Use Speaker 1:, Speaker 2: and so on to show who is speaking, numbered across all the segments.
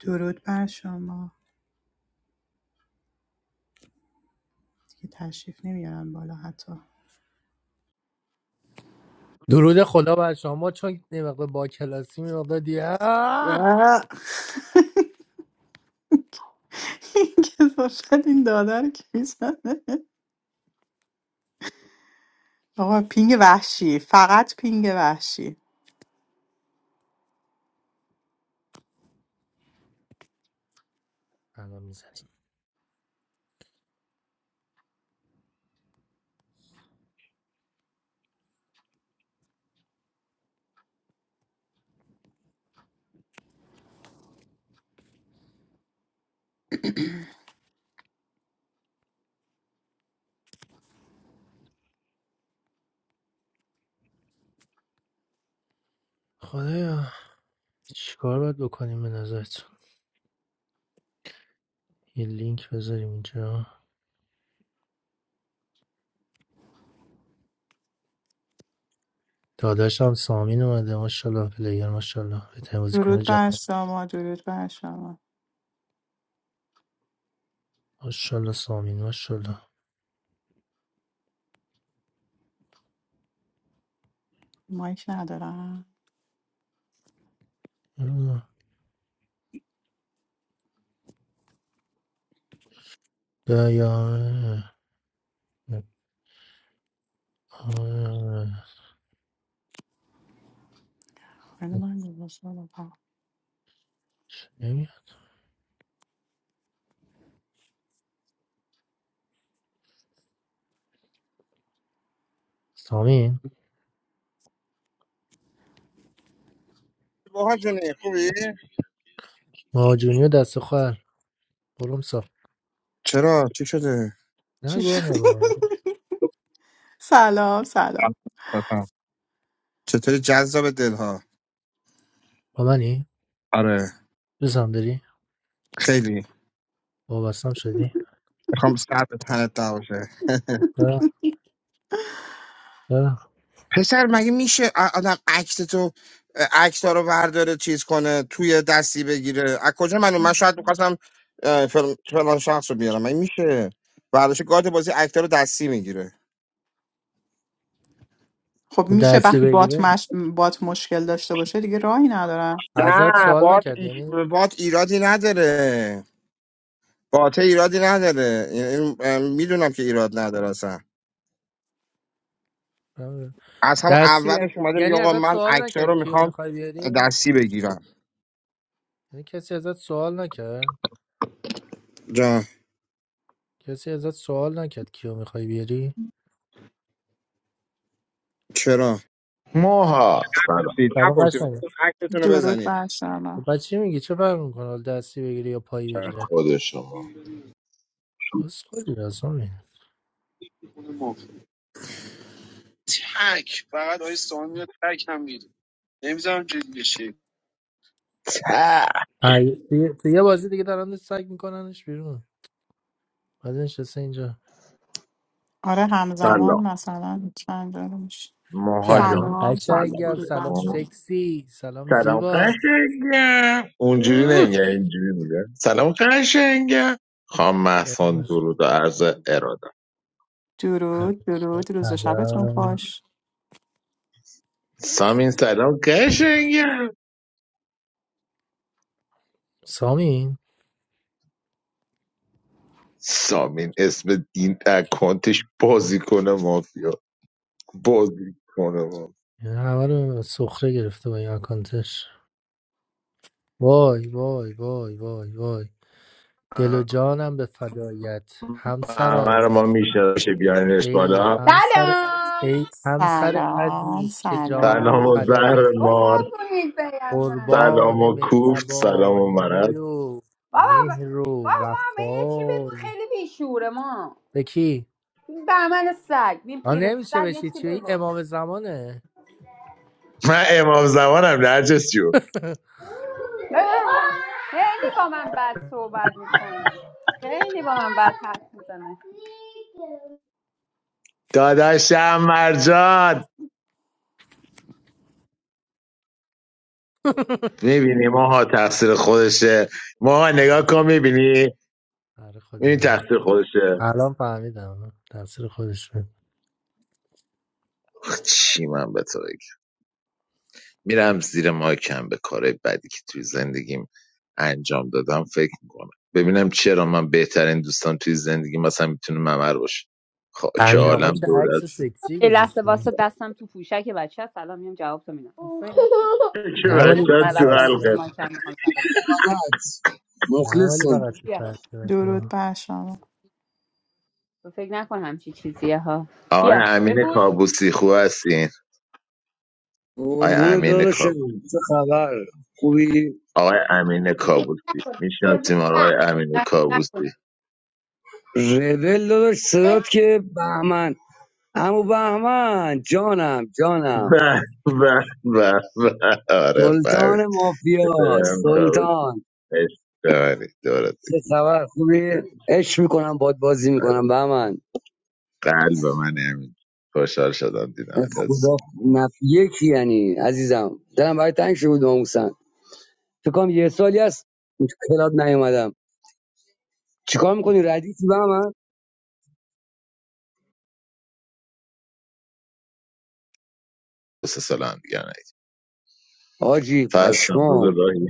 Speaker 1: درود بر شما دیگه تشریف نمیارن بالا حتی
Speaker 2: درود خدا بر شما چون یه مقدار با کلاسی یه مقدار دیگه
Speaker 1: و
Speaker 2: آه!
Speaker 1: این کسافت این داده رو که میزنه آقا پینگ وحشی فقط پینگ وحشی
Speaker 2: الان میزنیم خدایا چیکار باید بکنیم به نظرتون یه لینک بذاریم اینجا داداشم سامین اومده ماشاءالله پلیر ماشاءالله بهترین بازیکن
Speaker 1: درود
Speaker 2: جهان
Speaker 1: بر شما درود بر شما
Speaker 2: ماشاءالله سامین ماشاءالله
Speaker 1: مایک ندارم
Speaker 2: خدایا آه.
Speaker 1: خیلی من گذاشتم آقا.
Speaker 2: چه نمیاد سامین
Speaker 3: باها جونه خوبی؟
Speaker 2: مهاجونی و دست خواهر برم صاف
Speaker 3: چرا چی شده
Speaker 1: چی
Speaker 2: نگو
Speaker 1: شد
Speaker 2: انقدر.
Speaker 1: سلام سلام
Speaker 3: بسم. چطوری جذاب دلها
Speaker 2: با منی
Speaker 3: آره
Speaker 2: دوستم داری
Speaker 3: خیلی
Speaker 2: وابستم شدی
Speaker 3: میخوام سر به تنت نباشه
Speaker 2: چرا؟ چرا؟
Speaker 3: پسر مگه میشه ا- آدم عکس تو عکس رو برداره چیز کنه توی دستی بگیره از کجا من من شاید میخواستم فلان شخص رو بیارم مگه میشه برداشت گارد بازی اکتا رو دستی میگیره
Speaker 1: خب میشه
Speaker 2: دستی
Speaker 1: وقتی بات,
Speaker 2: بگیره
Speaker 1: مش... بات مشکل داشته باشه دیگه راهی ندارم
Speaker 3: نه
Speaker 2: ازت سوال
Speaker 3: بات
Speaker 2: نکرد
Speaker 3: ای-
Speaker 2: یعنی
Speaker 3: بات ایرادی نداره بات ایرادی نداره این این- میدونم که ایراد نداره اصلا از هم
Speaker 2: دستی یعنی
Speaker 3: اولش اومده میگه
Speaker 2: یعنی
Speaker 3: آقا
Speaker 2: ازت
Speaker 3: من
Speaker 2: سوال
Speaker 3: اکتا
Speaker 2: نکرد
Speaker 3: رو
Speaker 2: کیو
Speaker 3: میخوام
Speaker 2: میخوای بیاری
Speaker 3: دستی بگیرم
Speaker 2: یعنی کسی ازت سوال نکرد
Speaker 3: جان
Speaker 2: کسی ازت سوال نکرد کیو میخوای بیاری
Speaker 3: چرا
Speaker 4: موها سلام
Speaker 3: پرسید
Speaker 2: سلام
Speaker 3: نپرسید
Speaker 2: قشنگه
Speaker 3: ولی اکتتون رو
Speaker 1: درود
Speaker 3: بزنید
Speaker 1: بر شما
Speaker 2: خب بعد چی میگی چه فرق میکنه حال دستی بگیری یا پایی
Speaker 4: در
Speaker 2: بگیره
Speaker 4: خود شما
Speaker 2: بس خودی رسام این.
Speaker 3: تک فقط آقای سامان میاد تک هم میره نمیذارم جدی بشه
Speaker 4: ته.
Speaker 2: ای- تو تو یه بازی دیگه دارن سگ میکننش بیرون بعد نشسته اینجا
Speaker 1: آره همزمان
Speaker 4: سلام
Speaker 1: مثلا چند جا رو میشه
Speaker 4: موها
Speaker 2: سلام
Speaker 4: جان
Speaker 1: سلام سلام
Speaker 4: سلام
Speaker 2: قشنگم
Speaker 1: درود بر
Speaker 2: سلام
Speaker 4: علیکم
Speaker 1: شما
Speaker 2: سکسی سلام
Speaker 4: سلام
Speaker 2: زیبا
Speaker 4: قشنگم اونجوری نمیگه اینجوری میگه سلام قشنگم خانم محسان درود و عرض اراده
Speaker 1: درود درود روز و شبتون
Speaker 2: سلام
Speaker 1: خوش
Speaker 4: سامین سلام قشنگم
Speaker 2: سامی
Speaker 4: سامین اسم دین اکانتش بازی کنه مافیا بازی کنه مافیا
Speaker 2: این همه رو سخره گرفته با این اکانتش وای وای وای وای وای دل و جانم به فدایت
Speaker 4: همه
Speaker 2: همسرم
Speaker 4: رو ما میشه بیانش
Speaker 2: ای
Speaker 4: بالا
Speaker 2: همسر
Speaker 5: سلام
Speaker 2: ای همسر
Speaker 1: سلام
Speaker 2: عزیز که جانم
Speaker 4: سلام و
Speaker 1: سلام
Speaker 2: فدای
Speaker 4: زهر
Speaker 2: تو
Speaker 4: مار
Speaker 5: بخورتونید برم من
Speaker 4: سلام
Speaker 2: قربان
Speaker 4: و کوفت سلام و مرد
Speaker 2: مهربانی و
Speaker 5: بابا ب-
Speaker 2: مهر و
Speaker 5: بابا من یه چی بگو
Speaker 2: وفای
Speaker 5: خیلی بیشوره ما
Speaker 2: به کی؟
Speaker 5: این بهمن سگ این
Speaker 2: آن
Speaker 5: پیر
Speaker 2: نمیشه
Speaker 5: سگ یه
Speaker 2: بشی
Speaker 5: چی
Speaker 2: چی؟ این
Speaker 5: بگو
Speaker 2: امام زمانه
Speaker 4: من امام زمانم نرجس جون
Speaker 5: اه، خیلی با من بد صحبت میکنه خیلی با من بد حرف میزنه
Speaker 4: داداشم مرجان میبینی ماها تقصیر خودشه ماها نگاه کن میبینی
Speaker 2: آره
Speaker 4: میبینی
Speaker 2: خدایی
Speaker 4: تقصیر خودشه
Speaker 2: الان فهمیدم تاثیر خودش بود.
Speaker 4: آخ، چی من به تو بگم؟ میرم زیر مایکم به کارهای بدی که توی زندگیم انجام دادم فکر میکنم ببینم چرا من بهترین دوستان توی زندگی مثلا میتونه ممر باشه خاک
Speaker 2: امین آقا
Speaker 4: عالم
Speaker 2: چه
Speaker 4: دور از
Speaker 2: عکس سکسی
Speaker 5: یه لحظه واسه
Speaker 2: گذاشته
Speaker 5: دستم تو پوشک بچه سلام میام جواب تو میدم تو فکر
Speaker 4: که
Speaker 5: تو
Speaker 2: نه
Speaker 5: فکر
Speaker 2: ولی
Speaker 5: نکن
Speaker 2: تو
Speaker 4: بچه
Speaker 5: من
Speaker 4: تو
Speaker 2: سر
Speaker 5: رفتم زیر
Speaker 4: حلقه
Speaker 2: صورت
Speaker 5: مایکم میخوام جواب بدم
Speaker 6: ازت
Speaker 2: نه ولی
Speaker 6: مخلصم
Speaker 2: فقط تو
Speaker 5: بیا
Speaker 2: سر صورت
Speaker 1: درود
Speaker 2: ها.
Speaker 1: بر شما
Speaker 5: تو فکر نکن همچی چیزیه ها
Speaker 4: آقای
Speaker 5: بیا
Speaker 4: امین
Speaker 5: بپوش
Speaker 4: کابوسی خوب هستین آقای
Speaker 6: قربون
Speaker 4: امین کابوسی
Speaker 6: داداشم چه خبر خوبی
Speaker 4: آقای امین کابوسی میشناسیم آقای امین کابوسی
Speaker 6: رول داداش صدات که بهمن امو بهمن جانم جانم
Speaker 4: به به به به آره فهمید
Speaker 6: سلطان مافیا
Speaker 4: پدرم کابوسی
Speaker 6: سلطان
Speaker 4: عشق منی. دورت
Speaker 6: چه خبر خوبی
Speaker 4: بگردم.
Speaker 6: عشق میکنم باد بازی میکنم بهمن
Speaker 4: قلب من امین خوشحال شدم دیدم از
Speaker 6: خدا نف یکی یعنی عزیزم دلم برای تنگ شده بود ناموسن فکر کنم یه سالی هست تو کلاب نیومدم چیکار میکنی ردیفی بهمن
Speaker 4: دو سه سال هم دیگر نید
Speaker 6: حاجی
Speaker 4: فرض کنم رو
Speaker 6: پشمام
Speaker 4: به راهی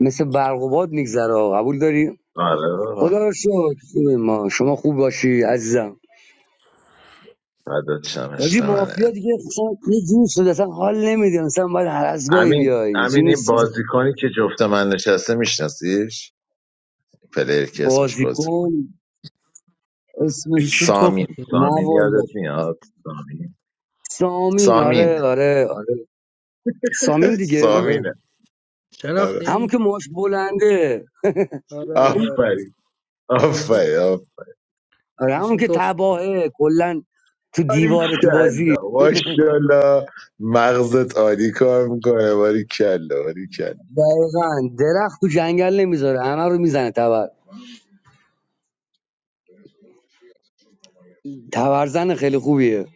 Speaker 6: مثل برق و باد میگذره قبول داری
Speaker 4: آره
Speaker 6: خدا رو شکر خوبه ما شما خوب باشی عزیزم
Speaker 4: فدات شم
Speaker 6: حاجی
Speaker 4: عشق
Speaker 6: مافیا
Speaker 4: منه
Speaker 6: دیگه اصلا یه جور شده اصلا حال نمیده مثلا باید هر از گاهی
Speaker 4: امین
Speaker 6: بیای اینجوری
Speaker 4: امین این
Speaker 6: نیست
Speaker 4: بازیکنی که جفت من نشسته میشناسیش پلیر که اسمش
Speaker 6: بازیکن اسمش
Speaker 2: ایشون تخم
Speaker 4: سامین
Speaker 6: نه
Speaker 4: سامین
Speaker 6: والا
Speaker 4: یادت میاد سامین
Speaker 6: سامین
Speaker 4: سامین
Speaker 6: آره آره آره سامین دیگه
Speaker 2: ایش-
Speaker 6: آره
Speaker 4: سامینه آره
Speaker 6: همون
Speaker 2: شناختین
Speaker 6: که ماش بلنده
Speaker 2: آره آره آره
Speaker 4: آفرین
Speaker 2: ایشون
Speaker 4: آفرین
Speaker 6: آره همون
Speaker 2: ایشون
Speaker 6: که
Speaker 2: تخم
Speaker 6: تباهه کلا تو
Speaker 4: آفرین
Speaker 6: دیواره تو بازی
Speaker 4: کلا ماشاءالله مغزت عالی کار میکنه باری کلا باری کلا
Speaker 6: دقیقا درخت تو جنگل نمیذاره همه رو میزنه تبر تبرزن خیلی خوبیه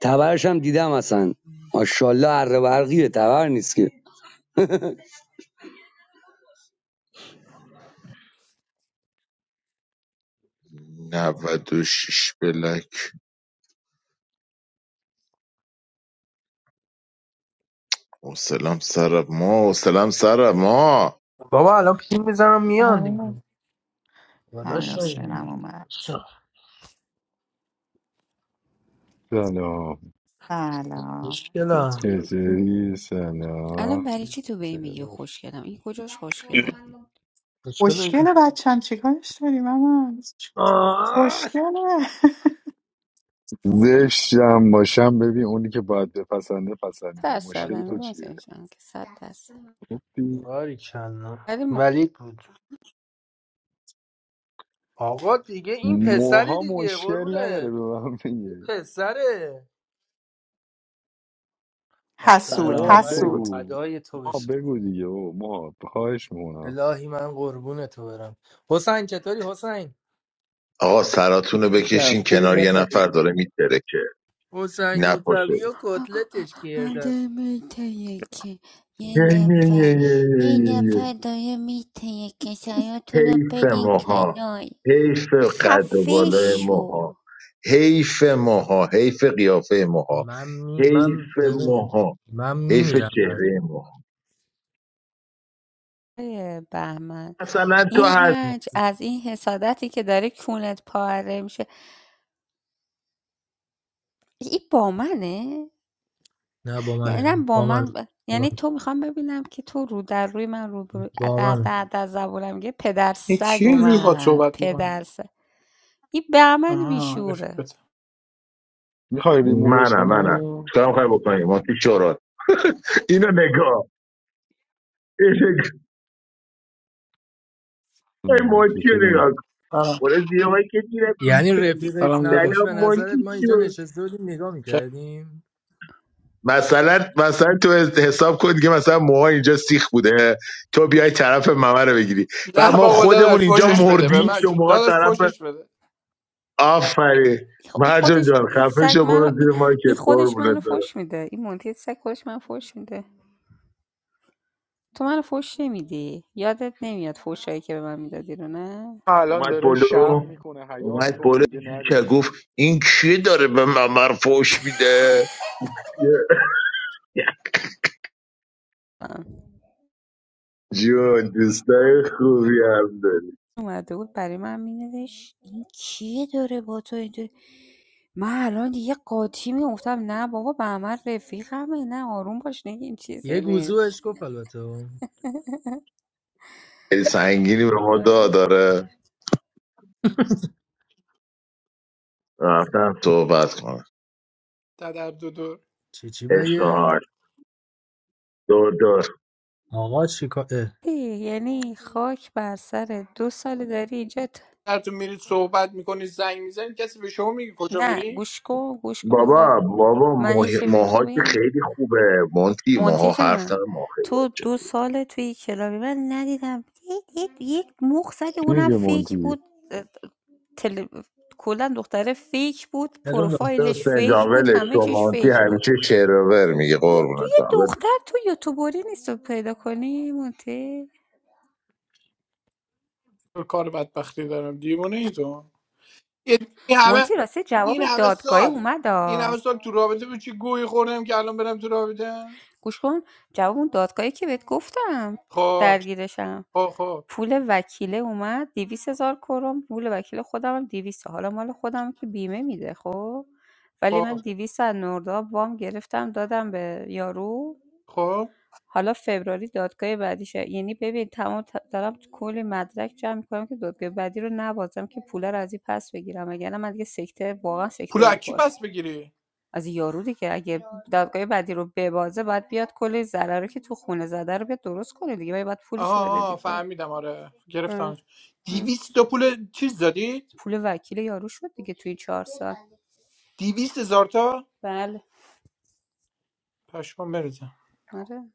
Speaker 6: تبرش هم دیدم اصلا ماشاءالله اره برقیه تبر نیست که
Speaker 4: 96 بلک حوصلم سر ما حوصلم سر ما
Speaker 2: بابا الان پیم میزنم میان
Speaker 1: آره
Speaker 2: دیگه
Speaker 1: همین
Speaker 2: داداش
Speaker 1: حسینم اومد
Speaker 7: سلام
Speaker 1: سلام
Speaker 2: مشکل هم.
Speaker 7: چطوری
Speaker 5: الان
Speaker 7: سلام
Speaker 5: برای چی تو به این میگی خوشگلم این کجاش خوشگله
Speaker 2: مشکل
Speaker 1: خوشگله بچم چیکارش داری من خوشگله
Speaker 7: زشتم باشم ببین اونی که باید بپسنده پسندیده
Speaker 5: درصد
Speaker 2: باری
Speaker 7: مشکل تو
Speaker 5: امیر
Speaker 2: کرد
Speaker 7: چیه
Speaker 5: حسین جان که صد درصد
Speaker 2: باری
Speaker 5: ولی ما
Speaker 2: ولی بود آقا دیگه این پسره
Speaker 7: موها
Speaker 2: دیگه
Speaker 7: مشکل نداره
Speaker 2: قربونه
Speaker 7: به من
Speaker 2: این
Speaker 7: بگه
Speaker 2: پسره آخ
Speaker 1: حسود
Speaker 7: موها
Speaker 2: الهی
Speaker 8: سلام
Speaker 2: من
Speaker 8: خوبی
Speaker 1: حسود
Speaker 7: بگو
Speaker 2: فدای تو
Speaker 7: موها
Speaker 2: بشم
Speaker 7: بگو دیگه او موها خواهش میکنم
Speaker 2: الهی من قربون تو برم حسین چطوری حسین
Speaker 4: آقا سراتون رو
Speaker 8: نه
Speaker 4: بکشین
Speaker 8: خوبی
Speaker 4: کنار
Speaker 8: نه.
Speaker 4: یه نفر داره میترکه
Speaker 2: حسین موسوی
Speaker 4: نپاشه
Speaker 2: و کتلتش کردن
Speaker 5: آدم که یه نفر یه نفر داره میتیه که سیاتون رو
Speaker 4: حیف
Speaker 5: بدین
Speaker 4: ماها
Speaker 5: کنار
Speaker 4: حیف قد و
Speaker 5: خفه
Speaker 4: بالای
Speaker 5: شو
Speaker 4: ماها حیف ماها حیف قیافه ماها
Speaker 2: من می من
Speaker 4: حیف
Speaker 2: ببین
Speaker 4: ماها
Speaker 2: من
Speaker 4: حیف
Speaker 2: میمیرم برات.
Speaker 4: چهره ماها
Speaker 5: بهمن
Speaker 4: مثلا تو
Speaker 5: این
Speaker 4: هست
Speaker 5: حج از این حسادتی که داره کونت پاره میشه این با منه
Speaker 2: نه با
Speaker 5: یعنی نه
Speaker 2: منه
Speaker 5: با
Speaker 2: با من
Speaker 5: من ب-
Speaker 2: با
Speaker 5: یعنی
Speaker 2: من
Speaker 5: تو میخوام ببینم که تو رو در روی من رو
Speaker 2: با
Speaker 5: در
Speaker 2: من
Speaker 5: در در زبونم میگه پدر
Speaker 9: این
Speaker 5: سگ
Speaker 9: کی اینجوری باهات
Speaker 5: اومد
Speaker 9: صحبت میکنه
Speaker 5: پدر سگ این بهمن
Speaker 9: آها
Speaker 5: بیشوره
Speaker 9: رفیقت
Speaker 7: میخوای ریمووش
Speaker 4: منم منم
Speaker 7: کنم
Speaker 4: چکارم خواهی بکنیم ما تو شورات اینو نگاه اینو نگاه. این
Speaker 7: اه،
Speaker 4: مونتی رو
Speaker 7: چطوری
Speaker 4: نگاه کن
Speaker 9: سلام
Speaker 4: برو زیر که دیرم این
Speaker 2: یعنی
Speaker 4: سری
Speaker 2: رفیقش
Speaker 9: سلام
Speaker 2: نبود
Speaker 9: داداش
Speaker 4: سلام
Speaker 2: به نظرت ما اینجا
Speaker 4: مونتی
Speaker 2: نشسته بودیم نگاه
Speaker 9: چه-
Speaker 2: میکردیم
Speaker 4: مثلا مثلا تو حساب کن که مثلا موها اینجا سیخ بوده تو بیای طرف ممه رو بگیری و
Speaker 9: نه
Speaker 4: ما
Speaker 9: بابا
Speaker 4: خودمون
Speaker 9: داداش
Speaker 4: اینجا
Speaker 9: فوشش
Speaker 5: من
Speaker 9: بده به
Speaker 4: مردیم
Speaker 9: من
Speaker 5: دوست
Speaker 9: چه-
Speaker 4: شما
Speaker 9: داداش
Speaker 4: طرف
Speaker 9: فوشش بده
Speaker 4: آفرین
Speaker 5: خ- این
Speaker 4: مرجان
Speaker 5: خودش
Speaker 4: جان
Speaker 5: این
Speaker 4: خفه
Speaker 5: سگ
Speaker 4: شو
Speaker 5: منو
Speaker 4: برو
Speaker 5: این
Speaker 4: زیر
Speaker 5: این
Speaker 4: مایکت
Speaker 5: خودش
Speaker 4: قربونت
Speaker 5: منو
Speaker 4: برم
Speaker 5: فوش میده این مونتی سگ خودش من فوش میده تو منو فوش نمیدی یادت نمیاد فوشایی که به من میدادی رو نه
Speaker 7: الان
Speaker 4: اومد
Speaker 7: داره شرم
Speaker 4: بلو
Speaker 7: میکنه حیا
Speaker 4: اومد
Speaker 7: میکنه
Speaker 4: بلو
Speaker 7: میگه نه
Speaker 4: که
Speaker 7: دیگه
Speaker 4: گفت این کیه داره به ممر فوش میده
Speaker 5: آه.
Speaker 4: جون دوستای خوبی هم داری
Speaker 5: اومده بود برای من مینوشت این کیه داره با تو اینطوری من الان دیگه قاطی میگفتم نه بابا بهمن رفیقمه نه آروم باش نگین چیزی
Speaker 2: یه
Speaker 5: نیست
Speaker 2: گوزوش گفت البته
Speaker 4: خیلی سنگینی به ما داره رفتم صحبت کنم
Speaker 9: در دو دور
Speaker 2: چی چی بگه
Speaker 4: اشتهار دور دور
Speaker 2: آقا چی کار اه،
Speaker 5: ای، یعنی خاک بر سرت دو سال داری اینجا ت-
Speaker 9: تو میرید صحبت میکنی زنگ میزنی کسی به شما میگه کجا
Speaker 5: نه
Speaker 9: میری
Speaker 5: گوش کن گوش کن بذار
Speaker 4: بابا بابا
Speaker 5: من
Speaker 4: ماه-
Speaker 5: یکی به
Speaker 4: ماها
Speaker 5: تو
Speaker 4: که
Speaker 5: بگم
Speaker 4: خیلی خوبه مونتی
Speaker 5: مونتی
Speaker 4: ماها حرف
Speaker 5: جان
Speaker 4: داره ماه خیلی
Speaker 5: تو
Speaker 4: بچه
Speaker 5: دو
Speaker 4: خوبه
Speaker 5: سال توی کلابی من ندیدم یک یک یک مخ زدی
Speaker 7: چی
Speaker 5: اونم
Speaker 7: میگه
Speaker 5: فیک
Speaker 7: مونتی
Speaker 5: بود اه، تل... کلا دختره فیک بود
Speaker 2: الان دارم.
Speaker 5: پروفایلش
Speaker 4: حسین جان
Speaker 5: فیک بود
Speaker 4: ولش
Speaker 5: همه
Speaker 4: کن.
Speaker 5: چیش
Speaker 4: مونتی
Speaker 5: فیک بود
Speaker 4: همیشه شعر و ور میگه
Speaker 5: یه تو
Speaker 4: قربونت
Speaker 5: یه
Speaker 4: برم، ولش
Speaker 5: دختر تو یوتیوبری نیست رو پیدا کنی مونتی
Speaker 9: کار بدبختی دارم دیوونه ای تو یه- این همه
Speaker 5: مونتی راستی
Speaker 9: این
Speaker 5: جواب
Speaker 9: همه
Speaker 5: دادگاهی
Speaker 9: سال این
Speaker 5: اومد
Speaker 9: همه سال تو رابطه به چی گویی خوردم که الان برم تو رابطه
Speaker 5: گوش کن جواب اون دادگاهی که بهت گفتم
Speaker 9: خب
Speaker 5: درگیرشم
Speaker 9: خب خب
Speaker 5: پول وکیله اومد دیویس هزار کرون پول وکیل خودم هم دیویسه حالا مال خودم که بیمه میده خب ولی من
Speaker 9: خب
Speaker 5: دیویس از نورداب وام گرفتم دادم به یارو
Speaker 9: خب
Speaker 5: حالا فبراری دادگاه بعدیشه یعنی ببین تمام ت- دارم کلی مدرک جمع میکنم که دادگاه بعدی رو نبازم که پول رو از این پس بگیرم اگر من دیگه سکته واقعا
Speaker 9: پول
Speaker 5: سکته
Speaker 9: از کی
Speaker 5: میکنم
Speaker 9: پس بگیری
Speaker 5: از یارو دیگه اگه دادگاه بعدی رو ببازه باید بیاد کل ضرر رو که تو خونه زده رو بیاد درست کنه دیگه باید, باید پولشو
Speaker 9: آها
Speaker 5: بده
Speaker 9: آها
Speaker 5: دیگه
Speaker 9: فهمیدم آره
Speaker 5: اه،
Speaker 9: گرفتم
Speaker 5: اه.
Speaker 9: دیویست تا پول چیز دادید
Speaker 5: پول وکیل یارو شد دیگه توی چهار سال
Speaker 9: دیویست هزار تا
Speaker 5: بله
Speaker 9: پشمام بریزم
Speaker 5: آره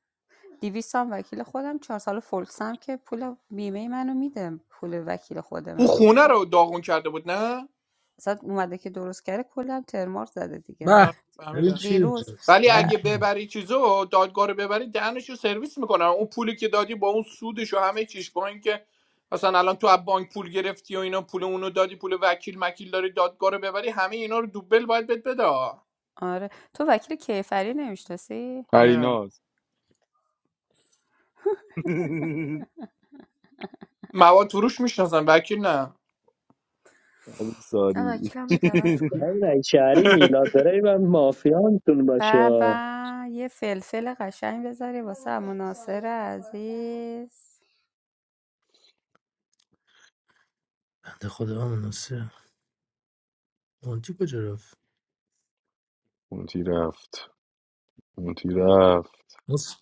Speaker 5: دیویست هم وکیل خودم چهار سال فولکس که پول بیمه منو میده پول وکیل خود
Speaker 9: اون
Speaker 5: منو
Speaker 9: خونه
Speaker 5: خب
Speaker 9: رو داغون کرده بود نه
Speaker 5: اصلا اومده که درست کرده کلا ترمار زده دیگه
Speaker 9: آره،
Speaker 2: به ببین
Speaker 9: فهمیدم
Speaker 2: کی
Speaker 5: دیروز
Speaker 2: اونجاست
Speaker 9: ولی
Speaker 2: ببین
Speaker 5: اه،
Speaker 9: اگه
Speaker 2: کی
Speaker 9: ببری چیزو دادگاه رو ببری دهنش رو سرویس میکنن اون پولی که دادی با اون سودش و همه چیش با اینکه مثلا الان تو از بانک پول گرفتی و اینا پول اونو دادی پول وکیل مکیل داری دادگاه رو ببری همه اینا رو دوبل باید بهت بده
Speaker 5: آره تو وکیل کیفری نمیشناسی
Speaker 9: نه
Speaker 7: پریناز
Speaker 9: مواد فروش میشناسن وکیل نه
Speaker 7: علی
Speaker 5: نه
Speaker 7: ساری
Speaker 5: وکیلم رو عوض کنم
Speaker 8: نه، نه. شهری میلاد برای من مافیا میتون
Speaker 5: بابا
Speaker 8: باشه
Speaker 5: و یه فلفل قشنگ بذاری واسه مناصر عزیز
Speaker 2: بنده خدا مناسه مونتی کجا رفت
Speaker 7: مونتی رفت مونتی رفت
Speaker 2: مس...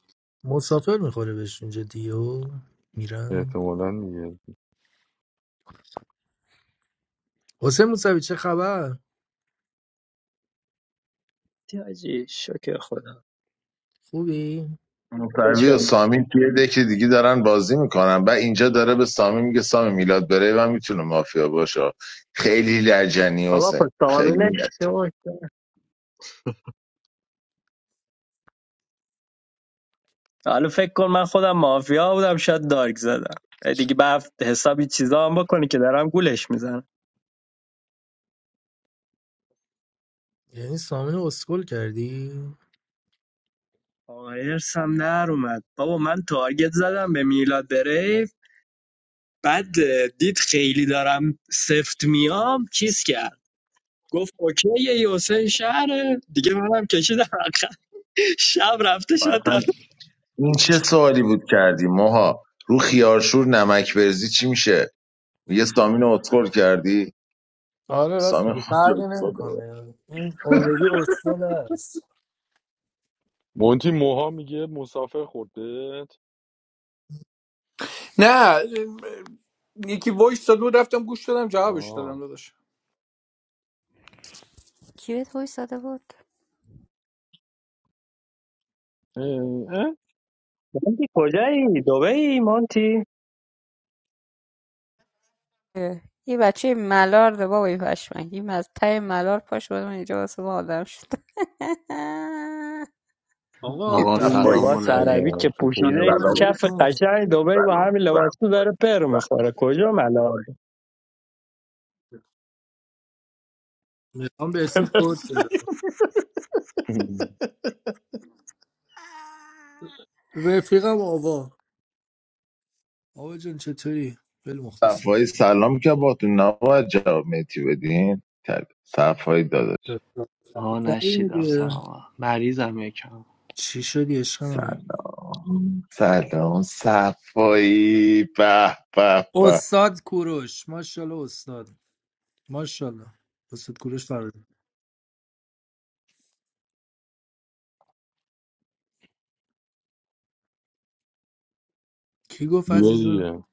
Speaker 2: مسافر میخوره بهش اینجا دیو میرم
Speaker 7: احتمالا دیگه
Speaker 2: حسین موسوی چه خبر
Speaker 8: تیاجی شکر خدا
Speaker 2: خوبی
Speaker 4: کن. موسوی و
Speaker 8: شما.
Speaker 4: سامین توی دکی دیگه دارن بازی میکنن و اینجا داره به سامی میگه سامی میلاد بره و میتونه مافیا باشه خیلی لجنی
Speaker 8: آقا
Speaker 4: حسین
Speaker 8: پس
Speaker 4: خیلی
Speaker 8: تامینه
Speaker 4: لجنی.
Speaker 8: شکر حالا فکر کن من خودم مافیا بودم شاید دارک زدم دیگه به هفت- حسابی چیزا هم بکنی که دارم گولش میزنم
Speaker 2: یعنی سامین رو اسکل کردی
Speaker 8: آقا ارسم در اومد بابا من تارگت زدم به میلاد بریف بعد دید خیلی دارم سفت میام چیز کرد گفت اوکی یه حسین شهره دیگه منم کشیدم شب رفته شد
Speaker 4: اصلا این چه سوالی بود کردی ماها رو خیارشور نمک برزی چی میشه یه سامین رو اتخور کردی
Speaker 2: آره راست
Speaker 4: سامین
Speaker 2: میگه
Speaker 4: خود
Speaker 2: فرقی نمیکنه این اوردی اسکول است
Speaker 7: مونتی موها میگه مسافر خورد بهت
Speaker 9: نه یکی وایس داد و رفتم گوش دادم جوابش دادم
Speaker 7: آه
Speaker 9: داداش
Speaker 5: کی بهت وایس داده بود
Speaker 7: اه، اه.
Speaker 8: مانتی کجایی دبی مانتی
Speaker 5: اه، این بچه ملارده بابا این پشمک این از ته ملار پاش بود من اینجا واسه ما آدم شد
Speaker 2: آقا
Speaker 10: آقا
Speaker 4: جد
Speaker 8: این
Speaker 10: سلام
Speaker 8: لباس عربی
Speaker 10: علیکم
Speaker 7: سلام
Speaker 8: که
Speaker 7: چطوری
Speaker 2: سلام
Speaker 8: پوشیده
Speaker 7: متی
Speaker 4: سلام
Speaker 8: کف
Speaker 2: علیکم
Speaker 8: قشنگ دبی با
Speaker 4: سلام
Speaker 8: همین
Speaker 4: سلام
Speaker 8: لباس تو داره پر میخوره کجا ملال
Speaker 2: میخوام بهتون کد بدم رفیقم آوا آوا جان چطوری خیلی
Speaker 4: سلام
Speaker 2: مخلصیم
Speaker 4: صفایی سلام که با تو نباید جواب میتی بدین تل- صفایی داداش
Speaker 10: آها
Speaker 2: بهتری
Speaker 10: نشیدم
Speaker 2: دیگه
Speaker 10: سلام مریضم یکم
Speaker 2: چی شدی عشق
Speaker 4: سلام
Speaker 2: من
Speaker 4: سلام صفایی به به به
Speaker 2: استاد کوروش ماشاءالله استاد ماشاءالله دستت کوروش فراری کی گفت
Speaker 7: بیا
Speaker 2: عزیزم
Speaker 7: دیگه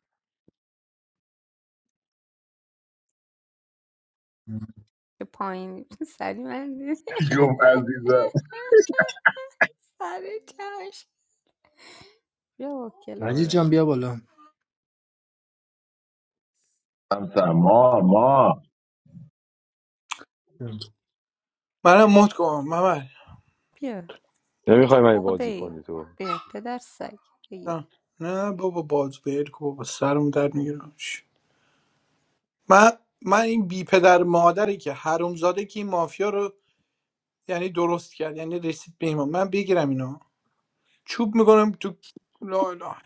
Speaker 5: که پایین سری من دید.
Speaker 4: جم عزیزم
Speaker 5: سری کش بیا با
Speaker 2: مجید
Speaker 5: کلورت
Speaker 2: جان بیا بالا
Speaker 4: همسر ما ما
Speaker 9: منم مهد کنم محمد
Speaker 5: بیا
Speaker 7: نمیخوای من
Speaker 5: عقده
Speaker 7: بازی
Speaker 5: ای
Speaker 7: کنی تو
Speaker 5: بیا پدر سگ بیا
Speaker 9: نه نه بابا باز بیر که بابا سرم در میگیرم من من این بی پدر مادری که حرومزاده که این مافیا رو یعنی درست کرد یعنی رسید به ایمان من بگیرم اینا چوب میکنم تو لا لا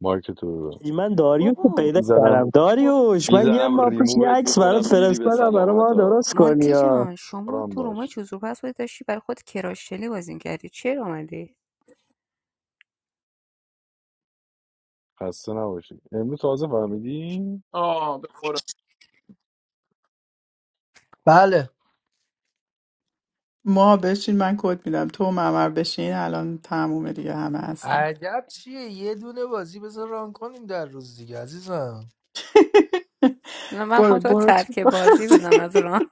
Speaker 7: مارک تو ببر.
Speaker 8: من داریوش رو
Speaker 5: بابا
Speaker 8: پیدا
Speaker 7: میزنم
Speaker 8: کردم
Speaker 5: خب
Speaker 8: داریوش من یه
Speaker 7: میزنم
Speaker 8: ماه پیش یه
Speaker 7: ریمووت
Speaker 8: عکس
Speaker 7: میکنم
Speaker 8: برات
Speaker 7: میری به
Speaker 8: فرستادم برای
Speaker 7: سلامت
Speaker 8: ما درست
Speaker 7: ها
Speaker 8: کنی
Speaker 5: مونتی
Speaker 8: ها
Speaker 5: جان شما
Speaker 7: آرام
Speaker 5: تو رومای
Speaker 7: باش
Speaker 5: چوزور پس بودی داشتی برای خود کراشلی بازی کردی چرا اومدی
Speaker 7: خسته نباشی امروز تازه فهمیدی
Speaker 9: آه به قرآن.
Speaker 2: بله
Speaker 1: ما بشین من کد میدم تو ممر بشین الان تمومه دیگه همه هستن
Speaker 2: عجب چیه یه دونه بازی بذار ران کنیم در روز دیگه عزیزم
Speaker 5: نه من
Speaker 1: برو
Speaker 5: خواهم تو رو
Speaker 1: برو تو
Speaker 5: ترک بازی
Speaker 1: بازی
Speaker 5: بدم از ران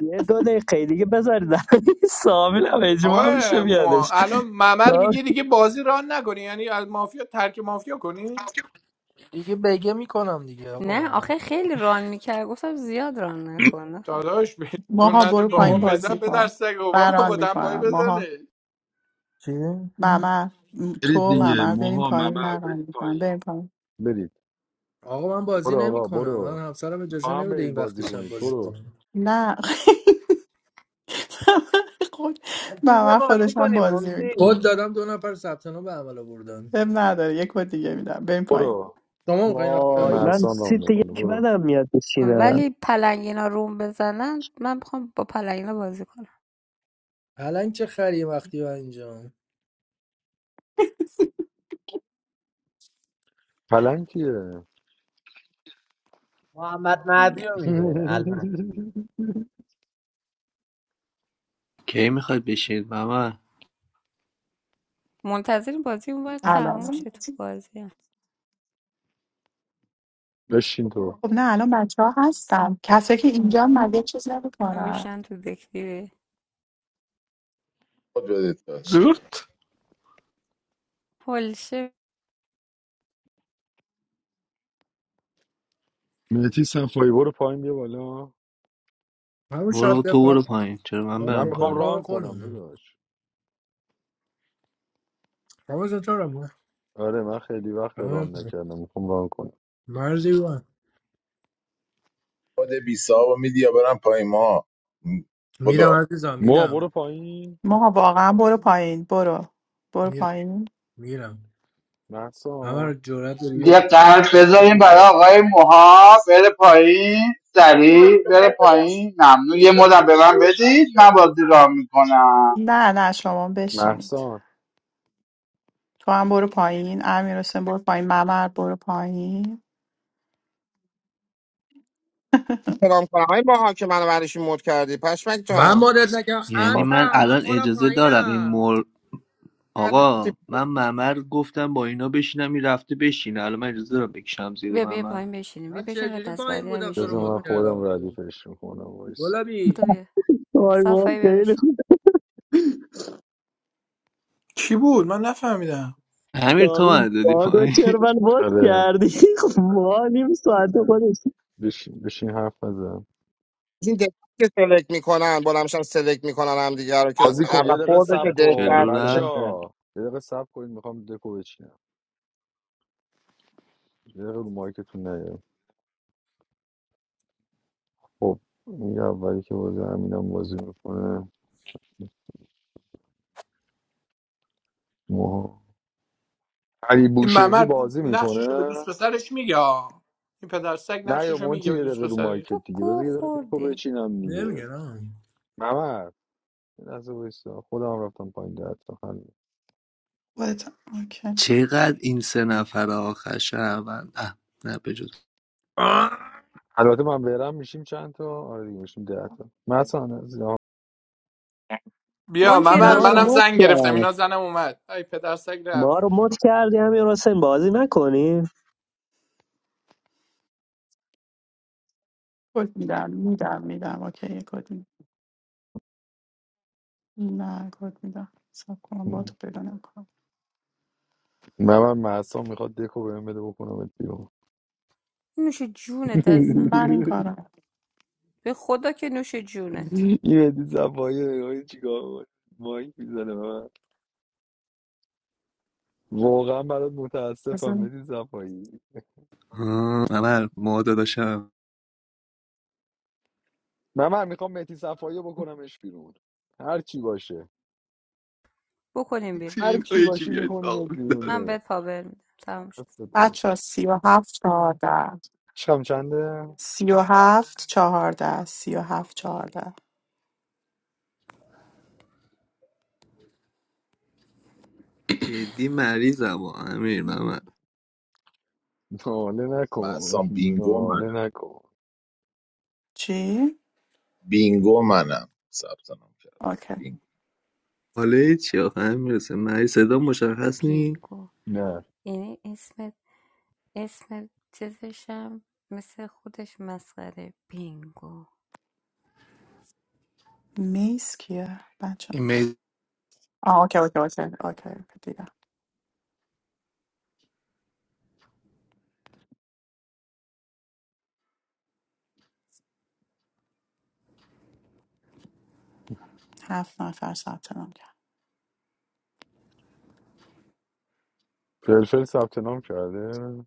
Speaker 8: یه دو دقیقه دیگه بذار در سامیل هم اجماع میشه
Speaker 9: آقای مو
Speaker 8: بیادش
Speaker 9: الان ممر
Speaker 8: دار-
Speaker 9: میگه دیگه بازی ران نکنی یعنی از مافیا ترک مافیا کنی
Speaker 2: دیگه بگه میکنم دیگه
Speaker 5: نه
Speaker 2: آقا
Speaker 5: آخه خیلی ران میکرد گفتم زیاد ران نکن نفهم.
Speaker 9: داداش بهشون
Speaker 1: ماها
Speaker 9: نده
Speaker 1: برو
Speaker 9: بابا
Speaker 1: پایین
Speaker 9: بزن
Speaker 1: بازی
Speaker 9: به در
Speaker 1: کن
Speaker 9: سگو
Speaker 1: من
Speaker 9: بابا
Speaker 1: ران
Speaker 9: با دنبایی
Speaker 1: میکنم ماها
Speaker 9: بزنه
Speaker 2: چی؟
Speaker 1: ممر م-
Speaker 7: برید
Speaker 1: تو
Speaker 2: آه.
Speaker 7: دیگه
Speaker 1: ممر بریم
Speaker 7: موها
Speaker 1: پایین
Speaker 7: ممر
Speaker 1: من ران
Speaker 7: برید
Speaker 1: میکنم
Speaker 7: پایین
Speaker 1: بریم پایین
Speaker 7: برید
Speaker 2: آقا من بازی
Speaker 7: برو
Speaker 2: نمی
Speaker 7: آقا
Speaker 2: کنم من
Speaker 7: برو
Speaker 2: همسرم
Speaker 7: با
Speaker 2: اجازه
Speaker 7: هم
Speaker 2: نمیده
Speaker 7: برید
Speaker 2: این وقت
Speaker 7: بازی
Speaker 2: شب
Speaker 7: کنید
Speaker 2: بازی
Speaker 7: برو
Speaker 2: کنم
Speaker 1: نه خود
Speaker 11: مونتی بیا
Speaker 1: ممر
Speaker 11: بازی
Speaker 1: خودش هم
Speaker 11: کنیم
Speaker 1: بازی
Speaker 11: مونتی
Speaker 2: خود
Speaker 1: میکنه
Speaker 2: دادم دو نفر ثبت نام به عمل آوردن
Speaker 1: بهم نداره یک بار دیگه میدم بریم پایین
Speaker 7: برو
Speaker 2: شما میخواین راه
Speaker 8: وای من
Speaker 2: کنین
Speaker 7: محسان رام
Speaker 8: سیت
Speaker 7: میکنه
Speaker 8: یک
Speaker 7: برو
Speaker 8: بدم میاد بشینم
Speaker 5: ولی پلنگینا روم بزنن من میخوام با پلنگینا بازی کنم
Speaker 2: پلنگ چه خری وقتی و اینجا
Speaker 7: پلنگ کیه
Speaker 11: محمد مهدی
Speaker 5: میاد
Speaker 11: رو میگه المهدی
Speaker 10: کی میخواید بشینید ماما
Speaker 5: منتظر بازی اون باید
Speaker 1: الان
Speaker 5: تمام شه تو بازی هم
Speaker 7: بشین تو
Speaker 1: خب نه الان بچه ها هستم کسایی که اینجا مگه چیز نمیکنن
Speaker 5: همیشن تو دک دیگه
Speaker 4: خود بدید دست.
Speaker 9: زورت
Speaker 5: پلشه
Speaker 7: مهتی صفایی برو پایین بیا بالا
Speaker 2: همون
Speaker 10: برو
Speaker 2: شاد
Speaker 10: تو
Speaker 2: دفاع
Speaker 10: برو پایین چرا من
Speaker 2: شاد
Speaker 7: من
Speaker 10: برم
Speaker 7: میخوام
Speaker 10: پایین
Speaker 7: ران
Speaker 2: دفاع
Speaker 7: کنم
Speaker 2: خانم
Speaker 7: داداش
Speaker 2: شما چطورم
Speaker 7: آره من خیلی وقت ران نکردم میخوام ران کنم
Speaker 2: مرزی بود
Speaker 4: خود بی صاحب میدی یا برم پای ما م،
Speaker 2: میدم
Speaker 4: بدو
Speaker 2: عزیزم
Speaker 7: ما
Speaker 2: میدم
Speaker 7: برو پایین
Speaker 1: ماها واقعا برو پایین برو برو
Speaker 2: میرم
Speaker 1: پایین
Speaker 2: میرم همه رو
Speaker 7: محسان
Speaker 2: جرات داری بیا.
Speaker 12: Ya kahar pezayin bala gai muha pele payin tari pele payin namnu ye moda bevan bedi na badiram kona.
Speaker 1: نه نه شما بشینید
Speaker 7: محسان
Speaker 1: تو هم برو پایین امیر حسین برو پایین ممر برو پایین
Speaker 3: سلام کنم های باها که منو برش مود کردی پشمک
Speaker 2: من
Speaker 3: جان
Speaker 2: مدت نکردم
Speaker 10: یعنی
Speaker 1: خب
Speaker 10: من
Speaker 2: انتر من
Speaker 10: الان
Speaker 2: خودم
Speaker 10: اجازه دارم این
Speaker 2: پایینم
Speaker 10: مول
Speaker 3: کردی رفتی.
Speaker 10: آقا من ممر گفتم با اینا بشینم این رفته بشینه الان من اجازه دارم بکشم زیر
Speaker 5: بیا بیا
Speaker 10: ممر
Speaker 5: پایین بشینیم بیا
Speaker 2: من
Speaker 5: بشین و
Speaker 2: چجوری
Speaker 5: دست
Speaker 2: پایین
Speaker 5: بعدی هم
Speaker 2: بودم تو رو
Speaker 7: بذار
Speaker 5: میشینیم
Speaker 2: مد
Speaker 7: من
Speaker 5: بدو
Speaker 7: خودم
Speaker 2: کردم تو
Speaker 7: ردیفش میکنم وایس
Speaker 5: بدو
Speaker 2: گلابی
Speaker 5: بیا
Speaker 8: وای وای
Speaker 5: صفایی بیا
Speaker 8: خیلی
Speaker 5: بشین
Speaker 8: خوب
Speaker 9: کی بود من نفهمیدم
Speaker 10: امیر تو
Speaker 8: کامل
Speaker 10: من دادی
Speaker 8: باگو
Speaker 10: پایین
Speaker 8: چرا من
Speaker 7: آره
Speaker 8: کردی خب ما نیم ساعت
Speaker 2: خودم
Speaker 8: خودش
Speaker 7: بشین بشین حرف بزن
Speaker 3: این دستی که سلکت میکنن بلمشم سلکت میکنن هم دیگه رو که
Speaker 7: بازی کن
Speaker 3: اول
Speaker 7: یه دقیقه
Speaker 3: خوردش
Speaker 7: صبر کن
Speaker 10: کلو
Speaker 3: دست
Speaker 7: بچه
Speaker 3: سلکت
Speaker 10: رفت
Speaker 7: ها یه دقیقه صبر کنید میخوام دکو بچینم یه دقیقه رو مایکتون نیاین. خب این اولی که بازی همینم بازی میکنه موها علی
Speaker 9: این
Speaker 7: بوشهری
Speaker 9: ممر
Speaker 7: بازی
Speaker 9: نقششو به
Speaker 7: میکنه
Speaker 9: دوست پسرش میگه آه. این پدر سگ
Speaker 7: نه یا
Speaker 9: نقششو میگه
Speaker 7: مونتی
Speaker 9: به
Speaker 7: یه
Speaker 9: دوست
Speaker 7: دقیقه رو
Speaker 9: پسرش
Speaker 7: مایکت
Speaker 5: تو
Speaker 7: دیگه
Speaker 5: گو
Speaker 7: بذار یه دقیقه دیکو
Speaker 5: خوردی
Speaker 7: بچینم دیگه
Speaker 2: نمیگرم
Speaker 7: ممر یه لحظه وایسا خودم هم رفتم پایین ده تا حل
Speaker 1: خودت هم. اوکی
Speaker 10: چقدر این سه نفر آخر شهروند اه، نه بجز
Speaker 7: البته من برم میشیم چند تا آره دیگه میشیم ده تا مثلا از یا-
Speaker 9: بیا
Speaker 5: مونتی
Speaker 9: ممر
Speaker 5: ران
Speaker 8: ما رو
Speaker 9: منم
Speaker 5: کن
Speaker 8: مد
Speaker 9: زنگ گرفتم
Speaker 8: کرد
Speaker 9: اینا زنم اومد ای پدر سگ رفت
Speaker 8: ما رو مد کردی همین حسین بازی نکنیم
Speaker 1: کد میدم میدم میدم اوکی یه کد میدم نه کد میدم سب کنم با تو پیدا نکنم
Speaker 7: ممر محسا میخواد دکو بهم بده بکنم بیرون
Speaker 5: نوش جونت عزیزم
Speaker 1: من این کارم
Speaker 5: به خدا که نوش جونت
Speaker 7: این بدی زفایی نگاهی چیکار کنه؟ مایک میزنه من واقعا برات متاسفم بدی زفایی
Speaker 10: آه، ممر ما داداشم
Speaker 7: من من میخوام مهدی صفایی رو بکنمش بیرون هر چی باشه
Speaker 5: بکنیم بیرون
Speaker 7: هر
Speaker 10: تین
Speaker 7: چی
Speaker 10: یکی
Speaker 7: باشی
Speaker 10: بیاید
Speaker 7: میکنیم
Speaker 10: آقا
Speaker 7: بیرون
Speaker 5: من
Speaker 7: نه
Speaker 5: بهت پاور میدم تمام شد
Speaker 7: دستتم.
Speaker 1: بچه ها سی و هفت چهارده
Speaker 7: شام چنده
Speaker 1: سی و هفت چهارده سی و هفت چهارده
Speaker 10: جدی مریضم و امیر ممر
Speaker 7: ناله
Speaker 4: من
Speaker 7: نکن
Speaker 4: بینگو
Speaker 7: ناله
Speaker 4: منم
Speaker 7: نکن
Speaker 1: چی؟
Speaker 4: بینگو منم ثبت نام کرد
Speaker 1: اوکی
Speaker 4: بینگو
Speaker 10: حاله چی آخه امیر حسین مریض صدا مشخص نی
Speaker 5: بینگو
Speaker 7: نه
Speaker 5: یعنی اسم اسم چیزشم مثل خودش مسخره بینگو
Speaker 1: میز کیه بچه ها
Speaker 10: ایمیل
Speaker 1: آه اوکی اوکی اوکی اوکی دیدم هفت نفر ثبت نام کرد
Speaker 7: فلفل ثبت نام کرده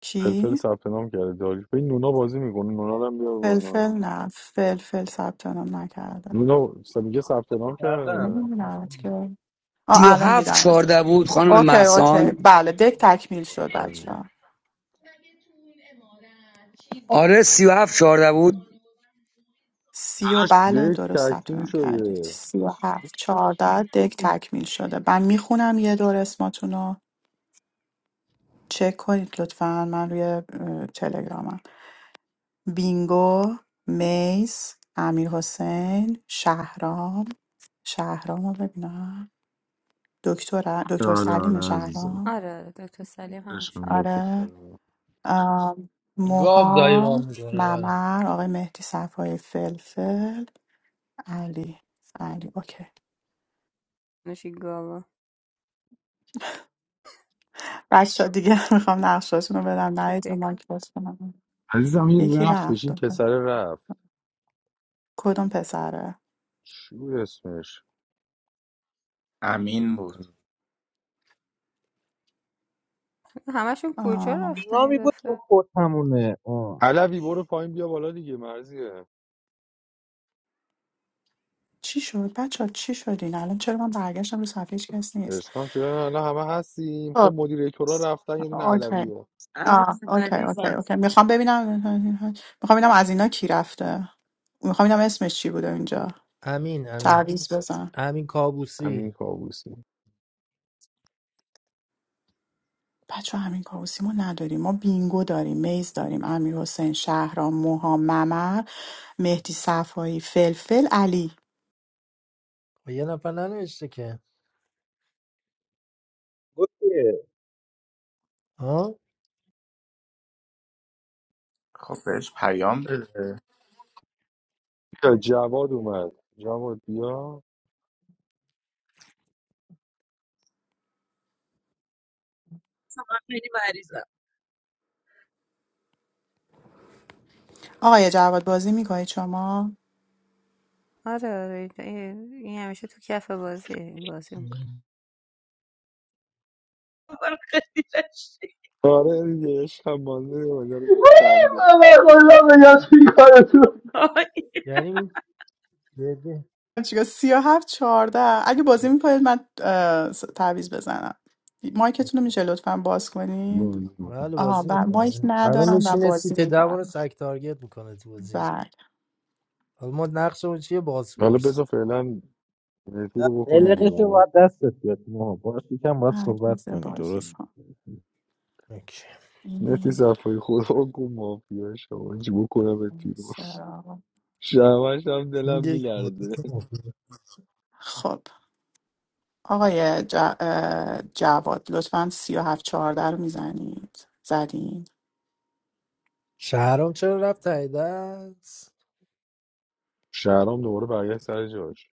Speaker 1: کی
Speaker 7: فلفل ثبت نام کرده داری این نونا بازی میکنه نونا رو هم بیار بالا
Speaker 1: فلفل نه فلفل ثبت نام نکرده
Speaker 7: نونا س- میگه ثبت نام
Speaker 11: کردم
Speaker 7: کرده
Speaker 1: نمیدونم که آه الان
Speaker 6: 37
Speaker 1: دیدم است.
Speaker 6: 14 بود خانم
Speaker 1: اوکی اوکی
Speaker 6: محسان
Speaker 1: بله دک تکمیل شد بچه
Speaker 7: عزیزم.
Speaker 1: ها
Speaker 6: آره 37 14 بود
Speaker 1: سی و
Speaker 7: داداش،
Speaker 1: بله
Speaker 7: دک
Speaker 1: درست ثبت
Speaker 7: تکمیل
Speaker 1: نام کردید
Speaker 7: شده
Speaker 1: سی و هفت چهارده دک تکمیل شده من میخونم یه دور اسماتون رو چک کنید لطفا من روی اه، تلگرامم بینگو میز امیر حسین شهرام شهرام رو ببینم دکتر دکتر
Speaker 7: آره
Speaker 1: سلیم
Speaker 7: آره عزیزم
Speaker 1: شهرام
Speaker 5: آره آره، دکتر سلیم
Speaker 7: عشقم
Speaker 5: همش
Speaker 7: دو تا
Speaker 1: آره
Speaker 7: سلام.
Speaker 1: ام،
Speaker 2: گاب دایما
Speaker 1: موها
Speaker 2: میکنه من
Speaker 1: ممر آقای مهدی صفای فلفل علی علی اوکی
Speaker 5: نوشیگاوا
Speaker 1: بچه دیگه میخوام نقشاشون رو بدم
Speaker 5: تو
Speaker 1: نه رو
Speaker 5: دکا
Speaker 1: مایک باز کنم
Speaker 7: عزیزم این
Speaker 1: یکی
Speaker 7: رفتش
Speaker 1: رفت
Speaker 7: این پسر رفت
Speaker 1: کدوم پسره
Speaker 7: چی بود اسمش
Speaker 13: امین بود
Speaker 5: همشون کجا
Speaker 1: آم،
Speaker 5: رفتن یه
Speaker 11: ایمامی بود تو
Speaker 5: دفعه
Speaker 11: خود همونه آه.
Speaker 7: علوی برو پایین بیا بالا دیگه مرزیه
Speaker 1: چی شد بچه چی شدین الان چرا من برگشتم رو صفحه هیچ کس نیست
Speaker 7: عشقم چرا الان همه هستیم خب
Speaker 1: خب
Speaker 7: مدیر تورا رفتن یه دونه
Speaker 1: اوکی
Speaker 7: علویه
Speaker 14: I miss
Speaker 1: آه،
Speaker 14: my
Speaker 1: اوکی
Speaker 14: visa.
Speaker 1: اوکی
Speaker 14: I
Speaker 1: اوکی میخوام ببینم میخوام ببینم از اینا کی رفته میخوام ببینم اسمش چی بوده اینجا
Speaker 2: امین امین
Speaker 1: تعویض بزن
Speaker 2: امین
Speaker 7: همین
Speaker 2: کابوسی
Speaker 7: کابوسی
Speaker 1: بچه همین کاووسی ما نداریم ما بینگو داریم میز داریم امیر حسین شهرام موها ممر مهدی صفایی فلفل علی
Speaker 2: و یه نفر ننوشته که
Speaker 11: گفت که
Speaker 2: ها
Speaker 13: خب بهش پیام بده
Speaker 7: بیا جواد اومد جواد بیا
Speaker 14: need my visa.
Speaker 1: آقای جواد بازی میکنید شما
Speaker 5: آره آره این همیشه تو کف بازی این بازی میکنه
Speaker 14: I want to go to the city.
Speaker 7: آره دیگه عشقم بازه بازه رو میخنده
Speaker 10: من
Speaker 14: I
Speaker 10: کلا بگم چی
Speaker 14: want
Speaker 10: کارتون
Speaker 14: to go
Speaker 2: یعنی این جدی
Speaker 1: چیکار سی و هفت چهارده اگه بازی میکنید من اه، س- تعویض بزنم مایکتون رو میشه لطفا باز کنید
Speaker 7: بازه می‌کنه.
Speaker 2: بله
Speaker 1: آها
Speaker 2: بازی
Speaker 1: بر مایک
Speaker 2: میکنه الان
Speaker 1: ندارم و
Speaker 2: میشینه سیت
Speaker 1: بازی
Speaker 2: ده ما رو
Speaker 1: میکنم
Speaker 2: سگ تارگت میکنه تو بازی
Speaker 1: بله
Speaker 2: حالا ما نقشمون چیه
Speaker 7: حالا
Speaker 2: بازپرس
Speaker 7: بذار فعلا مهدی رو بکنیم
Speaker 1: نمی‌دونم.
Speaker 11: قلقشو
Speaker 7: بیرون
Speaker 11: باید دستت بیاد ما باش یکم باید
Speaker 1: هر
Speaker 11: صحبت
Speaker 1: میز
Speaker 11: کنی
Speaker 1: بازی
Speaker 11: درست
Speaker 1: کن
Speaker 2: اوکی.
Speaker 7: مهدی
Speaker 1: این
Speaker 7: صفایی خدا گو مافیا شما چی بکنم به بیرون
Speaker 1: سرا.
Speaker 7: شمش هم دلم
Speaker 2: این یک
Speaker 7: میلرزه
Speaker 1: خب آقای ج- اه، جواد لطفا سی و هفت چهارده رو میزنید زدین
Speaker 2: شهرام چرا رفت تایید است
Speaker 7: شهرام دوباره برگشت سر جاش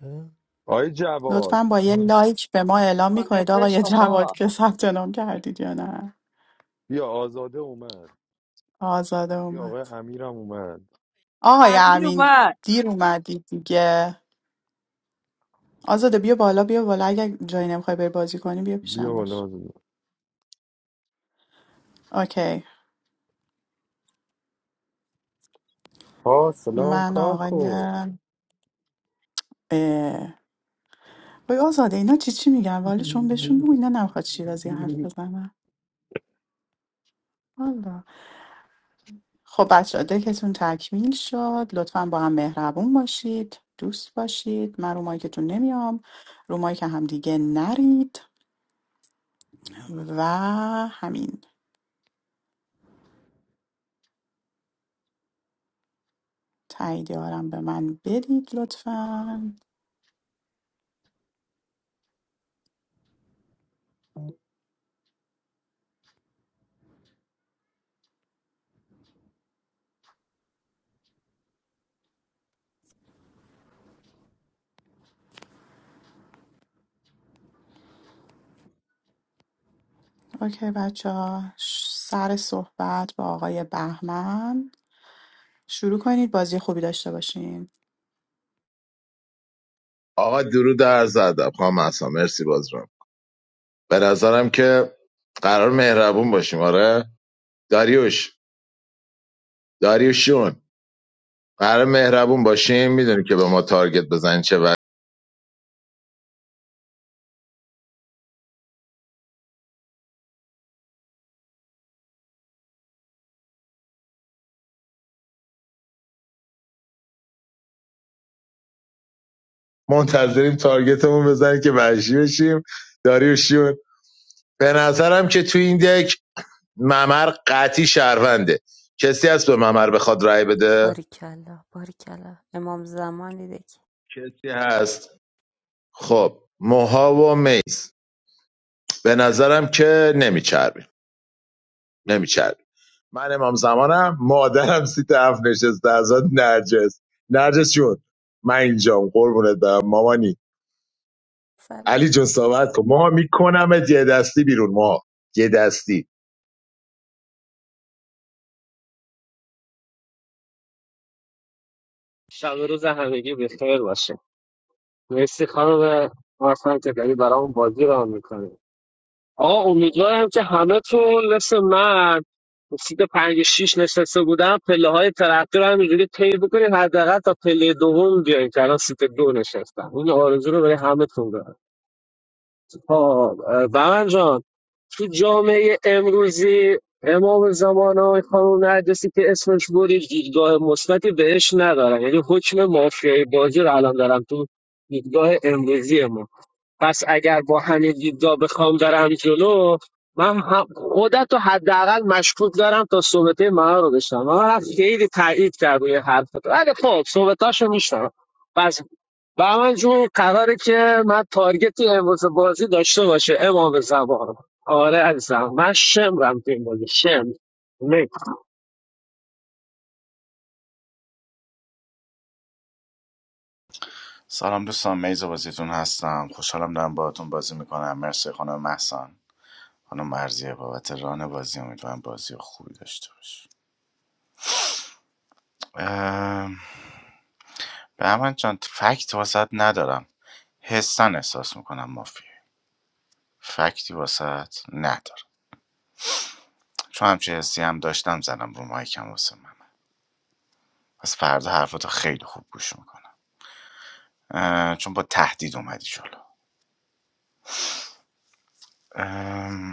Speaker 2: اه؟
Speaker 7: آی جواد
Speaker 1: لطفا با یه لایک به ما اعلام
Speaker 14: to the
Speaker 1: میکنید
Speaker 14: city.
Speaker 1: آقای
Speaker 14: Come on, come
Speaker 1: جواد
Speaker 14: on.
Speaker 1: که ثبت نام کردید یا نه
Speaker 7: بیا آزاده اومد
Speaker 1: آزاده
Speaker 7: این آقای
Speaker 1: اومد
Speaker 7: امیرم اومد
Speaker 1: آقای
Speaker 14: I miss you,
Speaker 1: امین
Speaker 14: my
Speaker 1: دیر اومدید دیگه آزاده بیا بالا بیا بالا اگر جایی نمیخوای بری بازی کنی بیا
Speaker 7: بیا
Speaker 1: پیشم باش
Speaker 7: بالا بزن.
Speaker 1: اوکی
Speaker 7: ها سلام
Speaker 1: من آقای
Speaker 7: کاکو
Speaker 1: اه، وای آزاده اینا چی چی میگن والا چون بهشون بگو اینا نمیخواد شیرازی حرف بزنم والا خب بچه دکتون تکمیل شد لطفا با هم مهربون باشید دوست باشید من رو مایکتون نمیام رو مایک هم دیگه نرید و همین تاییدیارم به من بدید لطفا اوکی بچه ها، سر صحبت با آقای بهمن شروع کنید بازی خوبی داشته باشین
Speaker 4: آقا درود عرض ادب خانم اصلا مرسی باز به نظرم که قرار مهربون باشیم آره داریوش داریوشون قرار مهربون باشیم میدونی که به ما تارگت بزنی چه وقت منتظریم تارگتمون بزنی که وحشی بشیم داریوشون به نظرم که تو این دک ممر قطعی شهرونده کسی هست به ممر بخواد رای بده
Speaker 5: باریکلا باریکلا امام زمان دیده که
Speaker 4: کسی هست خب موها و میز به نظرم که نمیچربیم نمیچربیم. من امام زمانم مادرم سیت هفت نشسته ازاد نرجس نرجس جون من اینجام قربونت برم مامانی
Speaker 5: سلام
Speaker 4: علی جون صحبت کن ماها میکنمت یه دستی بیرون ماها یه دستی
Speaker 15: شب و روز همگی بخیر باشه مرسی خانم حسن که داری برامون بازی راه میکنی آقا امیدوارم که همه تون مثل من سیت پنج شیش نشسته بودن پله های ترقی رو همینجوری طی بکنید حداقل تا پله دوم بیاین که الان سیت دو نشستم این آرزو رو برای همه تون ها بمن جان تو جامعه امروزی امام زمان های خانم نرگسی که اسمش بودی دیدگاه مثبتی بهش ندارم یعنی حکم مافیای بازی رو الان دارم تو دیدگاه امروزی ما پس اگر با همین دیدگاه بخوام برم جلو من هم- خودت رو حداقل مشکوک دارم تا صحبته من رو بشنم من خیلی تایید کرد روی حرفت ولی خب صحبتاشو میشنم پس با من جون قراره که من تارگت امروز بازی داشته باشه امام زمان آره عزیزم من شمرم تو این بازی شمر نکس
Speaker 13: سلام دوستان میز بازیتون هستم خوشحالم دارم باهاتون بازی میکنم مرسی خانم محسن خانم مرزیه بابت ران بازی امیدوارم بازی خوبی داشته باش به من چند فکت واسط ندارم حسن احساس میکنم مافیه فکتی واسط ندارم چون همچه حسی هم داشتم زدم رو مایکم واسه من پس فردا حرفاتو خیلی خوب گوش میکنم چون با تهدید اومدی جلو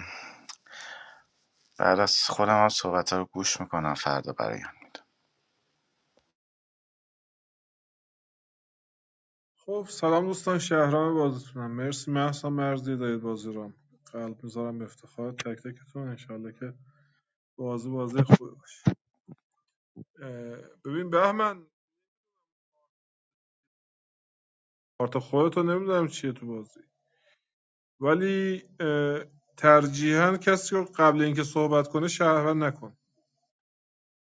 Speaker 13: بعد از خودم هم صحبت رو گوش میکنم فردا برایم میدم
Speaker 16: خب سلام دوستان شهرام بازیتونم مرسی محسا مرزی دارید بازی رو قلب میذارم به افتخار تک تکتون انشالله که بازی بازی خوبی باشه اه، ببین بهمن کارت خودتو نمیدونم چیه تو بازی ولی اه، ترجیحاً کسی رو قبل اینکه صحبت کنه شهروند نکن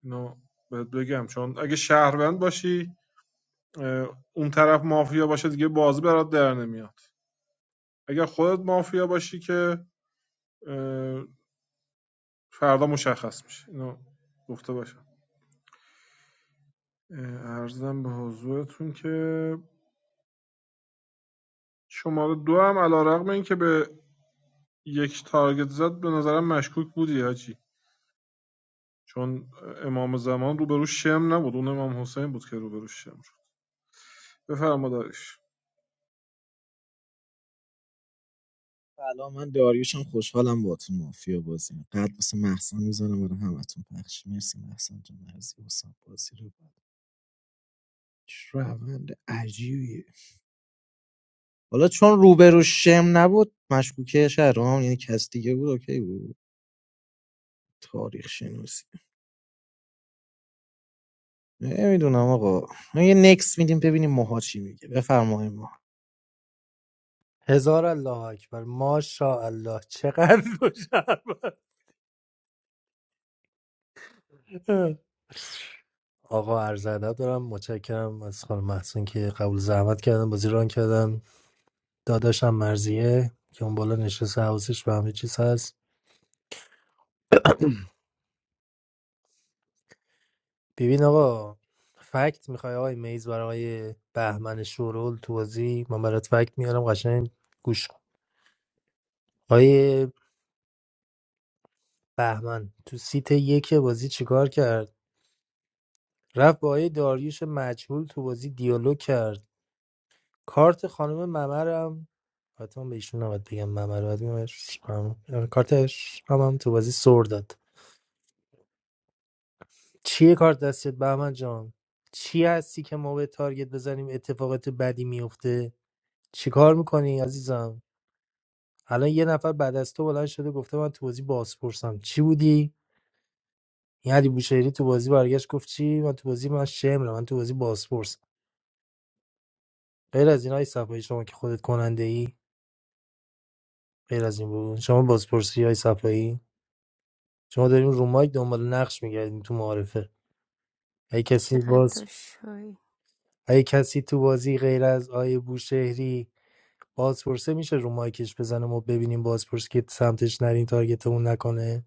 Speaker 16: اینو بهت بگم چون اگه شهروند باشی اون طرف مافیا باشه دیگه بازی برات در نمیاد اگر خودت مافیا باشی که فردا مشخص میشه اینو گفته باشم اه، به حضورتون که شماره دو هم علا رقم که به یک تارگت زد به نظرم مشکوک بودی حاجی چون امام زمان روبرو شم نبود اون امام حسین بود که روبرو شم شد بفرما دارش
Speaker 11: سلام من داریوشم خوشحالم باهاتون مافیا بازی قد واسه محسن میزنم برای همتون پخش مرسی محسن جان مرسی واسه بازی رو چه روند عجیبیه حالا چون روبرو شم نبود مشکوکه شهرام یعنی کس دیگه بود اوکی بود تاریخ شناسی نمیدونم آقا ما یه نکس میدیم ببینیم ماها چی میگه بفرمایید ما
Speaker 2: هزار الله اکبر ماشاءالله چقدر دو شهر آقا عرض ادب دارم متشکرم از خانم محسن که قبول زحمت کردن بازی ران کردن داداشم مرزیه که اون بالا نشسته حواسش به همه چیز هست ببین آقا فکت میخوای آقای میز برای آقای بهمن شورول تو بازی من برات فکت میارم قشنگ گوش آیه بهمن تو سیت یک بازی چیکار کرد رفت با آیه داریوش مجهول تو بازی دیالوگ کرد کارت خانم ممرم حتما به ایشون نباید بگم ممر باید بگم اش- هم- آره، کارتش هم, هم تو بازی سر داد چیه کارت دستت بهمن جان چی هستی که ما به تارگت بزنیم اتفاقات بدی میفته چیکار میکنی عزیزم الان یه نفر بعد از تو بلند شده گفته من تو بازی بازپرسم چی بودی این علی بوشهری تو بازی برگشت گفت چی من تو بازی من شمرم من تو بازی بازپرس غیر از این های صفایی شما که خودت کننده ای غیر از این بود شما بازپرسی های صفایی شما داریم رو مایک دنبال نقش میگردیم تو معارفه اگه کسی
Speaker 5: چقدر
Speaker 2: باز
Speaker 5: تو شوی
Speaker 2: اگه کسی تو بازی غیر از آیه بوشهری بازپرسه میشه رو مایکش بزنه ما ببینیم بازپرس که سمتش نریم تارگتمون نکنه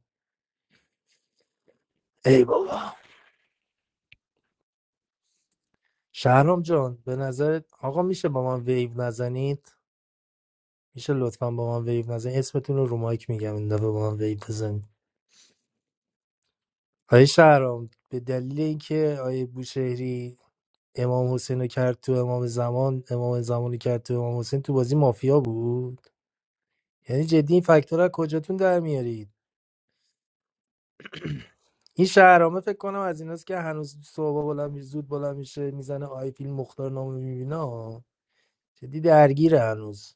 Speaker 2: ای بابا شهرام جان به نظرت آقا میشه با من ویو نزنید میشه لطفا با من ویو نزنید اسمتون رو رو مایک میگم این دفعه با من ویو بزنید آیه شهرام به دلیل اینکه آیه بوشهری امام حسین رو کرد تو امام زمان امام زمان رو کرد تو امام حسین تو بازی مافیا بود یعنی جدی این فاکتور از کجاتون در میارید این شهرامه فکر کنم از ایناست که هنوز صبح بلند می زود بلند میشه میزنه آی فیلم مختار نامه میبینه جدی درگیره هنوز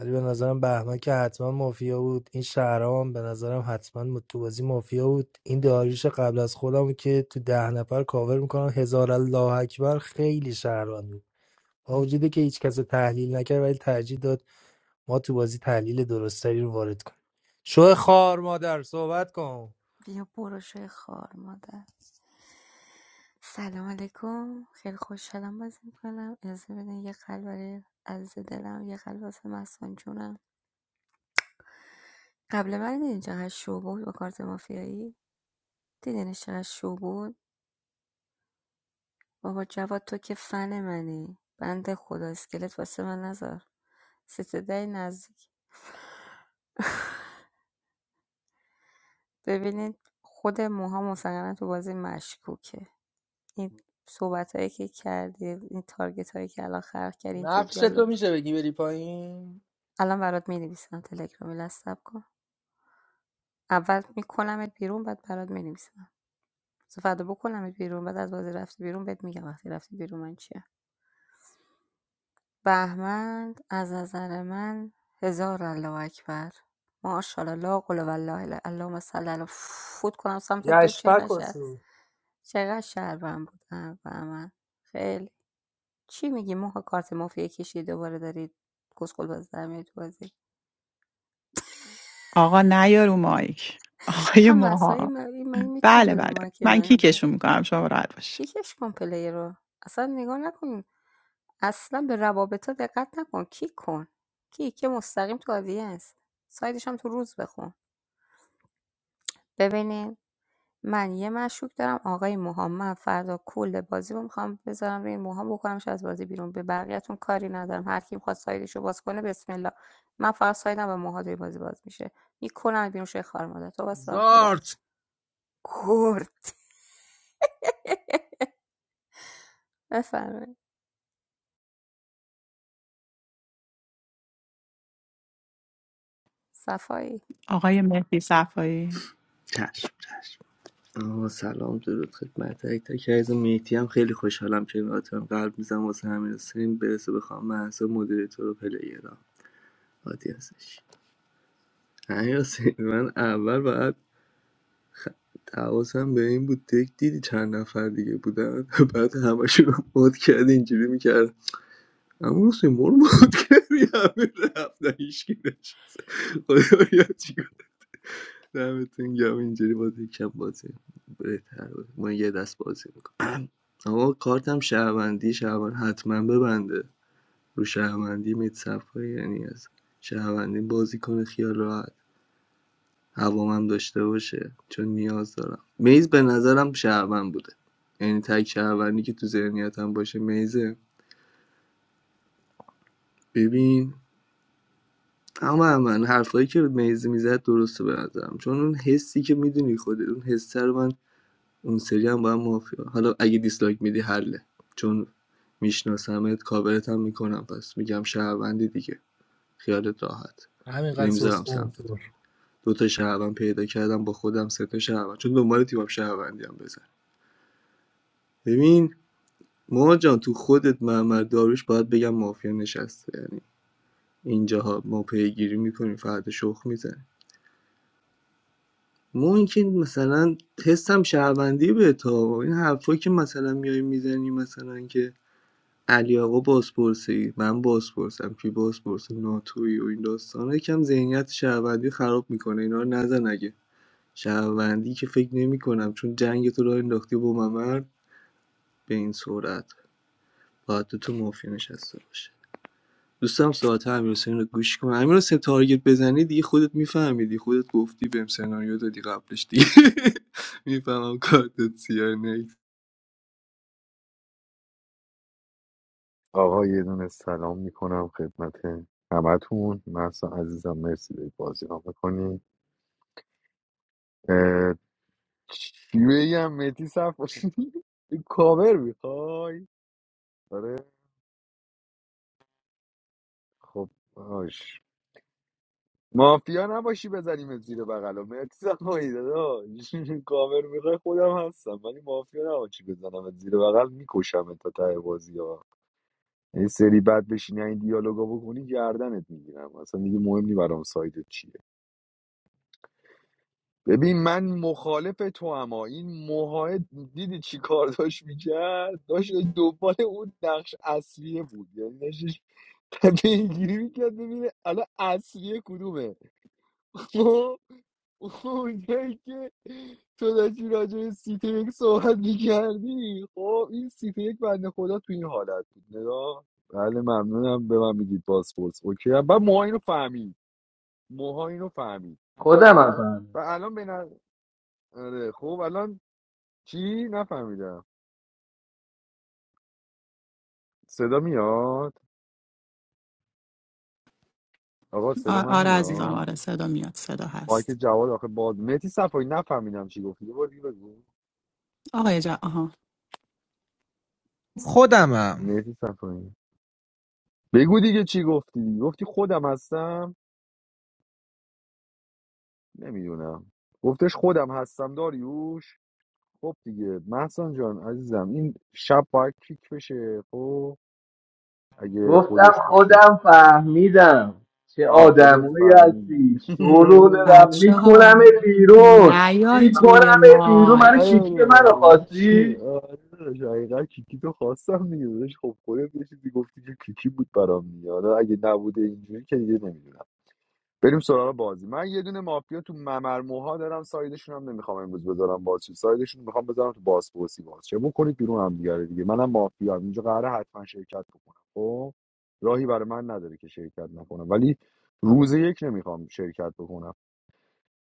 Speaker 2: ولی به نظرم بهمن که حتما مافیا بود این شهرام به نظرم حتما تو بازی مافیا بود این داریوش قبل از خودم که تو ده نفر کاور میکنن هزار الله اکبر خیلی شهروند بود با وجودی که هیچ کس رو تحلیل نکرد ولی ترجیح داد ما تو بازی تحلیل درستری رو وارد کنیم شو خار مادر صحبت کن
Speaker 5: بیا برو شوی خار مادر سلام علیکم خیلی خوشحالم بازی میکنم اجازه بدین یه قلب برای عزیز دلم یه قلب واسه مسان جونم قبل من دیدین چقدر شو بود با کارت مافیایی دیدینش چقدر شو بود بابا جواد تو که فن منی بند خدا اسکلت واسه من نذار سیت نزدیک ببینید خود موها مسلما تو بازی مشکوکه این صحبت هایی که کردی این تارگت هایی که الان خلق کردیم توی
Speaker 2: نقش تو
Speaker 5: دیالوگ
Speaker 2: میشه بگی بری پایین
Speaker 5: الان برات می نویسم تلگرامی لستب کن اول میکنمت بیرون بعد برات می نویسم فردا بکنمت بیرون بعد از بازی رفتی بیرون بهت میگم وقتی رفتی بیرون من چیم بهمن از نظر من هزار الله اکبر ماشاءالله لا قل والله الا- اللهم صل علی فوت کنم سمت تو چه
Speaker 2: یشفک کن
Speaker 5: قشر چقدر شهروند بودم بهمن خیلی چی میگی ما کارت مافیا کشی دوباره دارید گسخل باز در میاد تو بازی
Speaker 1: آقا نیا رو مایک آقای
Speaker 5: خب مسایی
Speaker 1: موها
Speaker 5: من میتونی
Speaker 1: بله
Speaker 5: بدون
Speaker 1: بله
Speaker 5: مایک
Speaker 1: من
Speaker 5: من
Speaker 1: کیکشون میکنم شما راحت باشید
Speaker 5: کیکش کن پلی رو اصلا نگاه نکن اصلا به روابط دقت نکن کیک کن کیک که مستقیم تو آدینس سایدش هم تو روز بخون ببینین من یه مشکوک دارم آقای موهام من فردا کل بازی رو میخوام بذارم روی موهام بکنمش از بازی بیرون به بقیه‌تون کاری ندارم هر کی میخواد سایدش رو باز کنه بسم الله من فقط سایدم به موها توی بازی باز میشه میکنم بیرون شوی خار مادر تو واسه خدا
Speaker 2: زارت
Speaker 5: کرد بفرمایید صفایی
Speaker 1: آقای مهدی صفایی
Speaker 10: چشم چشم آه سلام درود خدمت تک تک از میتی هم خیلی خوشحالم که میاتم قلب میزم واسه امیر حسین برسه بخوام محسا مدیریتور و پلیرا عادی هستش امیر حسین من اول باید حواسم به این بود تک دیدی چند نفر دیگه بودن بعد همشون رو مد کرد اینجوری میکرد اما حسین برو بود کردی همه رفتن هیچ کی نشست خدا بیا چیکار دمتون گم اینجوری بازی کم بازی بهتر بود من یه دست بازی میکنم اما کارتم شهروندی شهروند حتما ببنده رو شهروندی میت صفایی یعنی از شهروندی بازی کنه خیال راحت هوامم داشته باشه چون نیاز دارم میز به نظرم شهروند بوده یعنی تک شهروندی که تو ذهنیتم باشه میزه ببین اما من حرفایی که مهزی میزد درسته به نظرم چون اون حسی که میدونی خود اون حسه رو من اون سری هم با مافیا حالا اگه دیسلایک میدی حله چون میشناسمت کاورت هم میکنم پس میگم شهروندی دیگه خیالت راحت
Speaker 2: همینقدر
Speaker 10: نمیذارم
Speaker 2: سوسکن
Speaker 10: سمتت
Speaker 2: فور
Speaker 10: دو تا شهروند پیدا کردم با خودم سه تا شهروند چون دنبال تیمم شهروندی هم بزن ببین ما جان تو خودت محمد داروش باید بگم مافیا نشسته یعنی اینجاها ما پیگیری میکنیم فرد شوخ میزنه ما اینکه مثلا حسم شهروندی به تا این حرفایی که مثلا میای میزنی مثلا که علی آقا بازپرسی من بازپرسم کی بازپرس ناتوی و این داستانا یکم ذهنیت شهروندی خراب میکنه اینا رو نزن اگه شهروندی که فکر نمیکنم چون جنگ تو راه انداختی با ممر به این سرعت باید تو تو مافیا نشسته باشه دوستم ساعت امیر حسین رو گوش کن امیر تارگت بزنی دیگه خودت میفهمیدی خودت گفتی بهم سناریو دادی قبلش دیگه میفهمم کارتت سیاه نیست
Speaker 7: آقا یه دونه سلام میکنم خدمت همتون مرسا عزیزم مرسی به بازی را میکنی چی بگم مهدی صف کاور میخوای آره خب باش مافیا نباشی بزنیم زیر بغل و مهدی صفایی داداش کاور میخوای خودم هستم ولی مافیا نباشی بزنم زیر بغل میکشم تا ته بازی ها یه سری بد بشینی این دیالوگا بکنی گردنت میگیرم اصلا دیگه مهم نی برام سایدت چیه ببین من مخالف تو اما این موهای دیدی چی کار داشت میکرد داشت دنبال اون نقش اصلیه بود یعنی داشتش پیگیری میکرد ببینه الان اصلیه کدومه اونجایی که تو داشتی راجع به سیت یک صحبت میکردی خب این سیت یک بنده خدا تو این حالت بود نگاه بله ممنونم به من میگید پاسپورت اوکی هم. بعد موها اینو فهمید موها اینو فهمید
Speaker 10: خودم هم فهمیدم.
Speaker 7: و الان به نظر آره، خب الان چی نفهمیدم صدا میاد آقا صدا
Speaker 1: آ-
Speaker 7: من
Speaker 1: آره عزیزم
Speaker 7: میاد
Speaker 1: آره صدا میاد صدا
Speaker 7: مایک
Speaker 1: هست
Speaker 7: جواد آخه باز مهدی صفایی نفهمیدم چی گفتی یه بار دیگه بگو
Speaker 1: آقای جا آها
Speaker 11: خودمم
Speaker 7: مهدی صفایی بگو دیگه چی گفتی گفتی خودم هستم نمیدونم گفتش خودم هستم داریوش خب دیگه محسن جان عزیزم این شب باید کیک بشه خب اگه
Speaker 10: گفتم
Speaker 7: خودش باشه
Speaker 10: خودم فهمیدم چه
Speaker 7: آه خودت
Speaker 10: آدمایی
Speaker 7: فهمیدی
Speaker 10: هستی شورون رفت
Speaker 1: بچه
Speaker 10: میکنم
Speaker 1: ها
Speaker 10: بیرون
Speaker 1: نیاید
Speaker 10: میکنم
Speaker 1: روی
Speaker 10: بیرون منو
Speaker 1: مایک
Speaker 7: آیا
Speaker 10: کیکی منو
Speaker 7: بابایی چیه
Speaker 10: خواستی
Speaker 7: آره داداش، حقیقت کیکی تو خواستم دیگه داداش. خب خودت یه چیزی گفتی که کیکی بود برام دیگه حالا اگه نبوده اینجوری که دیگه نمیدونم بریم سراغ بازی من یه دونه مافیا تو ممر موها دارم سایدشون هم نمیخوام امروز بذارم باز چه سایدشون میخوام بذارم تو بازپرسی باز چه بکنید بیرون هم دیگه رو دیگه منم مافیا هم. اینجا قراره حتما شرکت بکنم خب راهی برای من نداره که شرکت نکنم ولی روز یک نمیخوام شرکت بکنم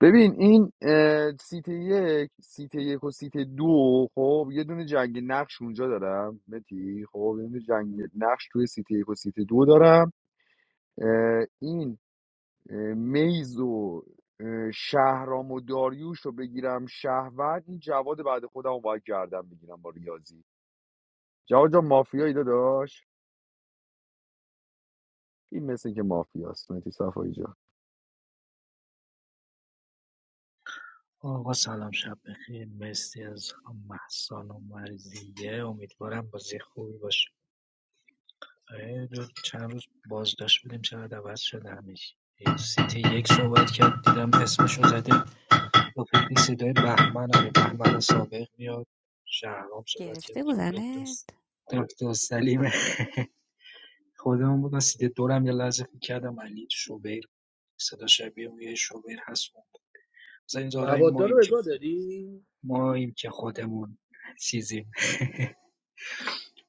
Speaker 7: ببین این اه، سیت یک سیت یک و سیت دو خب یه دونه جنگ نقش اونجا دارم متی خب یه دونه جنگ نقش توی سیت یک و سیت دو دارم اه، این میز و اه، شهرام و داریوش رو بگیرم شهوت این جواد بعد خودم رو باید گردم بگیرم با ریاضی جواد جان مافیایی داداش این مثل که مافیاست مهدی صفایی جان
Speaker 17: آقا سلام شب بخیر مرسی از خانم محسان و مرزیه امیدوارم بازی خوبی باشه آره، دو چند روز بازداشت بودیم چقدر عوض شده همیشه سیتی یک صحبت کرد دیدم اسمشو زده با فکر صدای بهمن آره بهمن سابق میاد شهرام صحبت کرد
Speaker 5: گرفته
Speaker 17: دکتر
Speaker 5: بودنت
Speaker 17: دکتر سلیم خودمون بودن سیتی دورم یه لحظه فکر کردم علی شوبر صدا شبیه اون یه شوبر هست مثلا این زارا این
Speaker 2: مبادا رو
Speaker 17: ماییم
Speaker 2: بگاه داری
Speaker 17: ماییم که خودمون چیزیم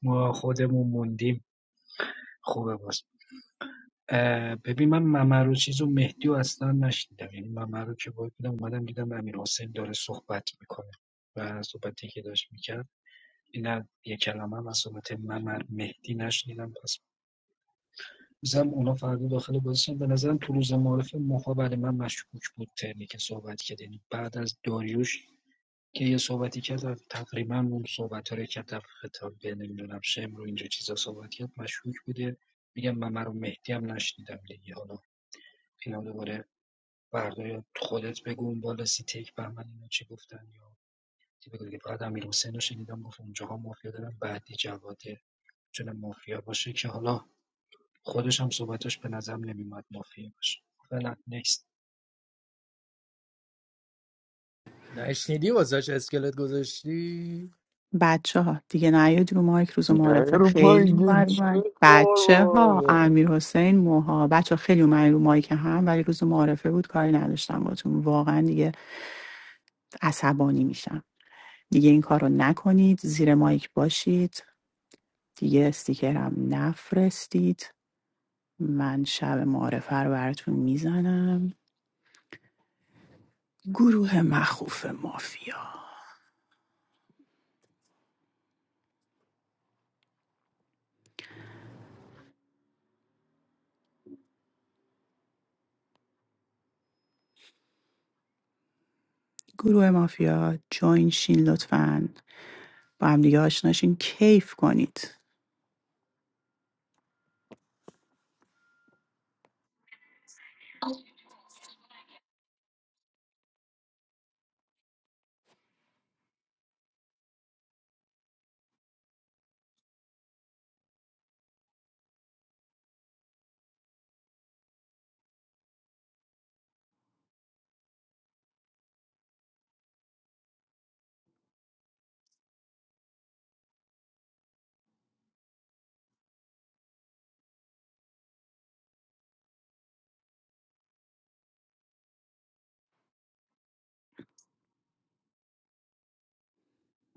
Speaker 17: ما خودمون موندیم خوبه باز اه، ببین من ممرو چیز و مهدی و اصلا نشنیدم یعنی ممرو که باید بودم اومدم دیدم امیر حسین داره صحبت میکنه و صحبتی که داشت میکرد نه یه کلمه هم از صحبت ممر مهدی نشنیدم پس میزم اونا فردا داخل بازیشن به نظرم تو روز معارف مخابره من مشکوک بود ترنی که صحبت کرد یعنی بعد از داریوش که یه صحبتی کرد و تقریبا اون صحبت رو که در خطاب به نمیدونم شم رو اینجا چیزا صحبت کرد مشکوک بوده میگم من رو مهدی هم نشنیدم دیگه حالا اینا دوباره فردا خودت بگو اون بالا سی تک بهمن اینا چی گفتن یا چی بگو دیگه فقط امیر حسین رو شنیدم گفت اونجاها مافیا دارن بعدی جواده چون مافیا باشه که حالا خودش هم صحبتش به نظرم نمیاد مافیا باشه فعلا next.
Speaker 2: نشنیدی واسش اسکلت گذاشتی؟
Speaker 1: بچه ها دیگه نیاید روی مایک روز
Speaker 7: نه
Speaker 1: معرفه
Speaker 7: رو پای
Speaker 1: خیلی بر من
Speaker 7: چوی
Speaker 1: بچه ها
Speaker 7: قربونه
Speaker 1: امیر حسین موها بچه ها خیلی اومدن رو مایک هم ولی روز معرفه بود کاری نداشتم باتون واقعا دیگه عصبانی میشم دیگه این کار رو نکنید زیر مایک باشید دیگه استیکرم نفرستید من شب معرفه رو براتون میزنم گروه مخوف مافیا گروه مافیا جوین شین لطفا با هم دیگه آشناشین کیف کنید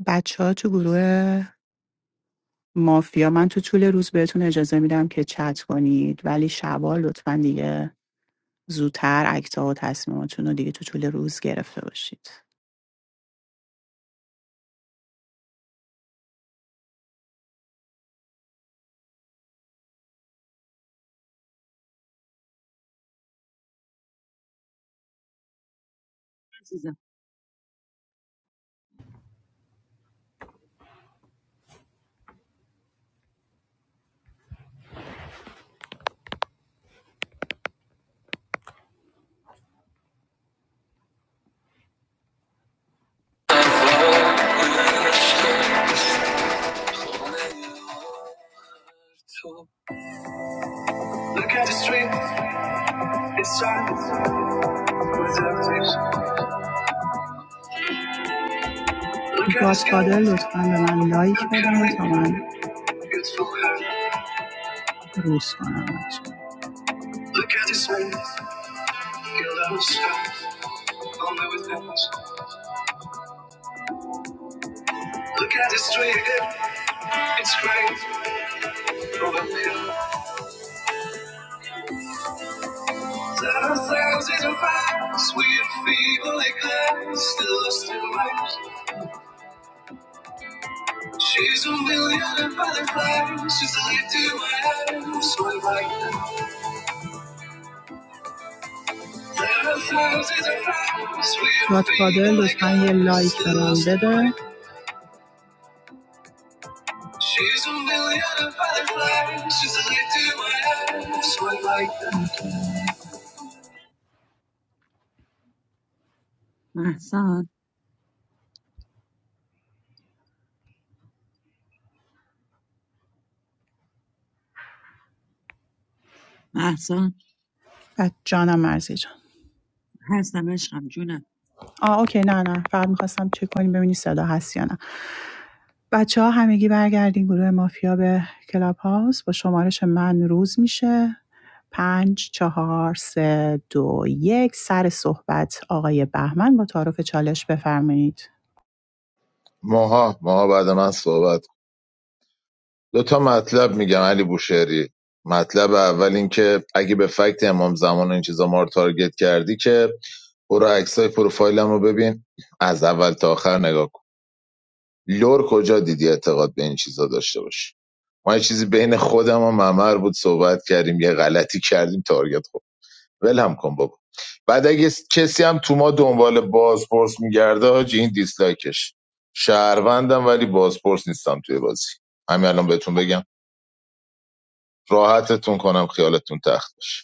Speaker 1: بچه ها تو گروه مافیا من تو طول روز بهتون اجازه میدم که چت کنید ولی شبا لطفا دیگه زودتر اکتا و تصمیماتون رو دیگه تو طول روز گرفته باشید
Speaker 14: visa.
Speaker 1: گادفادر لطفا به من لایک بده تا من روز کنم بچه‌ها. Your love shines on my witness. Look at this tree again. It's great over here. Thousands in a fire, sweet fever like that. Still lost in light. She's a million butterflies. She's a leap to my eyes. So I like that. Godfather لطفا یه لایک برام بده
Speaker 14: My son, my son.
Speaker 1: از جانم مرزی جان
Speaker 14: Who hasn't been to Amjuna?
Speaker 1: آه اوکی نه نه فقط میخواستم چک کنیم ببینی صدا هست یا نه بچه ها همگی برگردین گروه مافیا به کلاب هاوس با شمارش من روز میشه پنج چهار سه دو یک سر صحبت آقای بهمن با تعارف چالش بفرمایید
Speaker 4: ماها ماها بعد من صحبت کن. دو تا مطلب میگم علی بوشهری مطلب اول این که اگه به فکت امام زمان و این چیزا ما رو تارگت کردی که برو عکسای پروفایلم رو ببین از اول تا آخر نگاه کن. لور کجا دیدی اعتقاد به این چیزا داشته باشی ما یه چیزی بین خودم و ممر بود صحبت کردیم یه غلطی کردیم تارگت خورد ولم کن بابا بعد اگه کسی هم تو ما دنبال بازپرس میگرده حاجی این دیسلایکش شهروندم ولی بازپرس نیستم توی بازی همین الان بهتون بگم راحتتون کنم خیالتون تخت باشه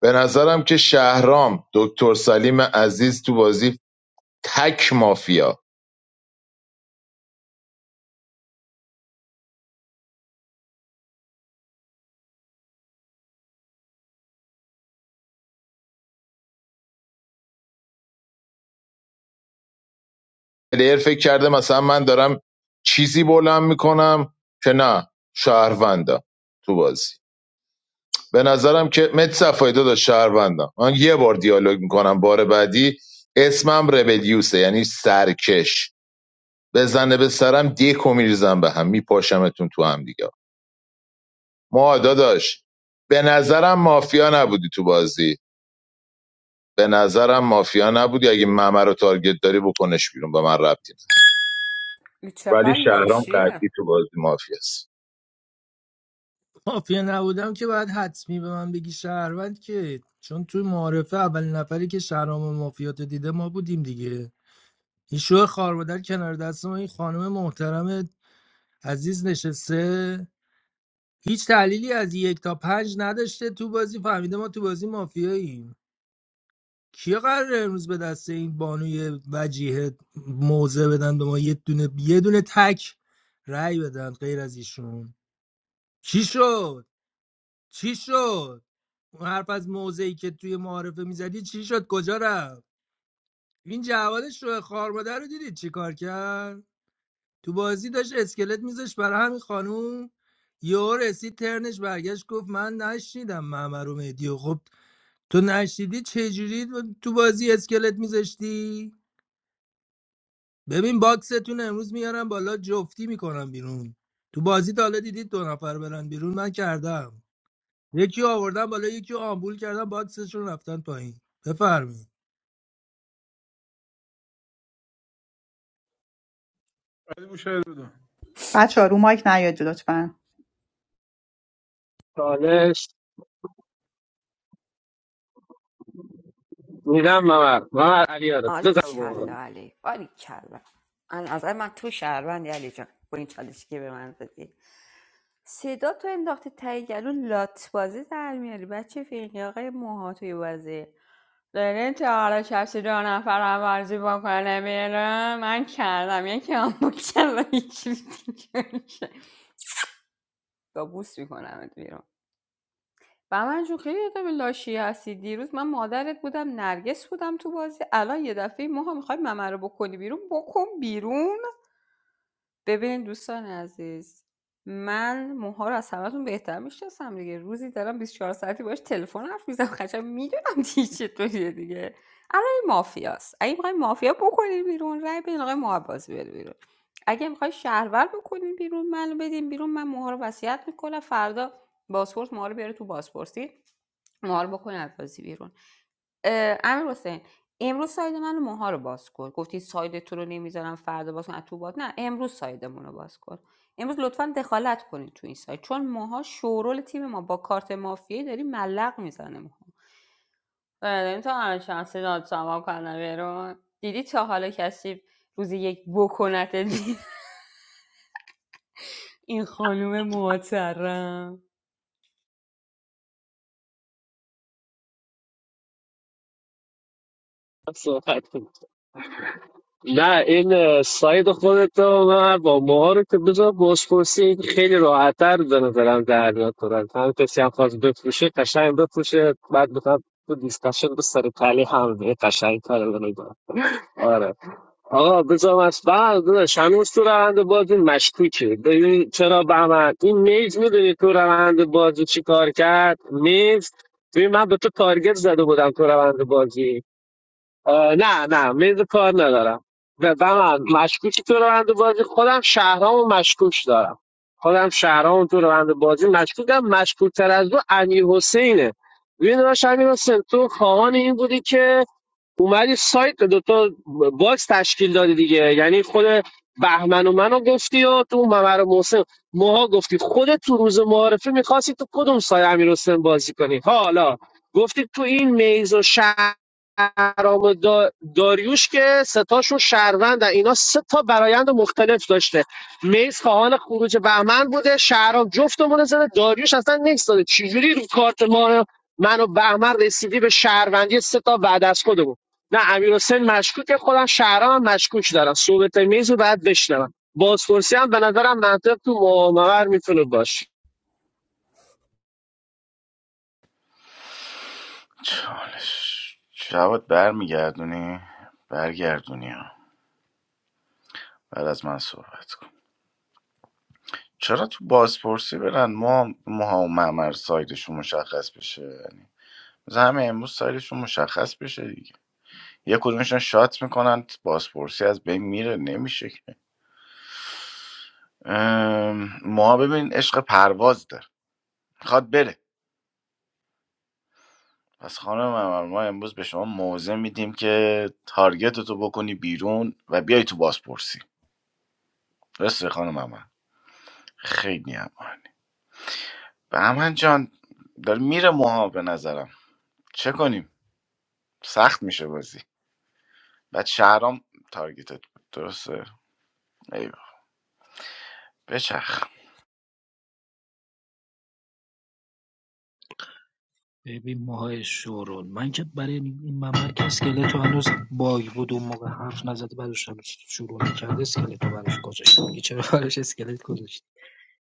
Speaker 4: به نظرم که شهرام دکتر سلیم عزیز تو بازی تک مافیا پلیر فکر کرده مثلا من دارم چیزی بلند میکنم که نه شهروندم تو بازی به نظرم که مت صفایی داشت شهروندم من یه بار دیالوگ میکنم بار بعدی اسمم ربلیوسه یعنی سرکش بزنه به سرم دیکو میریزم به هم میپاشمتون تو هم دیگه ما داداش به نظرم مافیا نبودی تو بازی به نظرم مافیا نبودی اگه ممه رو تارگت داری بکنش بیرون به من ربطی نداره
Speaker 5: این
Speaker 4: ولی
Speaker 5: چقدر
Speaker 4: شهرام
Speaker 5: لاشیه
Speaker 4: قدی تو بازی مافیاست
Speaker 2: مافیا نبودم که باید حتمی به من بگی شهروند که چون توی معارفه اولین نفری که شهرام و مافیات رو دیده ما بودیم دیگه این شو خارمادر کنار دست ما این خانم محترم عزیز نشسته هیچ تحلیلی از یک تا پنج نداشته تو بازی فهمیده ما تو بازی مافیاییم کیا قراره امروز به دست این بانوی وجیه موزه بدن به ما یه دونه یه دونه تک رأی بدن غیر از ایشون چی شد چی شد اون حرف از موضعی که توی معارفه میزدی چی شد کجا رفت این جواد شوه خارمادر رو دیدید چی کار کرد تو بازی داشت اسکلت میذاش برای همین خانوم یهو رسید ترنش برگشت گفت من نشنیدم معمر و مهدی و خب تو نشنیدی چجوری تو بازی اسکلت میذاشتی ببین باکستون امروز میارم بالا جفتی میکنم بیرون تو بازی تا حالا دیدید دو نفر برن بیرون من کردم یکی آوردن بالا یکی آمبول کردن باکسشون رفتن پایین بفرمایید
Speaker 16: علی بوشهری بدون
Speaker 1: بچه ها رو مایک نیاد لطفا
Speaker 15: چالش میدم ممر ممر علی آره
Speaker 5: آل
Speaker 15: بزن بابا
Speaker 5: کلا علی آل کلا از نظر من تو شهروندی علی جان با این چالشی که به من دادی صدا تو انداختی ته گلو لات بازی در میاری بچه فیقی آقای موها توی بازی دارین تا حالا کسی دو نفر هم بازی بکنه بیرون من کردم یکی هم بکنه و یکی دیگه. با بوس میکنم بیرون و من جون خیلی آدم لاشی هستی دیروز من مادرت بودم نرگس بودم تو بازی الان یه دفعه ماها میخوای ممه رو بکنی بیرون بکن بیرون ببین دوستان عزیز من موها رو از همتون بهتر میشناسم دیگه روزی دارم 24 ساعتی باش تلفن حرف میزنم خشم میدونم دیگه چطوریه دیگه الان این مافیاست اگه میخوای مافیا بکنین بیرون رای بدین آقای موها بازی بره بیرون اگه میخوای شهرور بکنین بیرون منو بدین بیرون من موها رو وصیت میکنم فردا بازپرس موها رو بیاره تو بازپرسی موها رو بکنین از بازی بیرون اه، امیر حسین امروز ساید منو و موها رو باز کن گفتی ساید تو رو نمیذارم فردا باز کن از تو باز نه امروز سایدمون رو باز کن امروز لطفا دخالت کنید تو این ساید چون موها شورول تیم ما با کارت مافیایی داری ملق میزنه موها این تو همه شانسی داد سامان کنه بیرون دیدی تا حالا کسی روزی یک بکنت دید؟ این خانوم محترم
Speaker 15: صحبت کنم. نه این ساید خودت رو من با موها رو که بذار بازپرسی این خیلی راحتتر به نظرم در میاد کنن هم کسی هم خواست بفروشه قشنگ بفروشه بعد بخواد تو دیسکشن به سر پلی هم به قشنگ کار رو بکنه. آره آقا بذار از بعد داداش هنوز تو روند بازی مشکوکه ببین چرا بهمن این میز میدونی تو روند بازی چی کار کرد میز ببین من به تو تارگت زده بودم تو روند بازی آه، نه نه میز کار ندارم و و من مشکوکی تو روند بازی خودم شهرامو و مشکوک دارم خودم شهرامو تو روند بازی مشکوکم مشکوک تر از دو امیر حسینه ببین داشت امیر حسین تو خواهان این بودی که اومدی سایت دوتا باکس تشکیل دادی دیگه یعنی خود بهمن و منو گفتی و تو ممر و محسن ماها گفتی خودت تو روز معارفه میخواستی تو کدوم سایه امیر حسین بازی کنی حالا گفتی تو این میز و شهرام دا داریوش که ستاشون شهروندن اینا سه تا برایند مختلف داشته میز خواهان خروج بهمن بوده شهرام جفتمون زده داریوش اصلا نکس داده چجوری رو کارت ما منو بهمن رسیدی به شهروندی سه تا بعد از خودمون نه امیر حسین مشکوکه خودم شهرام هم مشکوک دارم صحبت میز رو بعد بشنوم بازپرسی هم به نظرم منطق تو معامر میتونه باشه
Speaker 13: چالش جواد برمیگردونی برگردونی ها بعد از من صحبت کن چرا تو بازپرسی برن ما موها و معمر سایدشون مشخص بشه یعنی مثلا همه امروز سایدشون مشخص بشه دیگه یه کدومشون شات میکنن بازپرسی از بین میره نمیشه که ام، ما ببین عشق پرواز داره میخواد بره پس خانم عمر ما امروز به شما موضع میدیم که تارگت تو بکنی بیرون و بیای تو بازپرسی درسته خانم عمر خیلی عمر به عمر جان داره میره موها به نظرم چه کنیم سخت میشه بازی بعد شهرام تارگتت بود. درسته ایوه بچخ
Speaker 17: ببین ماهای شورون. من که برای این ممر که اسکلتو هنوز باگ بود اون موقع حرف نزده بعدش هنوز شروع نکرده اسکلتو براش گذاشت میگه چرا براش اسکلت گذاشت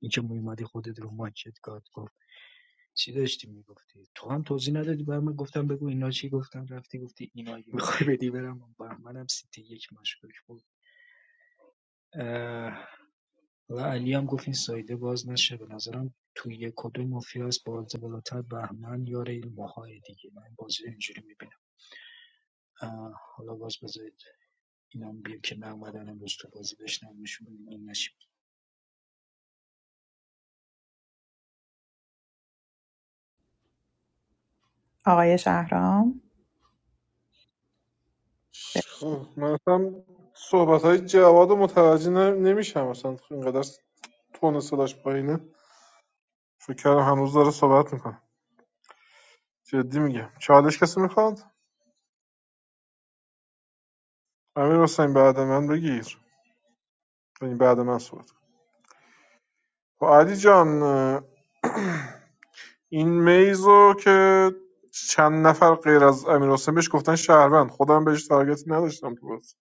Speaker 17: این که میومدی خودت رو ماکت گاد گفت چی داشتی میگفتی تو هم توضیح ندادی بر من گفتم بگو اینا چی گفتم رفتی گفتی اینا اگه میخوای بدی برم بر منم سیتی یک مشکوک بود اه، و علی هم گفت این سایده باز نشه به نظرم توی یک کدوم مافیاس باز بالاتر بهمن یار این ماهای دیگه من بازی اینجوری می‌بینم. حالا باز بذارید اینا میگیم که من اومدن امروز تو بازی بشنومشون ببینم این نشیم
Speaker 1: آقای شهرام
Speaker 16: خب من اصلا صحبت های جواد رو متوجه ن- نمیشم اصلا اینقدر تون صداش پایینه فکر کردم هنوز داره صحبت میکنه جدی میگم چالش کسی میخواد امیر حسین بعد من بگیر یعنی بعد من صحبت کن. خب علی جان این میزو که چند نفر غیر از امیر حسین بهش گفتن شهروند خودم بهش تارگتی نداشتم تو بازی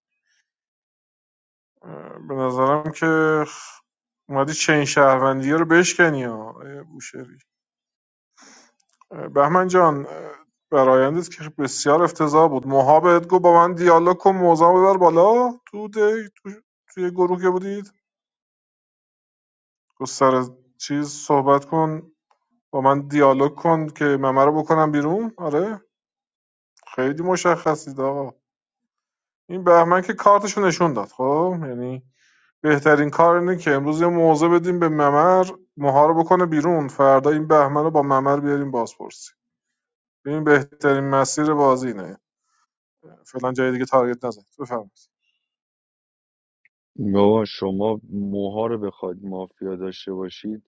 Speaker 16: به نظرم که خ- اومدی چین شهروندی رو بشکنی ها اه، بوشهری بهمن جان اه، برایندت که بسیار افتضاح بود موها بهت گفت با من دیالوگ کن موضوع ببر بالا تو دی- تو توی گروه که بودید گفت سر چیز صحبت کن با من دیالوگ کن که ممه رو بکنم بیرون آره خیلی مشخصید آقا این بهمن که کارتشو نشون داد خب یعنی بهترین کار اینه که امروز یه موضع بدیم به ممر موها رو بکنه بیرون فردا این بهمن رو با ممر بیاریم بازپرسی این بهترین مسیر بازی اینه فعلا جای دیگه تارگت نزن بفرمایید
Speaker 7: بابا شما موها رو بخواید مافیا داشته باشید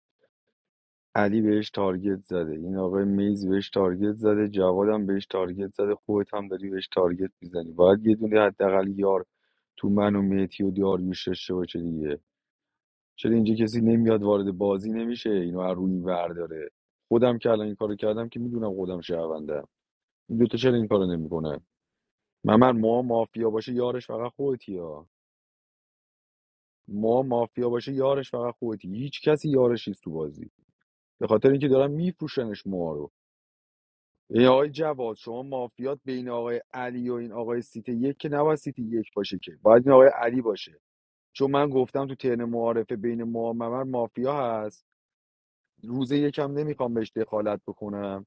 Speaker 7: علی بهش تارگت زده این آقای میز بهش تارگت زده جوادم بهش تارگت زده خودت هم داری بهش تارگت میزنی باید یه دونه حداقل یار تو من و مهدی و داریوش داشته باشه دیگه چرا اینجا کسی نمیاد وارد بازی نمیشه اینو از روی این ور داره خودم که الان این کارو کردم که میدونم خودم شهروندم این دوتا چرا این کارو نمیکنه من ما مافیا باشه یارش فقط خودتی ها ما مافیا باشه یارش فقط خودتی هیچ کسی یارش نیست تو بازی به خاطر اینکه دارن میفروشنش ما رو ای آقای جواد شما مافیات بین آقای علی و این آقای سیت یک که نباید سیت یک باشه که باید این آقای علی باشه چون من گفتم تو ترن معارفه بین معمر مافیا هست روز یکم نمیخوام بهش دخالت بکنم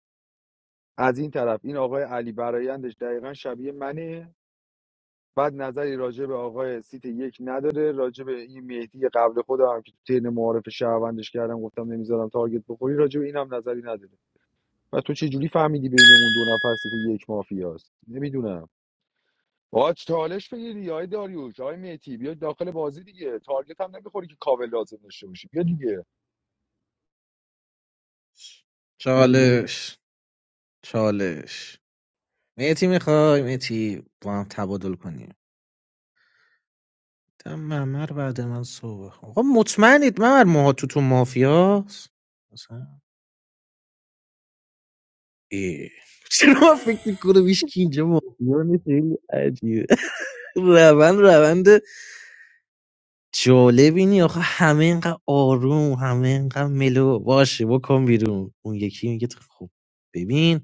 Speaker 7: از این طرف این آقای علی برایندش دقیقا شبیه منه بعد نظری راجع به آقای سیت یک نداره راجع به این مهدی قبل خودم هم که تو ترن معارف شهروندش کردم گفتم نمیذارم تارگت بخوری راجع به اینم نظری نداره و تو چه جوری فهمیدی بینمون دو نفر سیت یک مافیاست نمیدونم باج چالش بگیری آقای داریوش آقای میتی بیا داخل بازی دیگه تارگت هم نمیخوری که کاور لازم داشته باشی بیا دیگه
Speaker 11: چالش چالش میتی میخوای میتی با هم تبادل کنیم دم ممر بعد من صبح آقا مطمئنید ممر ماها تو تو مافیاست مثلا ای. چرا من فکر میکنم هیچ کی اینجا مافیا نیست خیلی عجیبه روند روند جالب اینی آخه همه اینقدر آروم همه اینقدر ملو باشه بکن بیرون اون یکی میگه تو خب ببین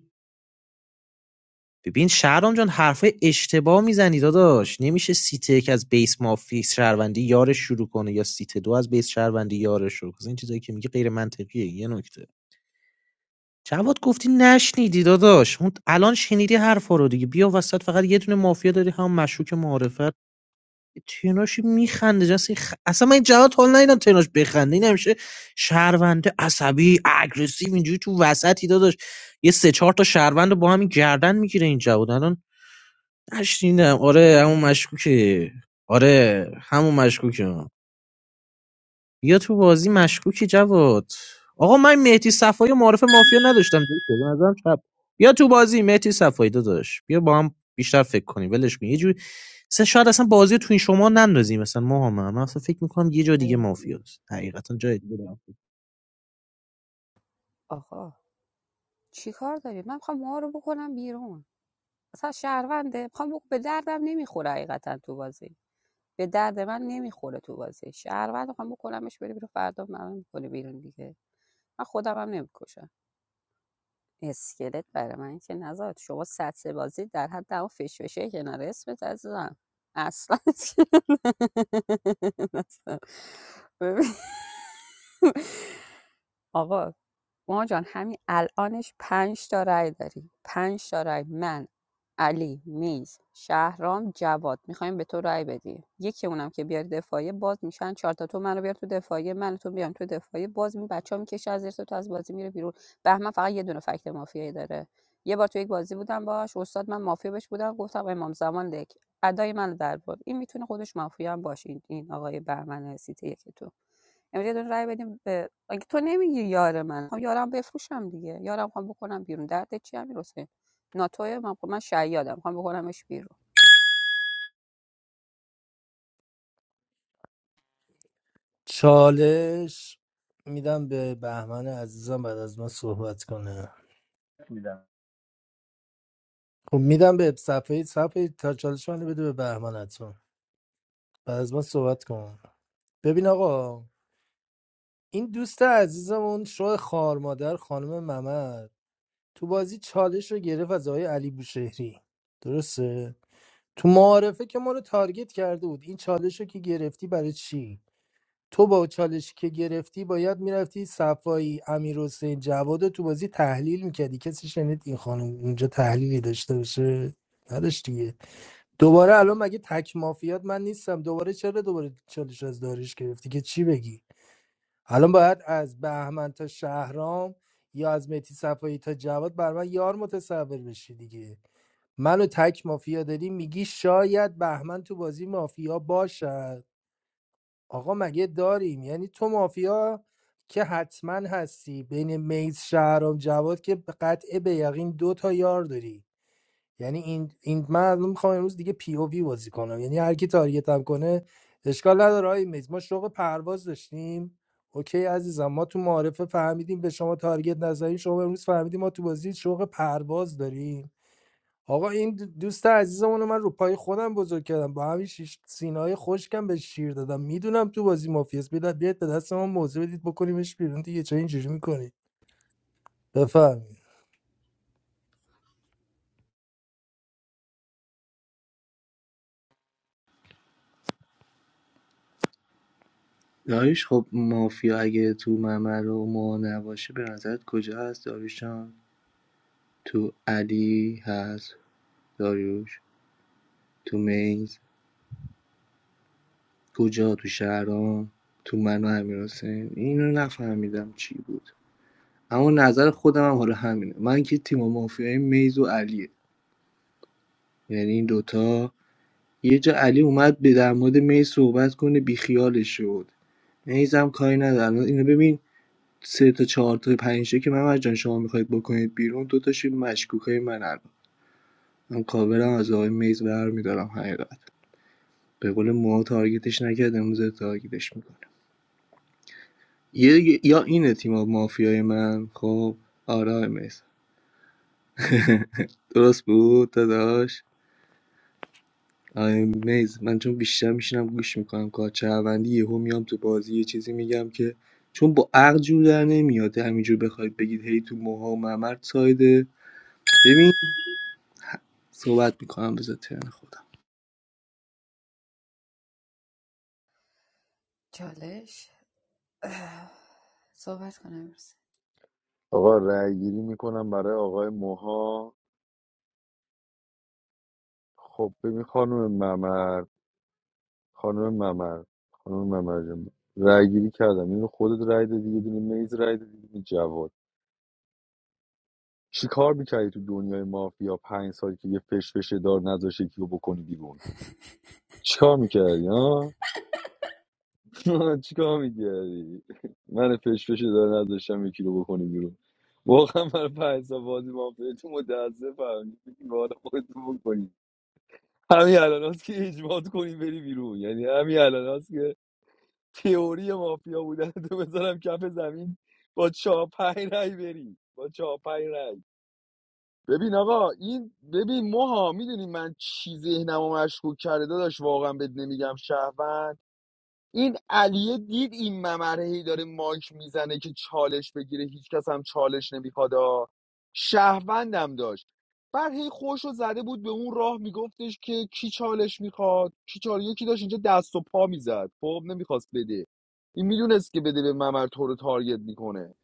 Speaker 11: ببین شهرام جان حرفای اشتباه میزنی داداش نمیشه سیت یک از بیس مافی شهروندی یارش شروع کنه یا سیت دو از بیس شهروندی یارش رو این چیزایی که میگه غیر منطقیه یه نکته جواد گفتی نشنیدی داداش اون الان شنیدی حرفا رو دیگه بیا وسط فقط یه دونه مافیا داری هم مشکوک معارفت تناش میخنده جنس خ، اصلا من این جواد حال ندیدم تناش بخنده این همیشه شهرونده عصبی اگریسیو اینجوری تو وسطی داداش یه سه چهار تا شهروند رو با هم گردن میگیره این جواد الان نشنیدم آره همون مشکوکه آره همون مشکوکه بیا تو بازی مشکوکی جواد آقا من مهدی صفایی و معرف مافیا نداشتم دکتر. به نظرم چپ بیا تو بازی مهدی صفایی داداش بیا با هم بیشتر فکر کنیم ولش کن یه جوری مثلا شاید اصلا بازی رو تو این شما نندازیم مثلا ما هم من اصلا فکر میکنم یه جا دیگه مافیاست حقیقتا جای دیگه دارم
Speaker 5: آقا چی کار دارید من میخوام موها رو بکنم بیرون اصلا شهرونده میخوام بگم به دردم نمیخوره حقیقتا تو بازی به درد من نمیخوره تو بازی شهروند میخوام بکنمش بره بیرون فردا منم میکنه بیرون دیگه من خودم هم نمیکشم اسکلت برای من که نذار شما سطح بازی در حد اون فشفشه کنار اسمت عزیزم اصلا اصلا. ببین. آقا ما جان همین الانش پنج تا رای داریم پنج تا رای من علی میز شهرام جواد میخوایم به تو رای بدیم یکی اونم که بیاری دفاعیه باز میشن چهار تا تو منو بیار تو دفاعیه من تو بیام تو دفاعیه باز این بچه ها میکشه از زیر تو از بازی میره بیرون بهمن فقط یه دونه فکت مافیایی داره یه بار تو یک بازی بودم باش استاد من مافیا بهش بودم گفتم امام زمان لک ادای من در بود این میتونه خودش مافیا هم باشه این, این آقای بهمن سیتی یک تو امروز یه دونه رای بدیم به اگه تو نمیگی یار من خب یارم بفروشم دیگه یارم خوام بکنم بیرون درد چی امیر حسین ناتوی من خب من شیادم خوام بکنمش بیرون
Speaker 2: چالش میدم به بهمن عزیزم بعد از من صحبت کنه
Speaker 10: میدم
Speaker 2: خب میدم به صفحه صفحه تا چالش منو بده به بهمن حتما بعد از من صحبت کن ببین آقا این دوست عزیزمون شو خار مادر خانم ممد تو بازی چالش رو گرفت از آقای علی بوشهری درسته تو معارفه که ما رو تارگت کرده بود این چالش رو که گرفتی برای چی تو با چالش که گرفتی باید میرفتی صفایی امیر حسین جواد رو تو بازی تحلیل میکردی کسی شنید این خانم اونجا تحلیلی داشته باشه نداشت دیگه دوباره الان مگه تک مافیات من نیستم دوباره چرا دوباره چالش از داریش گرفتی که چی بگی الان باید از بهمن تا شهرام یا از متی صفایی تا جواد بر من یار متصور بشی دیگه منو تک مافیا داری میگی شاید بهمن تو بازی مافیا باشد آقا مگه داریم یعنی تو مافیا که حتما هستی بین میز شهرام جواد که به قطع به یقین دو تا یار داری یعنی این این من الان میخوام امروز دیگه پی او وی بازی کنم یعنی هر کی تارگت هم کنه اشکال نداره آقای میز ما شوق پرواز داشتیم اوکی عزیزم ما تو معارفه فهمیدیم به شما تارگت نزدیم شما امروز فهمیدیم ما تو بازی شوق پرواز داریم آقا این دوست عزیزمون رو من رو پای خودم بزرگ کردم با همین شیش سینه‌های خشکم به شیر دادم میدونم تو بازی مافیاس بیاد بیاد به دست ما موضع بدید بکنیمش بیرون دیگه چه اینجوری میکنی بفهمی
Speaker 10: داریش خب مافیا اگه تو ممر و ما نباشه به نظرت کجا هست داریوش جان تو علی هست داریوش تو میز کجا تو شهرام تو من و امیر اینو نفهمیدم چی بود اما نظر خودم هم حالا همینه من که تیم مافیای میز و علیه یعنی این دوتا یه جا علی اومد به در مورد میز صحبت کنه بیخیالش شد میزم کاری ندارم اینو ببین سه تا چهار تا پنج تا که من جان شما میخواید بکنید بیرون دو تاش مشکوکای من الان من کاورم از آقای میز برمیدارم حقیقت به قول موها تارگتش نکرد امروز تارگتش میکنم یه یا اینه تیم مافیای من خب آره آقای میز درست بود داداش آقای میز من چون بیشتر میشینم گوش میکنم کار چهروندی یهو میام تو بازی یه چیزی میگم که چون با عقل جور در نمیاد همینجور بخواید بگید هی تو موها و ممر سایده ببین صحبت میکنم بذار ترن خودم
Speaker 5: چالش صحبت کنم امروز
Speaker 7: آقا رأی گیری میکنم برای آقای موها خب ببین خانم ممر خانم ممر خانم ممر جان رأی گیری کردم اینو خودت رأی دادی یه دونه میز رأی دادی یه دونه جواد چی کار میکردی تو دنیای مافیا پنج سال که یه فش فشه دار نذاشه کیو بکنی بیرون چی کار میکردی ها؟ آه، چیکار میکردی من پش پش داره نداشتم یکی رو بکنی بیرون واقعا من پنج سال بازی مافیا تو متاسفم حالا خودتو بکنی همین الان هست که اجماعات کنی بری بیرون یعنی همین الان هست که تئوری مافیا بودن تو بذارم کف زمین با چاپای رای بری با چاپای رای ببین آقا این ببین موها میدونی من چی ذهنمو مشکوک کرده داداش واقعا بد نمیگم شهروند این علیه دید این ممره هی داره ماک میزنه که چالش بگیره هیچکس هم چالش نمیخواد آ. شهروندم داشت بعد هی خوش رو زده بود به اون راه میگفتش که کی چالش میخواد کی چالش یکی داشت اینجا دست و پا میزد خب نمیخواست بده این میدونست که بده به ممر تو رو تارگت میکنه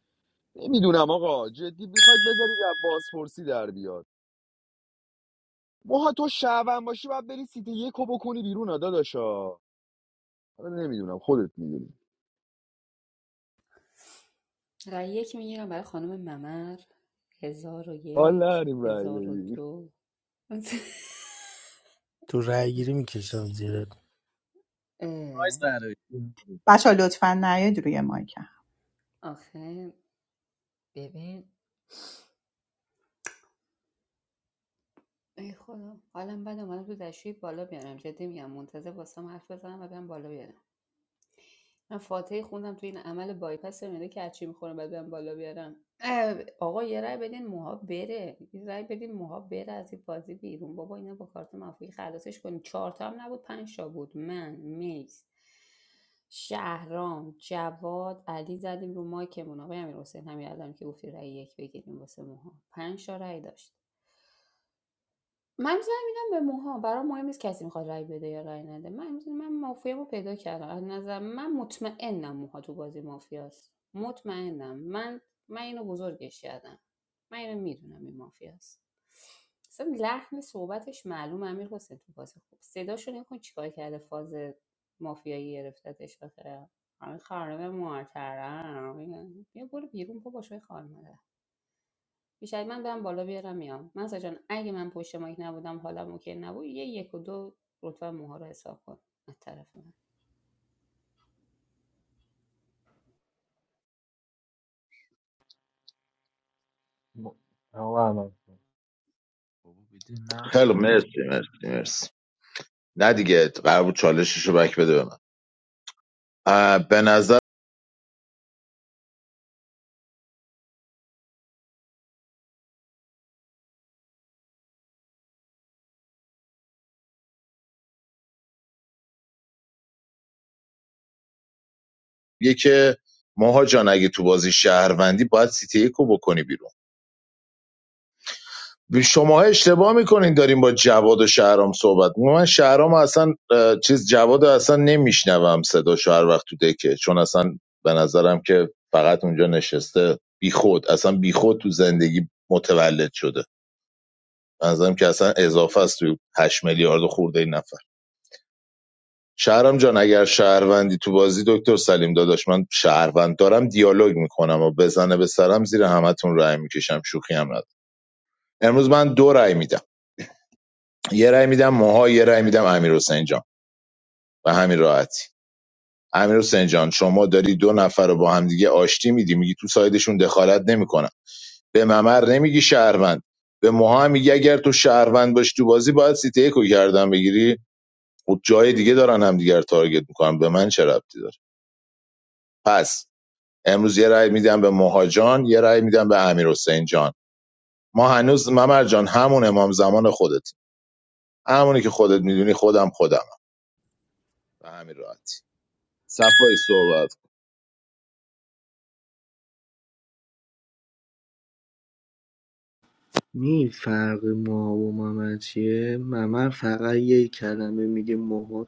Speaker 7: نمیدونم آقا جدی میخواید بذارید از بازپرسی در بیاد ماها تو شهروند باشی باید بری سیت یکو بکنی بیرون آ داداشا نمیدونم خودت میدونی
Speaker 5: رای یک میگیرم برای خانم ممر هزار و یک هزار و
Speaker 7: حالا
Speaker 5: دو
Speaker 2: تو رای گیری میکشم زیرت
Speaker 5: اه،
Speaker 11: پرایز قراره بابا
Speaker 1: بچهها لطفا نیاید روی مایک هم
Speaker 5: آخه ببین ای خدا حالم بد اومدم تو دشویی بالا بیارم جدی میگم منتظر باستم حرف بزنم و برم بالا بیارم من فاتحه خوندم تو این عمل بایپس معده که هرچی میخورم بعد برم بالا بیارم آقا یه رای بدین موها بره یه رای بدین موها بره از این بازی بیرون بابا اینا با کارت مافی خلاصش کنین چهار تا هم نبود پنج تا بود من میز شهرام جواد علی زدیم رو مایکمون آقای امیر حسین همین الان که گفتی رای یک بگیریم واسه موها پنج تا رای داشت من زنگ میدم به موها برام مهم نیست کسی میخواد رای بده یا رای نده من امروز من مافیامو پیدا کردم از نظر من مطمئنم موها تو بازی مافیاست مطمئنم من من اینو بزرگش کردم من اینو میدونم این مافیاست اصلا لحن صحبتش معلوم امیر حسین تو بازی خوب صداشو نکن چیکار کرده فاز مافیایی گرفتتش آخه همین خانم معترم بیا برو بیرون بابا شوی خانم بیشتر من برم بالا بیارم میام مهسا جان اگه من پشت مایک نبودم حالا اوکی نبود یه یک و دو رتبه موها رو حساب کن از طرف من
Speaker 10: آقا احمد
Speaker 11: بده من
Speaker 4: خیلی
Speaker 11: خب
Speaker 4: مرسی مرسی مرسی نه دیگه قرار بود چالشش بک بده به من اه، به نظر یه که ماها جان اگه تو بازی شهروندی باید سیتی یکو بکنی بیرون شما اشتباه میکنین داریم با جواد و شهرام صحبت می‌کنیم. من شهرام اصلا اه، چیز جواد رو اصلا نمیشنوم صداشو هر وقت تو دکه چون اصلا به نظرم که فقط اونجا نشسته بیخود اصلا بیخود تو زندگی متولد شده به نظرم که اصلا اضافه است تو 8 میلیارد خورده این شهرام جان اگر شهروندی تو بازی دکتر سلیم داداش من شهروند دارم دیالوگ میکنم و بزنه به سرم زیر همتون رای میکشم شوخی هم ندارم امروز من دو رای میدم یه رای میدم موها یه رای میدم امیر حسین جان و همین راحتی امیر حسین جان شما داری دو نفر رو با همدیگه آشتی میدی میگی تو سایدشون دخالت نمیکنم به ممر نمیگی شهروند به موها میگی اگر تو شهروند باشی تو بازی باید سیتی یکو کردن بگیری و جای دیگه دارن همدیگه رو تارگت میکنن به من چه ربطی داره پس امروز یه رأی میدم به مهاجان یه رأی میدم به امیر حسین جان ما هنوز ممر جان همون امام زمان خودت همونی که خودت میدونی خودم خودم به همین راحتی صفای صحبت
Speaker 10: می فرق ما و ممر چیه ممر فقط یه کلمه میگه موها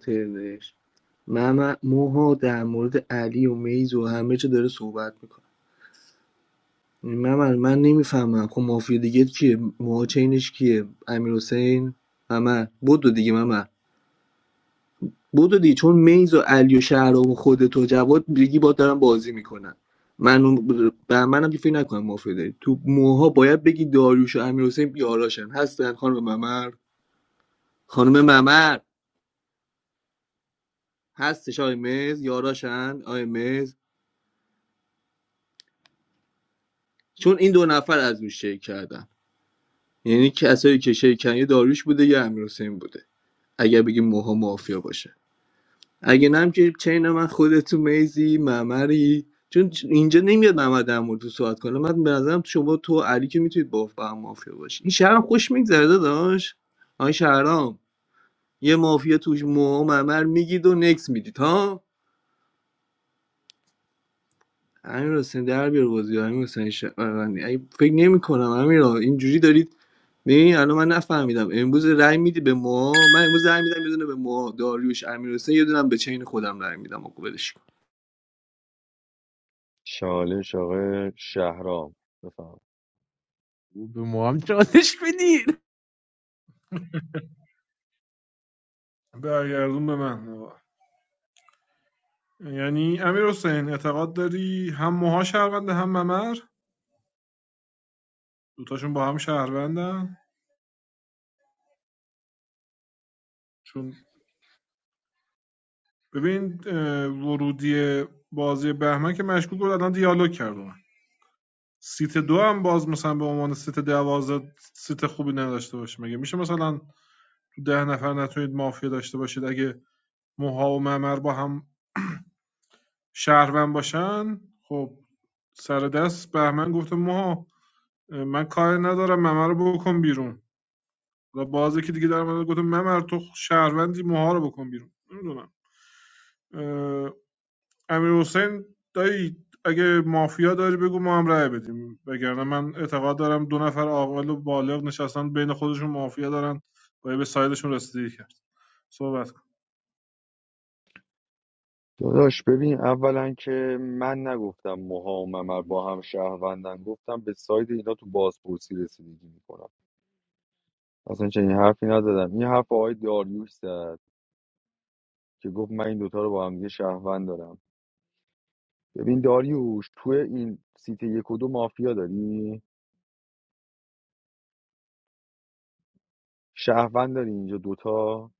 Speaker 10: مم- موها در مورد علی و میز و همه چه داره صحبت میکنه من من نمیفهمم خب مافیا دیگه کیه موها چینش کیه امیر حسین ممر بدو دیگه ممر بدو دیگه چون میز و علی و شهرام و خودت و جواد دیگه با دارن بازی میکنن من به منم که فکر نکنم مافیا داری تو موها باید بگی داریوش و امیر حسین یاراشن هستن خانم ممر خانم ممر هستش آقای مز یاراشن آقای مز چون این دو نفر از روش شیک کردن یعنی کسایی که شیکنی داریوش بوده یا امیرحسین بوده اگه بگیم موها مافیا باشه اگه نم هم که چین من خودتو میزی ممری چون اینجا نمیاد محمد در مورد تو صحبت کنه من به نظرم شما تو علی که میتونید با با هم مافیا باشی این شهرام خوش میگذره داشت آن شهرام یه مافیا توش موها ممر میگید و نکس میدید ها امیر حسین در بیار بازی امیر حسین ش... اگه فکر نمی کنم امیر اینجوری داری ببین الان من نفهمیدم امروز رأی میدی به ما من امروز رأی میدم یه دونه به ما داریوش امیرحسین یه دونه هم به چین خودم رأی میدم آقا ولش کن
Speaker 7: چالش آقای شهرام بفهم
Speaker 11: او به ما هم چالش بدین
Speaker 16: برگردون به من یعنی امیر حسین اعتقاد داری هم موها شهرونده هم ممر دوتاشون با هم شهروندن چون ببین اه، ورودی بازی بهمن که مشکوک بود الان دیالوگ کرد با من سیت دو هم باز مثلا به عنوان سیت دوازده سیت خوبی نداشته باشه مگه میشه مثلا تو ده نفر نتونید مافیا داشته باشید اگه موها و ممر با هم شهروند باشن خب سر دست بهمن گفته موها من کار ندارم ممر رو بکن بیرون و بازی که دیگه در مورد گفته ممر تو شهروندی موها رو بکن بیرون نمیدونم امیر دایی اگه مافیا داری بگو ما هم رأی بدیم وگرنه من اعتقاد دارم دو نفر عاقل و بالغ نشستن بین خودشون مافیا دارن باید به سایدشون رسیدگی کرد صحبت کن
Speaker 7: داداش ببین اولا که من نگفتم موها و ممر با هم شهروندن گفتم به ساید اینا تو بازپرسی رسیدگی میکنم اصلا چنین حرفی نزدم این حرف آقای داریوش زد که گفت من این دوتا رو با هم دیگه شهروند دارم ببین داریوش تو این سیت یک و دو مافیا داری شهروند داری اینجا دوتا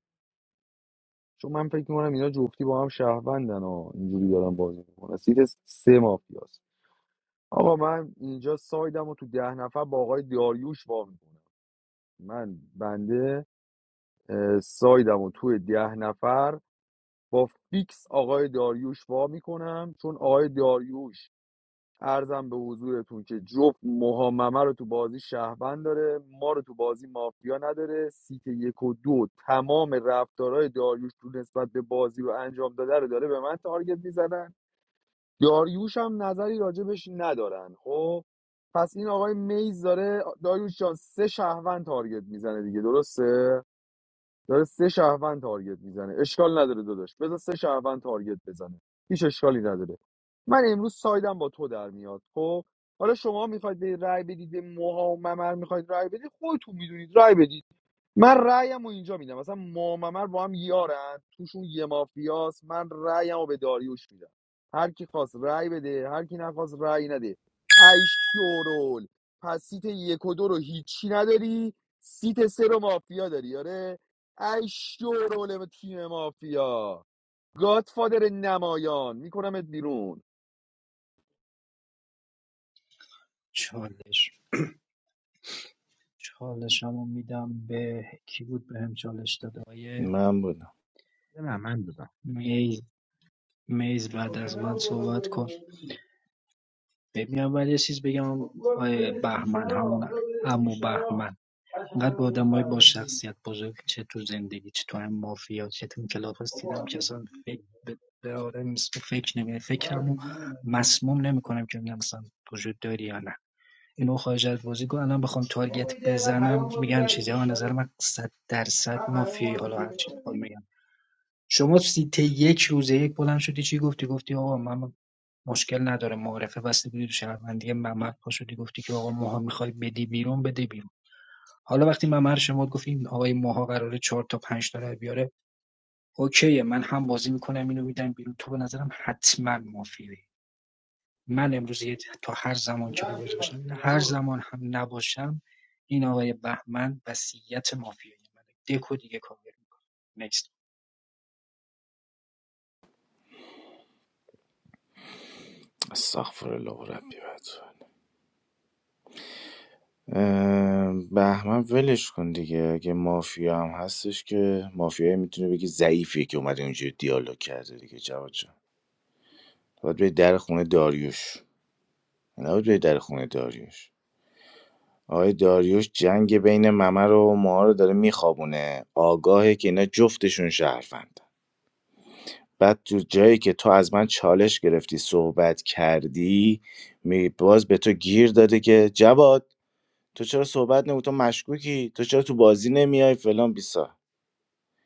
Speaker 7: چون من فکر میکنم اینا جفتی با هم شهروندن ها اینجوری دارم بازی میکنن سیت سه مافیاست آقا من اینجا سایدم رو تو ده نفر با آقای داریوش وا میکنم من بنده اه، سایدم رو تو ده نفر با فیکس آقای داریوش وا میکنم چون آقای داریوش ارزم به حضورتون که جفت محممه رو تو بازی شهروند داره ما رو تو بازی مافیا نداره سیت یک و دو تمام رفتارهای داریوش تو نسبت به بازی رو انجام داده رو داره به من تارگت میزنن داریوش هم نظری راجبش ندارن خب پس این آقای میز داره داریوش جان سه شهروند تارگت میزنه دیگه درسته داره سه شهروند تارگت میزنه اشکال نداره داداش بذار سه شهروند تارگت بزنه هیچ اشکالی نداره من امروز سایدم با تو در میاد خب حالا شما میخواید به رای بدید به موها و ممر میخواید رای بدید خودتون میدونید رای بدید من رأیم رو اینجا میدم مثلا ماممر با هم یارن توشون یه مافیاست من رأیم رو به داریوش میدم هر کی خواست رأی بده هر کی نخواست رأی نده ایش شورول پس سیت یک و دو رو هیچی نداری سیت سه رو مافیا داری آره ایش شورول تیم مافیا گادفادر نمایان میکنمت بیرون
Speaker 17: چالش چالش همون میدم به کی بود به هم چالش داده آیه
Speaker 13: من بودم
Speaker 11: بده من من دادم
Speaker 17: میز میز بعد از من صحبت کن ببین اول یه چیز بگم آیه بهمن همون امو بهمن انقدر با آدم های با شخصیت بزرگ چه تو زندگی چه تو هم مافیا چه تو کلاس دیدم که اصلا فکر به به آدم فکر نمی فکرمو مسموم نمی‌کنم که ببینم وجود داری یا نه اینو خارج از بازیکن الان بخوام تارگت بزنم میگم چیزی ها نظر من 100 درصد مافیایی حالا هر چی بخوام میگم شما سیت یک روزه یک بلند شدی چی گفتی گفتی آقا من مشکل نداره معرفه بسته بودی تو شهروندی ممر پا گفتی که آقا ماها میخوای بدی بیرون بده بیرون حالا وقتی ممر شما گفت این آقای ماها قراره 4 تا 5 تا بیاره اوکیه من هم بازی میکنم اینو میدم بیرون تو به نظرم حتما مافیایی من امروز یه- تا هر زمان که بابت باشم هر زمان هم نباشم این آقای بهمن وصیت مافیایی منه دکو دیگه کاور میکنه نکست
Speaker 13: استغفر الله ربی و اتوب. اه، بهمن ولش کن دیگه اگه مافیا هم هستش که مافیا میتونه بگی ضعیفیه که اومده اونجوری دیالوگ کرده دیگه جواد جان باید بری در خونه داریوش نه بری در خونه داریوش آقای داریوش جنگ بین ممر و ما رو داره میخوابونه آگاهه که اینا جفتشون شهروند بعد تو جایی که تو از من چالش گرفتی صحبت کردی می باز به تو گیر داده که جواد تو چرا صحبت نمی تو مشکوکی تو چرا تو بازی نمیای فلان بیسا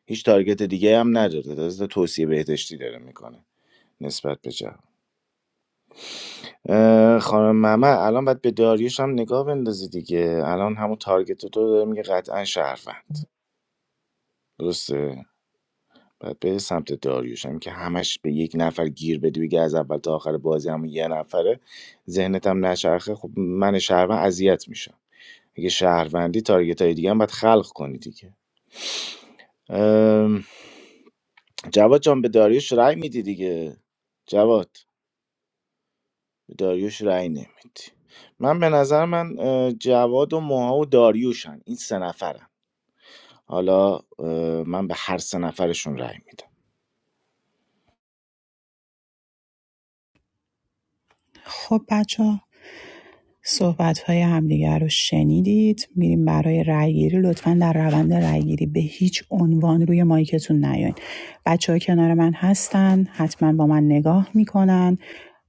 Speaker 13: هیچ تارگت دیگه هم نداره داره توصیه بهداشتی داره میکنه نسبت به جواد اه، خانم ممر الان باید به داریوش هم نگاه بندازی دیگه الان همون تارگت رو تو داره میگه قطعا شهروند درسته باید به سمت داریوش هم که همش به یک نفر گیر بدی بگه از اول تا آخر بازی همون یه نفره ذهنت هم نچرخه خب من شهروند اذیت میشم اگه شهروندی تارگت های دیگه هم باید خلق کنی دیگه ام، جواد جان به داریوش رأی میدی دیگه جواد به داریوش رأی نمیدی من به نظر من اه، جواد و موها و داریوشن این سه نفرن حالا اه، من به هر سه نفرشون رأی میدم
Speaker 1: خب بچه صحبت‌های همدیگر رو شنیدید میریم برای رأیگیری لطفاً در روند رأیگیری به هیچ عنوان روی مایکتون نیاین بچه کنار من هستن حتما با من نگاه میکنن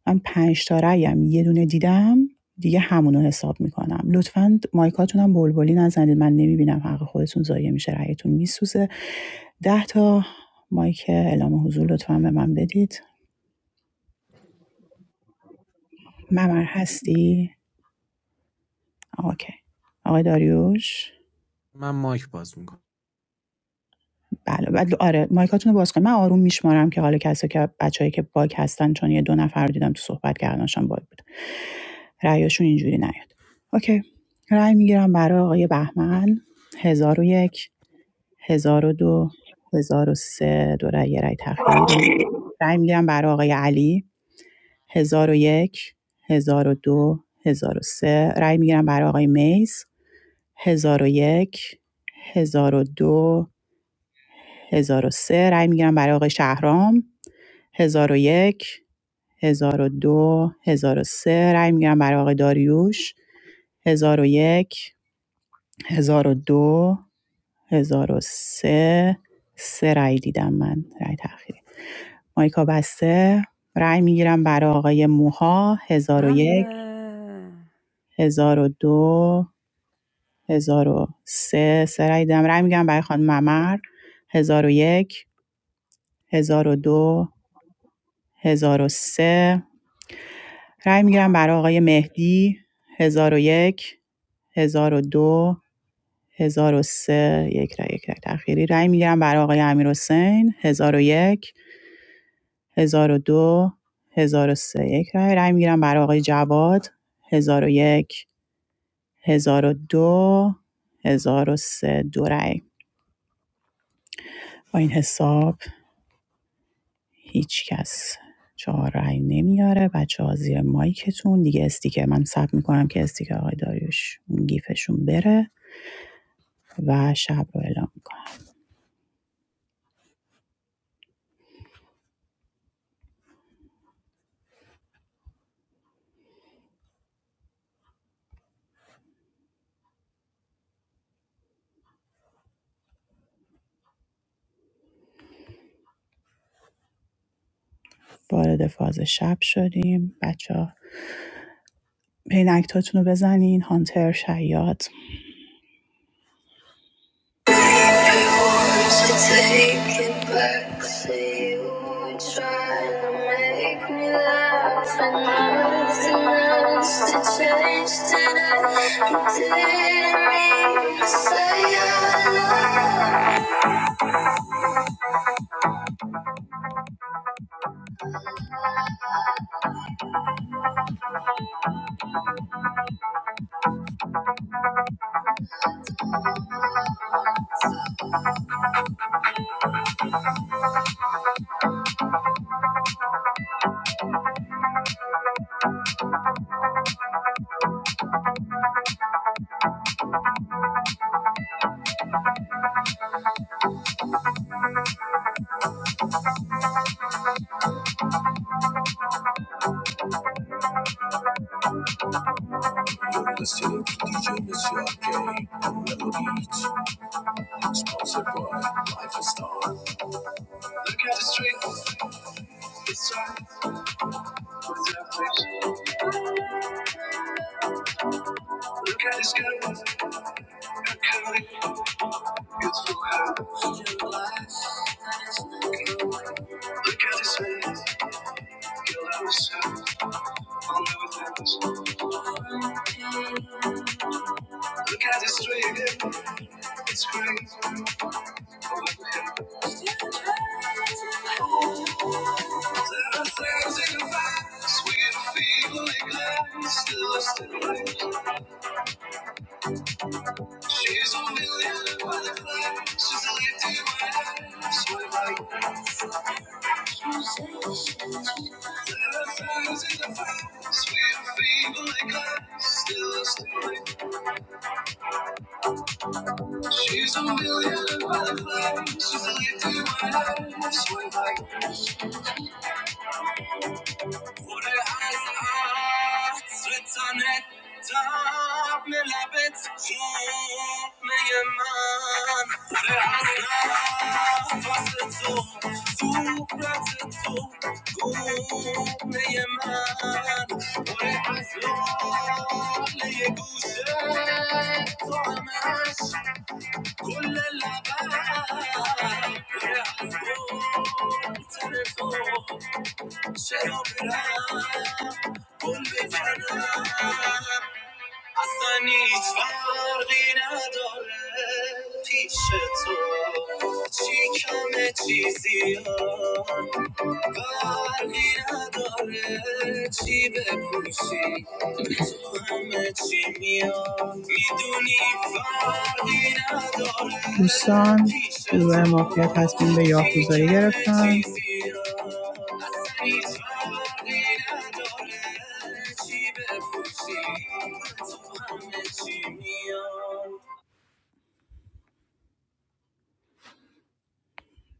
Speaker 1: من پنج تا رأیم یه دونه دیدم دیگه همونو حساب میکنم لطفاً مایکاتون هم بلبلی نزنید من نمیبینم حق خودتون ضایع میشه رأیتون میسوزه ده تا مایک اعلام حضور لطفا به من بدید ممر هستی؟ اوکی آقای داریوش
Speaker 11: من مایک باز میکنم
Speaker 1: بله بعد آره مایکاتون رو باز کنید من آروم میشمارم که حالا کسی که بچه‌ای که باگ هستن چون یه دو نفر رو دیدم تو صحبت کردنشان باگ بود رأیشون اینجوری نیاد اوکی رأی میگیرم برای آقای بهمن هزار و یک هزار و دو هزار و سه دو رأی یه رأی تأخیری رأی رأی میگیرم برای آقای علی هزار و یک هزار و دو هزار و سه رأی میگیرم برای آقای میز هزار و یک هزار و دو هزار و سه رای میگیرم برای آقای شهرام 1001 1002 سه رای میگیرم برای آقای داریوش 1001 1002 1003 سه سه رأی دیدم من رأی تأخیری مایکا بسته رای میگیرم برای آقای موها 1001
Speaker 5: حمله
Speaker 1: 1002 1003 سه سه رأی دیدم رأی میگیرم برای خانم ممر 1001 1002 سه رای میگیرم برای آقای مهدی هزار هزار و و یک هزار و دو هزار و سه یک رای یک رأی تأخیری رای میگیرم برای آقای امیرحسین هزار و یک، هزار و دو، هزار و سه یک رای. رای میگیرم برای آقای جواد هزار و یک هزار و دو هزار و سه دو رأی با این حساب هیچ کس چهار رای نمیاره بچه ها زیر مایکتون دیگه استیکر من ثبت میکنم که استیکر آقای داریوش گیفشون بره و شب رو اعلام میکنم وارد فاز شب شدیم بچه ها پینکتاتون رو بزنین هانتر شیاد Look at his girl, her curly, beautiful hair. Look at his face, you'll have a shirt on everything. Look at his string, it's great. There are things in your eyes, sweet feeling, still a still life. She's a million butterfly. She's a lift in my butterfly. She's like there are fires in the fire. Sweet fever like glass. Still a story. She's a million butterfly. She's a lift in my butterfly. She's like Odeh asa, zratanet taab milabet, good meyiman. Odeh ana, fasetou, tuqlatetou, good meyiman. Odeh aslo, leegouze, to aman, kull elaban, odeh asou, terefo. چه عمرم گل بزنم اصلا هیچ فرقی نداره پیش تو چی کمه چی زیاد فرقی نداره چی بپوشی به تو همه چی میاد میدونی فرقی نداره دوستان گروه مافیا تصمیم به یاکوزایی گرفتن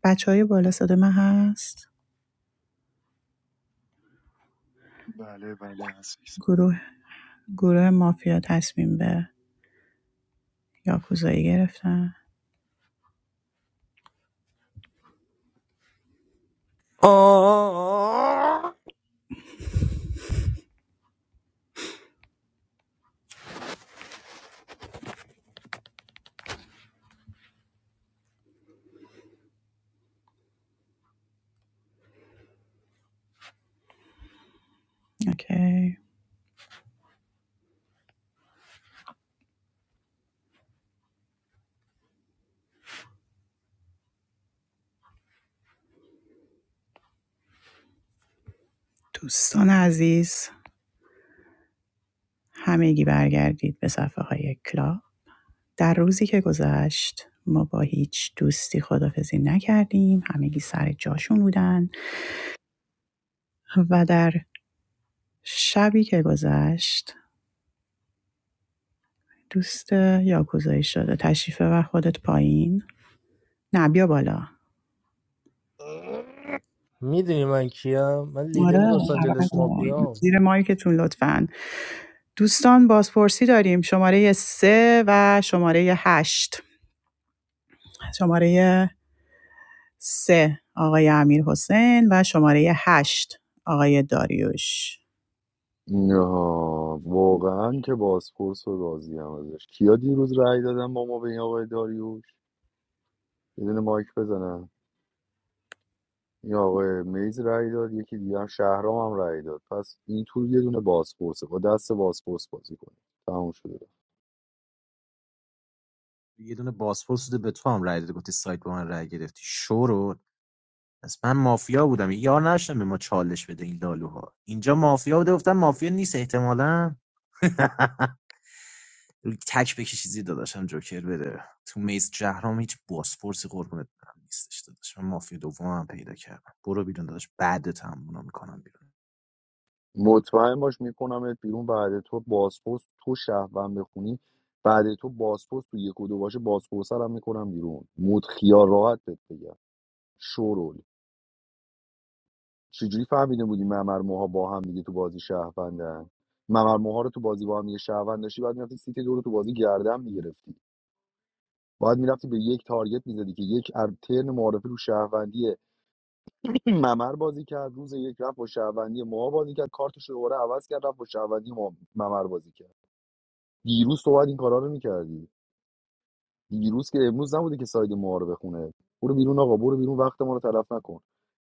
Speaker 1: بچه های بالا صدا من هست
Speaker 18: Vale, vale, sí.
Speaker 1: گروه گروه مافیا تصمیم به یاکوزایی گرفتن
Speaker 2: آه
Speaker 1: اوکی دوستان عزیز همگی برگردید به صفحه های کلاب در روزی که گذشت ما با هیچ دوستی خدافزی نکردیم همگی سر جاشون بودن و در شبی که گذشت دوست یاکوزایی شده تشریفه و خودت پایین نه بیا بالا
Speaker 2: میدونی من کیم من لیدر
Speaker 1: آره
Speaker 2: لس
Speaker 1: اول
Speaker 2: آنجلس
Speaker 1: بیا.
Speaker 2: مافیا
Speaker 1: زیر مایکتون لطفا دوستان بازپرسی داریم شماره سه و شماره هشت شماره سه آقای امیر حسین و شماره هشت آقای داریوش
Speaker 7: نه واقعا که بازپرس و راضی هم ازش کیا دیروز رأی دادن با ما به این آقای داریوش یه دونه مایک بزنن این آقای میز رای داد یکی دیگه هم شهرام هم رای داد پس این تور یه دونه بازپرسه با دست بازپرس بازی کنیم تموم شده
Speaker 11: یه دونه پاسپورت بوده به تو هم رای داده گفتی سایت با من رای گرفتی شورو پس من مافیا بودم یار نشدم به ما چالش بده این لالوها اینجا مافیا بوده گفتم مافیا نیست احتمالا تک بکشی زیر داداشم جوکر بده تو میز جهرام هیچ باسپورسی قربونت برم نیستش داداش من مافیا دومم پیدا کردم برو بیرون داداش بعدت هم اونا میکنم بیرون
Speaker 7: مطمئن باش میکنمت بیرون بعد تو بازپرس تو شهروند بخونی بعد تو بازپرس تو یک و دو باشه بازپرس هم میکنم بیرون مود خیال راحت بهت بگم شورول چجوری فهمیده بودی ممر موها با هم دیگه تو بازی شهروندن ممر موها رو تو بازی با هم دیگه شهروند داشتی بعد میرفتی سیت دو رو تو بازی گردن میگرفتی باید میرفتی به یک تارگت میزدی که یک ار- ترن معارفه رو شهروندی ممر بازی کرد روز یک رفت با شهروندی ما بازی کرد کارتش رو دوباره عوض کرد رفت با شهروندی ما ممر بازی کرد دیروز تو باید این کارا رو میکردی دیروز که امروز نبوده که ساید معارفه خونه برو بیرون آقا برو بیرون وقت ما رو تلف نکن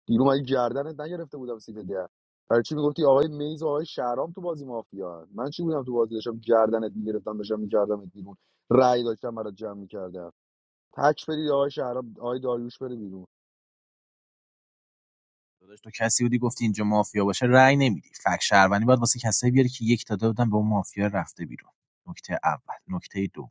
Speaker 7: دیروز مگه گردنت نگرفته بودم سیت ده برای چی میگفتی آقای میز و آقای شهرام تو بازی مافیا من چی بودم تو بازی داشتم گردنت میگرفتم داشتم میکردم بیرون رأی داشتم برات جمع میکردم تک بدید آقای شهرام آقای داریوش بره بیرون
Speaker 11: داداش تو کسی بودی گفتی اینجا مافیا باشه رأی نمیدی فک شهروندی باید واسه کسایی بیاری که یک داده بودن به اون مافیا رفته بیرون نکته اول نکته دوم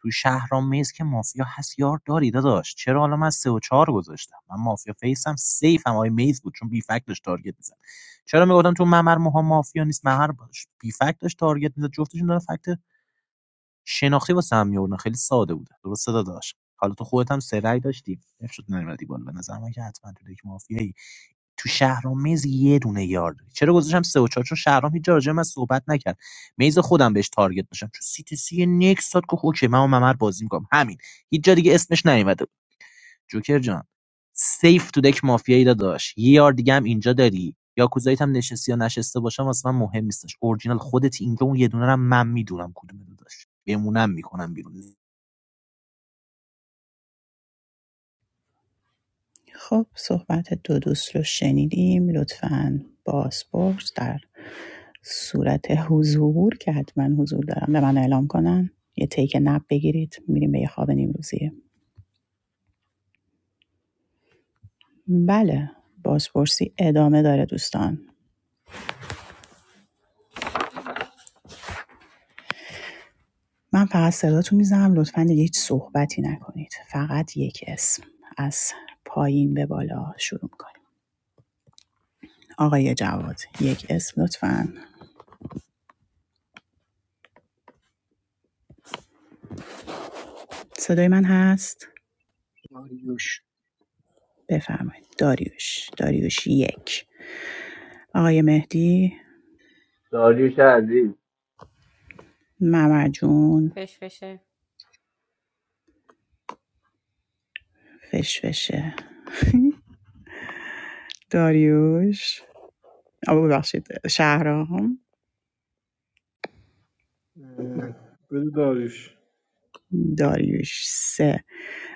Speaker 11: تو شهرام میز که مافیا هست یار داری داداش چرا حالا من سه و چهار گذاشتم من مافیا فیسم سیفم آی میز بود چون بی فک داشت تارگت میزد چرا میگفتم تو ممر موها مافیا نیست ممر باش بی فک داشت تارگت میزد جفتشون دارن فکت شناختی واسه هم میوردن خیلی ساده بوده درسته داداش حالا تو خودت هم سه رأی داشتی نمیشد نمیدی بالا به نظر من که حتما تو یک مافیایی تو شهرام میز یه دونه یار داری چرا گذاشتم سه و چهار چون شهرام هیچ جا راجع به من صحبت نکرد میز خودم بهش تارگت داشتم چون سیتی سی نکس داد گفت اوکی من و ممر بازی میکنم همین هیچ جا دیگه اسمش نیومده بود جوکر جان سیف تو دک مافیایی داداش یه یار دیگه هم اینجا داری یا کوزایت هم نشستی یا نشسته باشم واسه من مهم نیستش اورجینال خودت اینجا اون یه دونه رو من میدونم کدومه داداش بمونم میکنم بیرون
Speaker 1: خب صحبت دو دوست رو شنیدیم لطفا بازپرس در صورت حضور که حتما حضور دارم به من اعلام کنن یه تیک نب بگیرید میریم به یه خواب نیمروزی بله بازپرسی ادامه داره دوستان من فقط صداتون میزنم لطفاً دیگه هیچ صحبتی نکنید فقط یک اسم از پایین به بالا شروع کنید آقای جواد یک اسم لطفاً صدای من هست
Speaker 17: داریوش
Speaker 1: بفرمایید داریوش داریوش یک آقای مهدی
Speaker 10: داریوش عزیز
Speaker 1: ممرجون
Speaker 5: فش فشه
Speaker 1: فشفشه داریوش آه، ببخشید شهرام
Speaker 16: اه، بده داریش
Speaker 1: داریوش سه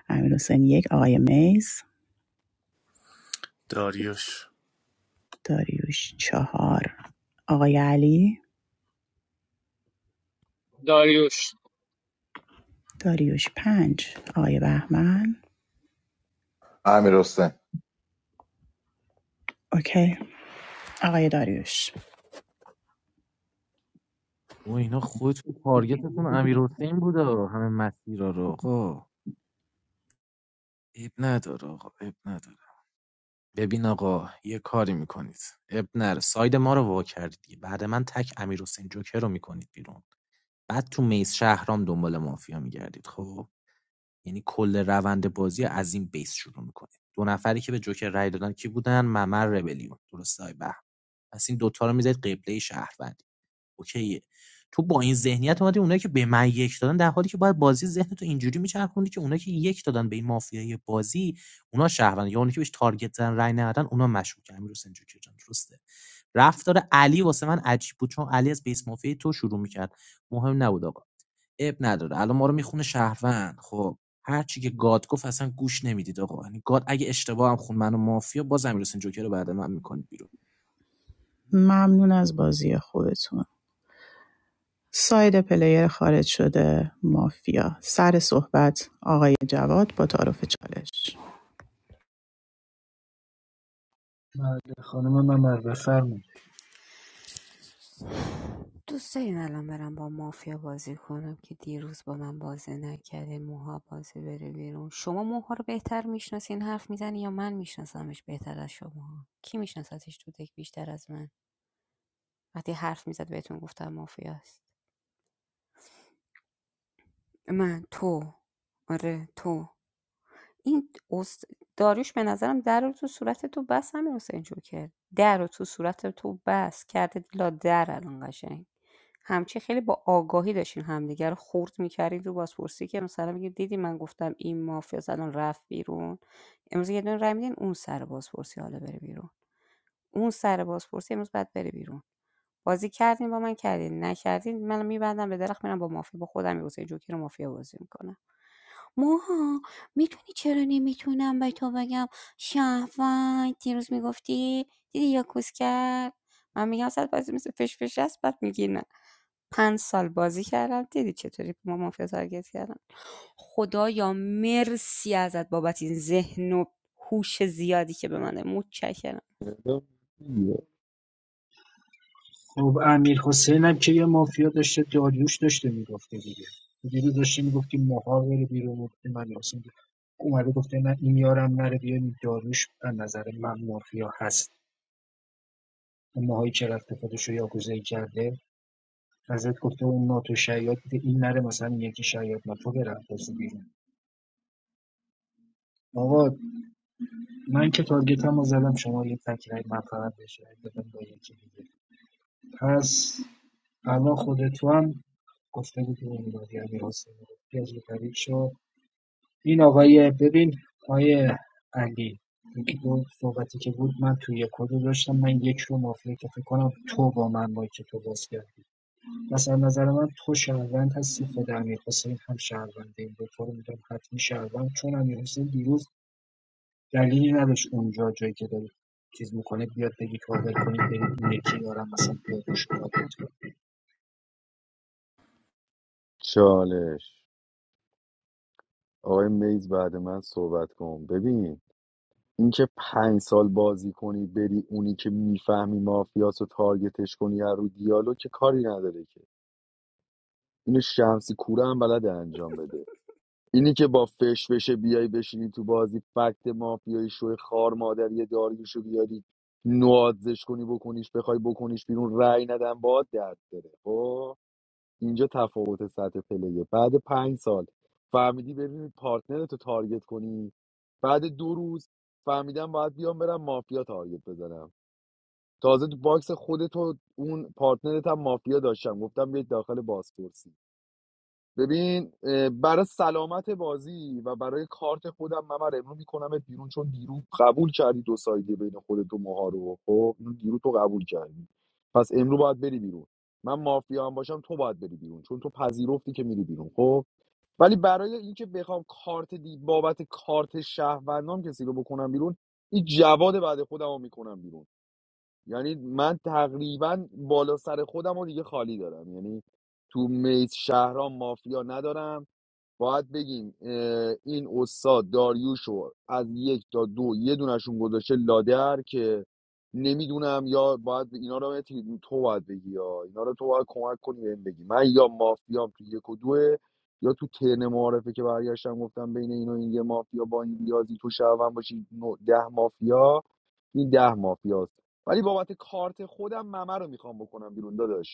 Speaker 1: امیر حسین یک آقای میز
Speaker 13: داریوش
Speaker 1: داریوش چهار آقای علی
Speaker 15: داریوش
Speaker 1: داریوش پنج آقای بهمن
Speaker 4: امیر حسین
Speaker 1: اوکی آقای داریوش
Speaker 11: و اینا خودتون تارگتتون امیر حسین بوده همه مسیرها رو آقا عیب نداره آقا عیب نداره ببین آقا یه کاری میکنید اب نره ساید ما رو وا کردید بعد من تک امیر حسین جوکر رو میکنید بیرون بعد تو میز شهرام دنبال مافیا میگردید خب یعنی کل روند بازی از این بیس شروع میکنید دو نفری که به جوکر رای دادن کی بودن ممر ربلیون درسته های بهم پس این دوتا رو میذارید قبله شهروند اوکیه تو با این ذهنیت اومدی اونایی که به من یک دادن در حالی که باید بازی ذهن تو اینجوری میچرخوندی که اونایی که یک دادن به این مافیای بازی اونا شهروند یا اونایی که بهش تارگت زدن رای ندادن اونا مشکوکن امیر حسین جوکر جان درسته رفتار علی واسه من عجیب بود چون علی از بیس مافیای تو شروع میکرد مهم نبود آقا اب نداره الان ما رو میخونه شهروند خب هر چی که گاد گفت اصلا گوش نمیدید آقا یعنی گاد اگه اشتباه هم خون منو مافیا باز امیر حسین جوکر رو بعد من میکنید بیرون
Speaker 1: ممنون از بازی خودتون ساید پلیر خارج شده مافیا سر صحبت آقای جواد با تعارف چالش
Speaker 17: بله خانم ممر بفرمایید
Speaker 5: دوست دارین الان برم با مافیا بازی کنم که دیروز با من بازی نکرده موها بازی بره بیرون شما موها رو بهتر میشناسین حرف میزنی یا من میشناسمش بهتر از شما کی میشناستش تو دک بیشتر از من وقتی حرف میزد بهتون گفتم مافیاست من تو آره تو این اُس داریوش به نظرم در رو تو صورت تو بس امیر حسین جوکر در رو تو صورت تو بست کرده لادر الان قشنگ همچی خیلی با آگاهی داشتین همدیگه رو خورد می‌کردین رو بازپرسی که مثلا میگید دیدی من گفتم این مافیاس الان رفت بیرون امروز یه دونه رای میدین اون سر بازپرسی حالا بره بیرون اون سر بازپرسی امروز بعد بره بیرون بازی کردین با من کردین نکردین من میبندم به درخت میرم با مافیا با خودم امیر حسین جوکر رو مافیا بازی می‌کنم موها میتونی چرا نمیتونم به تو بگم شهروند دیروز میگفتی دیدی یا کوس کرد من میگم صد بازی مثل فش فش است بعد میگی نه پنج سال بازی کردم دیدی چطوری ما مافیا تارگت کردم خدایا مرسی ازت بابت این ذهن و هوش زیادی که به منه متشکرم
Speaker 17: خب امیر حسین هم که یه مافیا داشته داریوش داشته میگفته دیگه دیروز داشته میگفتی ماها بره بیرون گفتی من حسین اومده گفته نه این یارم نره بیاریم داریوش از نظر من مافیا هست اون ماهایی که رفته خودش رو یاگوزایی کرده ازت گفته اون ناتو شیاد بوده این نره مثلا این یکی شیاد ناتو بره بازی بیرون آقا من که تارگتم رو زدم شما یه تکرای من فقط بشه بدم با یکی دیگه پس الان خود هم گفته بودی این دادی امیر حسین پیاز طریق شو این آقای ببین آقای علی یکی صحبتی که بود من توی یک کدو داشتم من یک رو مافیه که فکر کنم تو با من با که تو باز کردی پس از نظر من تو شهروند هستی خود امیرحسین هم شهرونده این دو تا رو میگم حتمی شهروند چون امیرحسین دیروز دلیلی نداشت اونجا جایی که داری چیز میکنه بیاد بگی کاور کنید برید اون یکی دارم مثلا بیاد روش کاور کنه.
Speaker 7: چالش آقای میز بعد من صحبت کن ببین اینکه پنج سال بازی کنی بری اونی که میفهمی مافیاس و تارگتش کنی هر رو دیالوگ که کاری نداره که اینو شمسی کوره هم بلده انجام بده اینی که با فش بشه بیای بشینی تو بازی فکت مافیایی شوی خار مادری داریوشو بیاری نوازش کنی بکنیش بخوای بکنیش بیرون رأی ندن باد درد داره خب اینجا تفاوت سطح پلیه بعد پنج سال فهمیدی ببینی پارتنرتو تارگت کنی بعد دو روز فهمیدم باید بیام برم مافیا تارگت بزنم تازه تو باکس خودتو اون پارتنرت هم مافیا داشتم گفتم بیاید داخل بازپرسی ببین برای سلامت بازی و برای کارت خودم من برای امرو میکنمت بیرون چون دیرو قبول کردی دو سایدی بین خودت و موها رو خب اینو دیرو تو قبول کردی پس امرو باید بری بیرون من مافیا هم باشم تو باید بری بیرون چون تو پذیرفتی که میری بیرون خب ولی برای اینکه بخوام کارت دی بابت کارت شهروندام کسی رو بکنم بیرون این جواد بعد خودم رو میکنم بیرون یعنی من تقریبا بالا سر خودم رو دیگه خالی دارم یعنی تو میز شهرام مافیا ندارم باید بگیم این استاد داریوش از یک تا دو یه دونشون گذاشته لادر که نمیدونم یا باید اینا رو مهدی تو باید بگی یا اینا رو تو باید کمک کنی بهم بگی من یا مافیام تو یک و دوه یا تو ترن معارفه که برگشتم گفتم بین این و این یه مافیا با این ریاضی تو شهروند باشی ده مافیا این ده مافیاست ولی بابت کارت خودم ممه رو میخوام بکنم بیرون داداش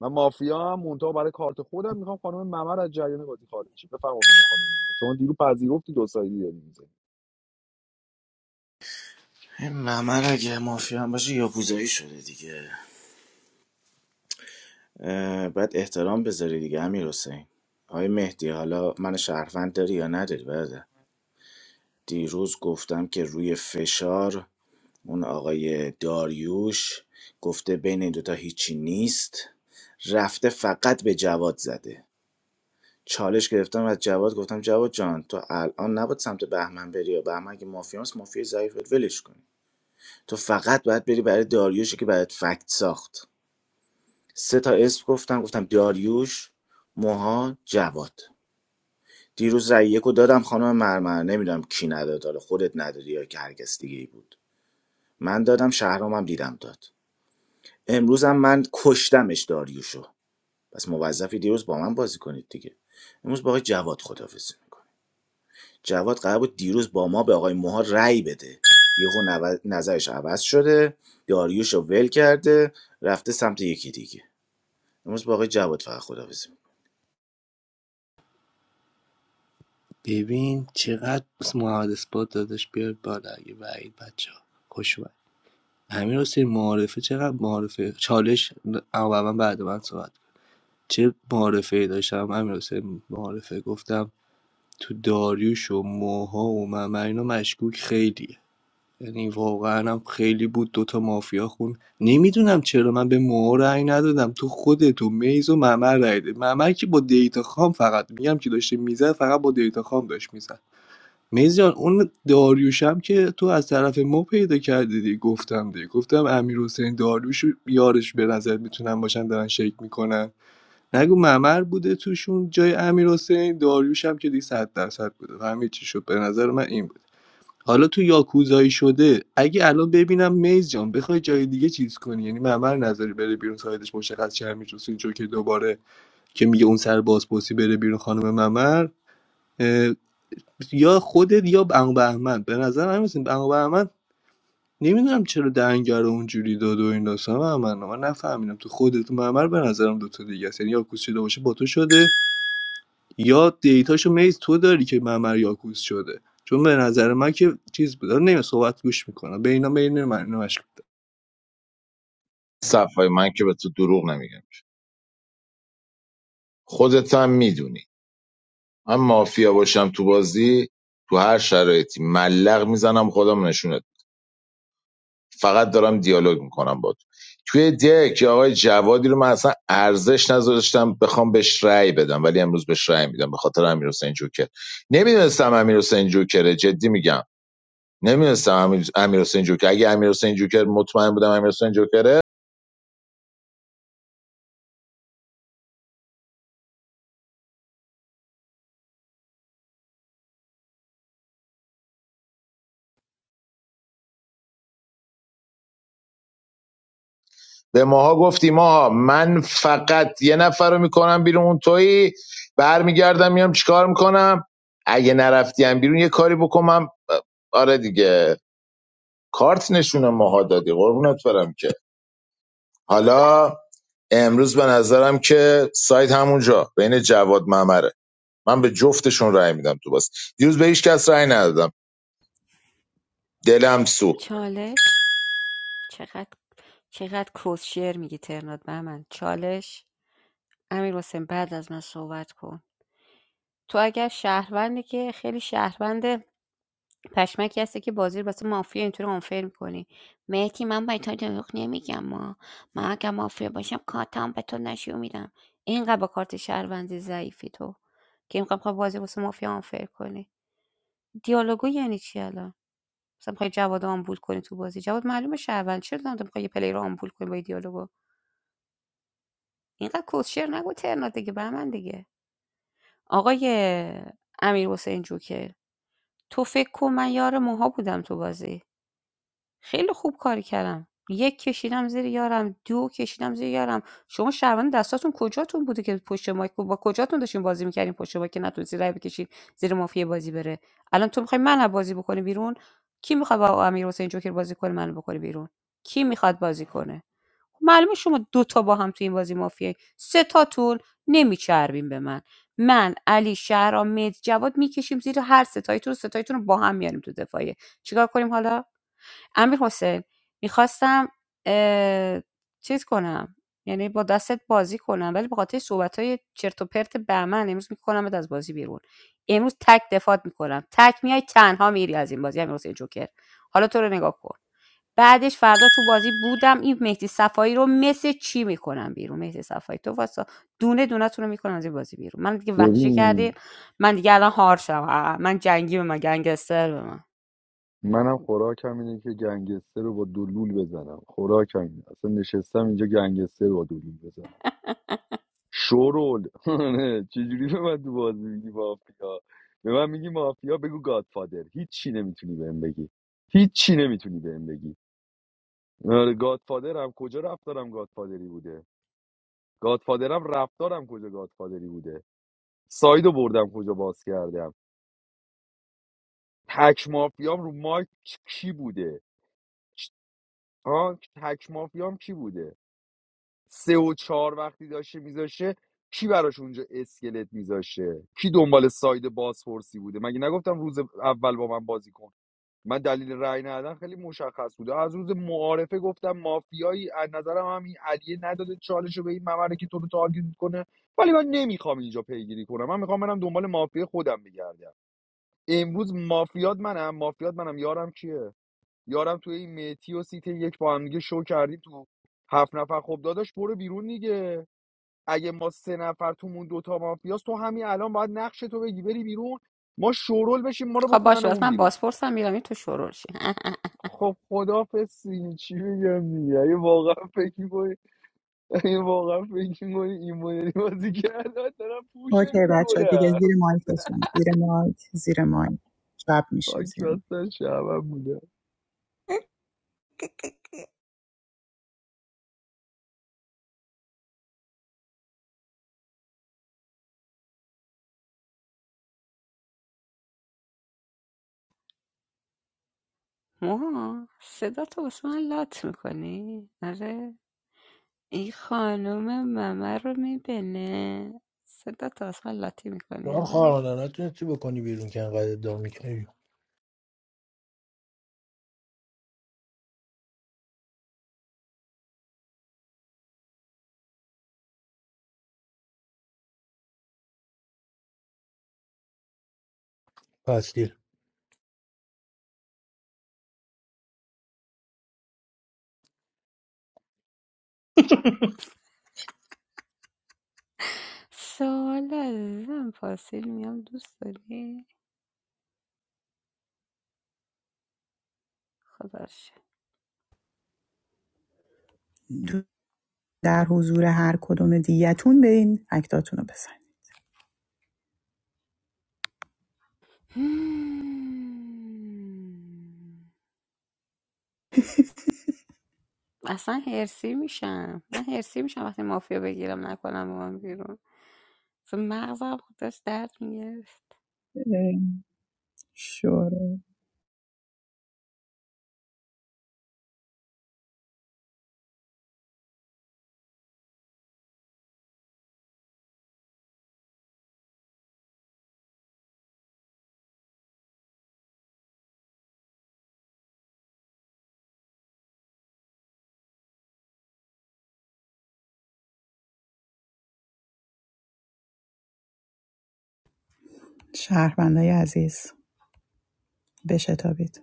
Speaker 7: من مافیا هم مونتا برای کارت خودم میخوام خانم ممر از جریان بازی خارج شه بفرمایید اینو خانم ممر شما دیرو پذیرفتی دو سایدی داری می‌زنی.
Speaker 13: این ممر اگه مافیا هم باشه یاکوزایی شده دیگه اه، باید احترام بذاری دیگه امیر حسین آقای مهدی حالا من شهروند داری یا نداری برده دیروز گفتم که روی فشار اون آقای داریوش گفته بین این دوتا هیچی نیست رفته فقط به جواد زده چالش گرفتم از جواد گفتم جواد جان تو الان نباید سمت بهمن بری یا بهمن که مافیاس مافیا ضعیف بود، ولش کن تو فقط باید بری برای داریوشی که برات فکت ساخت سه تا اسم گفتم گفتم داریوش موها جواد دیروز رأی یکو دادم خانم مرمر نمیدونم کی نداد حالا خودت ندادی یا که هرگز دیگه ای بود من دادم شهرامم دیدم داد امروزم من کشتمش داریوشو پس موظفی دیروز با من بازی کنید دیگه امروز با آقای جواد خدافظی جواد قرار بود دیروز با ما به آقای موها رأی بده یهو نو- نظرش عوض شده داریوش رو ول کرده رفته سمت یکی دیگه امروز با آقای جواد فقط خدافزی
Speaker 10: ببین چقدر محمد اثبات دادش بیاد بالا اگه بعید بچه ها خوش اومد امیر حسین معارفه چقدر معارفه چالش اولا بعد من صحبت کن. چه معارفه داشتم امیر حسین معارفه گفتم تو داریوش و موها و من من اینا مشکوک خیلی یعنی واقعا هم خیلی بود دوتا مافیا خون نمیدونم چرا من به موها رأی ندادم تو خود تو میز و ممر رأی داد ممر که با دیتا خام فقط میگم که داشته میزد فقط با دیتا خام داشت میزد میز جان اون داریوشم که تو از طرف ما پیدا کردی دی گفتم دی گفتم امیر حسین داریوش یارش به نظر میتونن باشن دارن شیک میکنن نگو ممر بوده توشون جای امیر داریوشم که دی صد درصد بوده همه چی شد به نظر من این بود. حالا تو یاکوزایی شده اگه الان ببینم میز جان بخوای جای دیگه چیز کنی یعنی معمر نظری بره بیرون سایدش مشخص چه همین رسول جوکر که دوباره که میگه اون سر بازپرسی بره بیرون خانم ممر اه، یا خودت یا بنگ بهمن به نظر من مثل بنگ بهمن نمیدونم چرا دنگر رو اونجوری داد و این داستان من من نفهمیدم تو خودت تو ممر به نظرم دوتا دیگه است یعنی یاکوز شده باشه با تو شده یا دیتاشو میز تو داری که معمر یاکوز شده چون به نظر من که چیز بود نمی صحبت گوش میکنم به اینا بین من اینا مشکوک دارم.
Speaker 4: صفای من که به تو دروغ نمیگم خودت هم میدونی من مافیا باشم تو بازی تو هر شرایطی ملق میزنم خودم نشونت فقط دارم دیالوگ میکنم با تو توی دک یا آقای جوادی رو من اصلا ارزش نذاشتم بخوام بهش رأی بدم ولی امروز بهش رأی میدم به خاطر امیر حسین جوکر نمیدونستم امیر حسین جوکره جدی میگم نمیدونستم امیر امیر حسین جوکر اگه امیر حسین جوکر مطمئن بودم امیر حسین جوکره به ماها گفتی ماها من فقط یه نفر رو میکنم بیرون اون تویی برمیگردم میام چیکار میکنم اگه نرفتیم بیرون یه کاری بکنم آره دیگه کارت نشون ماها دادی قربونت برم که حالا امروز به نظرم که سایت همونجا بین جواد ممره من به جفتشون رأی میدم تو باز دیروز به هیچ کس رأی ندادم دلم سوخت
Speaker 5: چالش چقدر چقدر کس شعر میگی ترنات به من چالش امیر حسین بعد از من صحبت کن تو اگر شهروندی که خیلی شهروند پشمکی هستی که بازی رو واسه مافیا اینطوری آنفر میکنی مهدی من به تو دروغ نمیگم ما من اگر مافیا باشم کارتم به تو نشون میدم اینقدر با کارت شهروندی ضعیفی تو که اینقدر بخوای بازی واسه مافیا آنفر کنی دیالوگو یعنی چی الان مثلا میخوای جواد رو آمبول کنی تو بازی جواد معلومه شهروند چرا دارم میخوای یه پلی رو آمبول کنی با این دیالوگو اینقدر کوشر نگو ترنا دیگه به من دیگه آقای امیر حسین جوکر تو فکر کن من یار موها بودم تو بازی خیلی خوب کاری کردم. یک کشیدم زیر یارم، 2 کشیدم زیر یارم. شما شهروند دستاتون کجاتون بوده که پشت مایک بود؟ با کجاتون داشتین بازی میکردین پشت مایک که نتونستین رای بکشید زیر مافیا بازی بره؟ الان تو میخوای من بازی بکنی بیرون؟ کی میخواد با امیرحسین جوکر بازی کنه منو بکنه بیرون؟ کی میخواد بازی کنه؟ معلومه شما 2 تا با هم تو این بازی مافیایی. 3 تاتون نمیچربین به من. من، علی، شهرام، مید، جواد میکشیم زیر هر ستاییتون، ستاییتون رو با هم میاریم تو دفاعیه. چیکار کنیم حالا؟ امیرحسین میخواستم چیز کنم یعنی با دستت بازی کنم ولی به خاطر صحبت های چرت و پرت بهمن امروز میکنم از بازی بیرون امروز تک دفات میکنم تک میای تنها میری از این بازی امیرحسین جوکر حالا تو رو نگاه کن بعدش فردا تو بازی بودم این مهدی صفایی رو مثل چی میکنم بیرون مهدی صفایی تو واسه دونه دونه تون رو میکنم از این بازی بیرون من دیگه وحشی کردی
Speaker 7: ببین
Speaker 5: من دیگه الان هار شدم من جنگی به من گنگستر به من
Speaker 7: منم خوراکم اینه که گنگستر رو با دلول بزنم خوراکم اینه اصلا نشستم اینجا گنگستر رو با دلول بزنم شورول چجوری به من تو بازی میگی مافیا به من میگی مافیا بگو گادفادر هیچی نمیتونی بهم بگی هیچی نمیتونی بهم بگی آره، گادفادر هم کجا رفت دارم گادفادری بوده گادفادرم رفتارم کجا گادفادری بوده سایدو بردم کجا باز کردم تک مافیام رو مایک کی بوده ها تک مافیام کی بوده سه و چهار وقتی داشته میذاشه کی براش اونجا اسکلت میذاشه کی دنبال ساید بازپرسی بوده مگه نگفتم روز اول با من بازی کن من دلیل رأی ندادن خیلی مشخص بوده از روز معارفه گفتم مافیایی از نظرم هم این علیه نداده چالش رو به این ممره که تو رو تارگت کنه ولی من نمیخوام اینجا پیگیری کنم من میخوام برم دنبال مافیا خودم بگردم امروز مافیات منم مافیات منم یارم کیه یارم توی این میتی و سیت یک با هم دیگه شو کردیم تو هفت نفر خب داداش برو بیرون دیگه اگه ما سه نفر تومون دوتا مافیاست تو همین الان باید نقش تو بگی بری بیرون ما شورول بشیم ما رو
Speaker 5: خب باشه بس
Speaker 7: بکننمون
Speaker 5: من
Speaker 7: بیرون
Speaker 5: بازپرسم میرم این تو شورولشی
Speaker 7: خب خدافز سینی چی بگم دیگه اگه واقعا فکر می‌کنی اگه واقعا فکر می‌کنی این مدلی بازی کردن دارم پوشت
Speaker 1: اوکی بچه دیگه
Speaker 7: میکنم
Speaker 1: زیر مایکتون زیر مایک زیر مایک شب میشه
Speaker 7: خاک
Speaker 1: زیر
Speaker 7: بستن شعبم بوده
Speaker 5: موها صدا تو واسه من لات میکنی آره این خانم ممه رو میبینه صدا تو واسه من لاتی
Speaker 2: تو
Speaker 5: میکنی
Speaker 2: هم
Speaker 5: آره
Speaker 2: خواهرانه نتونستی بکنی بیرون که انقدر ادعا میکنی پس دیر
Speaker 5: سوال عزیزم پاسیل میام دوست داری خدا رو شکر.
Speaker 1: مایک در حضور هر کدوم دیگتون به این اکتاتون رو
Speaker 5: اصلا هرسی میشم من هرسی میشم وقتی مافیا بگیرم نکنم با من بیرون اصلا مغزم داشت درد میگرفت
Speaker 1: بزنید شوره شهروندای عزیز بشتابید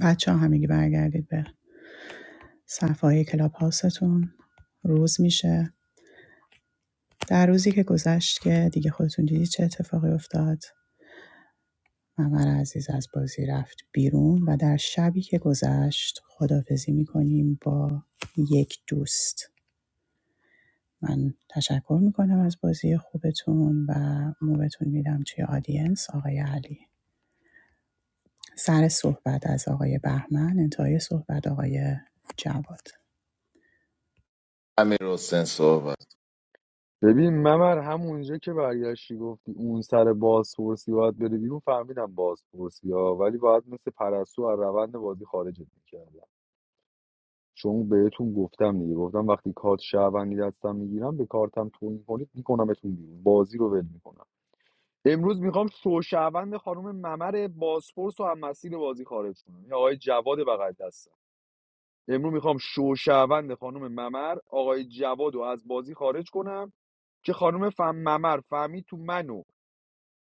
Speaker 1: بچه ها همگی برگردید به صفحه کلاب هاستون روز میشه در روزی که گذشت که دیگه خودتون دیدید چه اتفاقی افتاد ممر عزیز از بازی رفت بیرون و در شبی که گذشت خدافزی میکنیم با یک دوست من تشکر میکنم از بازی خوبتون و موبتون میدم توی آدینس آقای علی سر صحبت از آقای بهمن انتهای صحبت آقای جواد
Speaker 4: امیر حسین صحبت
Speaker 7: ببین ممر همونجا که برگشتی گفتی اون سر بازپرسی باید بره بیرون فهمیدم بازپرسی ها ولی باید مثل پرستو از روند بازی خارجت میکردم چون بهتون گفتم دیگه گفتم وقتی کارت شهروندی دستم میگیرم به کارتم توهین کنید میکنمتون بیرون بازی رو ول می‌کنم. امروز میخوام شوشهوند خانم ممر بازپرس و هم مسیر بازی خارج کنم یا آقای جواد بغل دستم امروز میخوام شوشهوند خانم ممر آقای جواد رو از بازی خارج کنم که خانم فهم ممر فهمید تو منو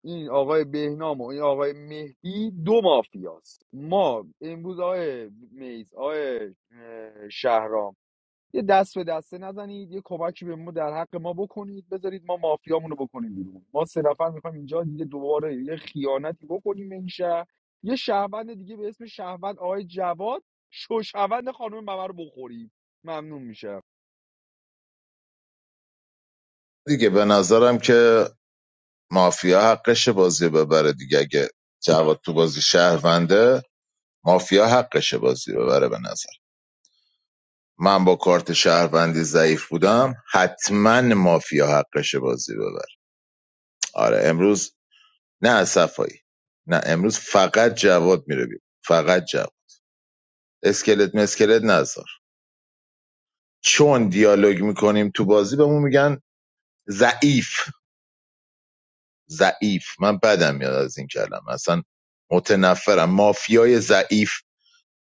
Speaker 7: این آقای بهنام و این آقای مهدی دو مافیاست ما امروز آقای میز آقای شهرام یه دست به دسته نزنید یه کمکی به ما در حق ما بکنید بذارید ما مافیامونو بکنیم بیرون ما سه نفر میخوایم اینجا دیگه دوباره یه خیانتی بکنیم به این شهر یه شهروند دیگه به اسم شهروند آقای جواد شوشوند خانم ممر رو بخوریم ممنون میشم
Speaker 4: دیگه به نظرم که مافیا حقش بازی ببره دیگه اگه جواد تو بازی شهرونده مافیا حقش بازی ببره به نظر من با کارت شهروندی ضعیف بودم حتما مافیا حقش بازی ببره آره امروز نه از صفایی نه امروز فقط جواد میره بیرون فقط جواد اسکلت مسکلت نذار چون دیالوگ میکنیم تو بازی بهمون میگن ضعیف ضعیف من بدم میاد از این کلمه اصلا متنفرم مافیای ضعیف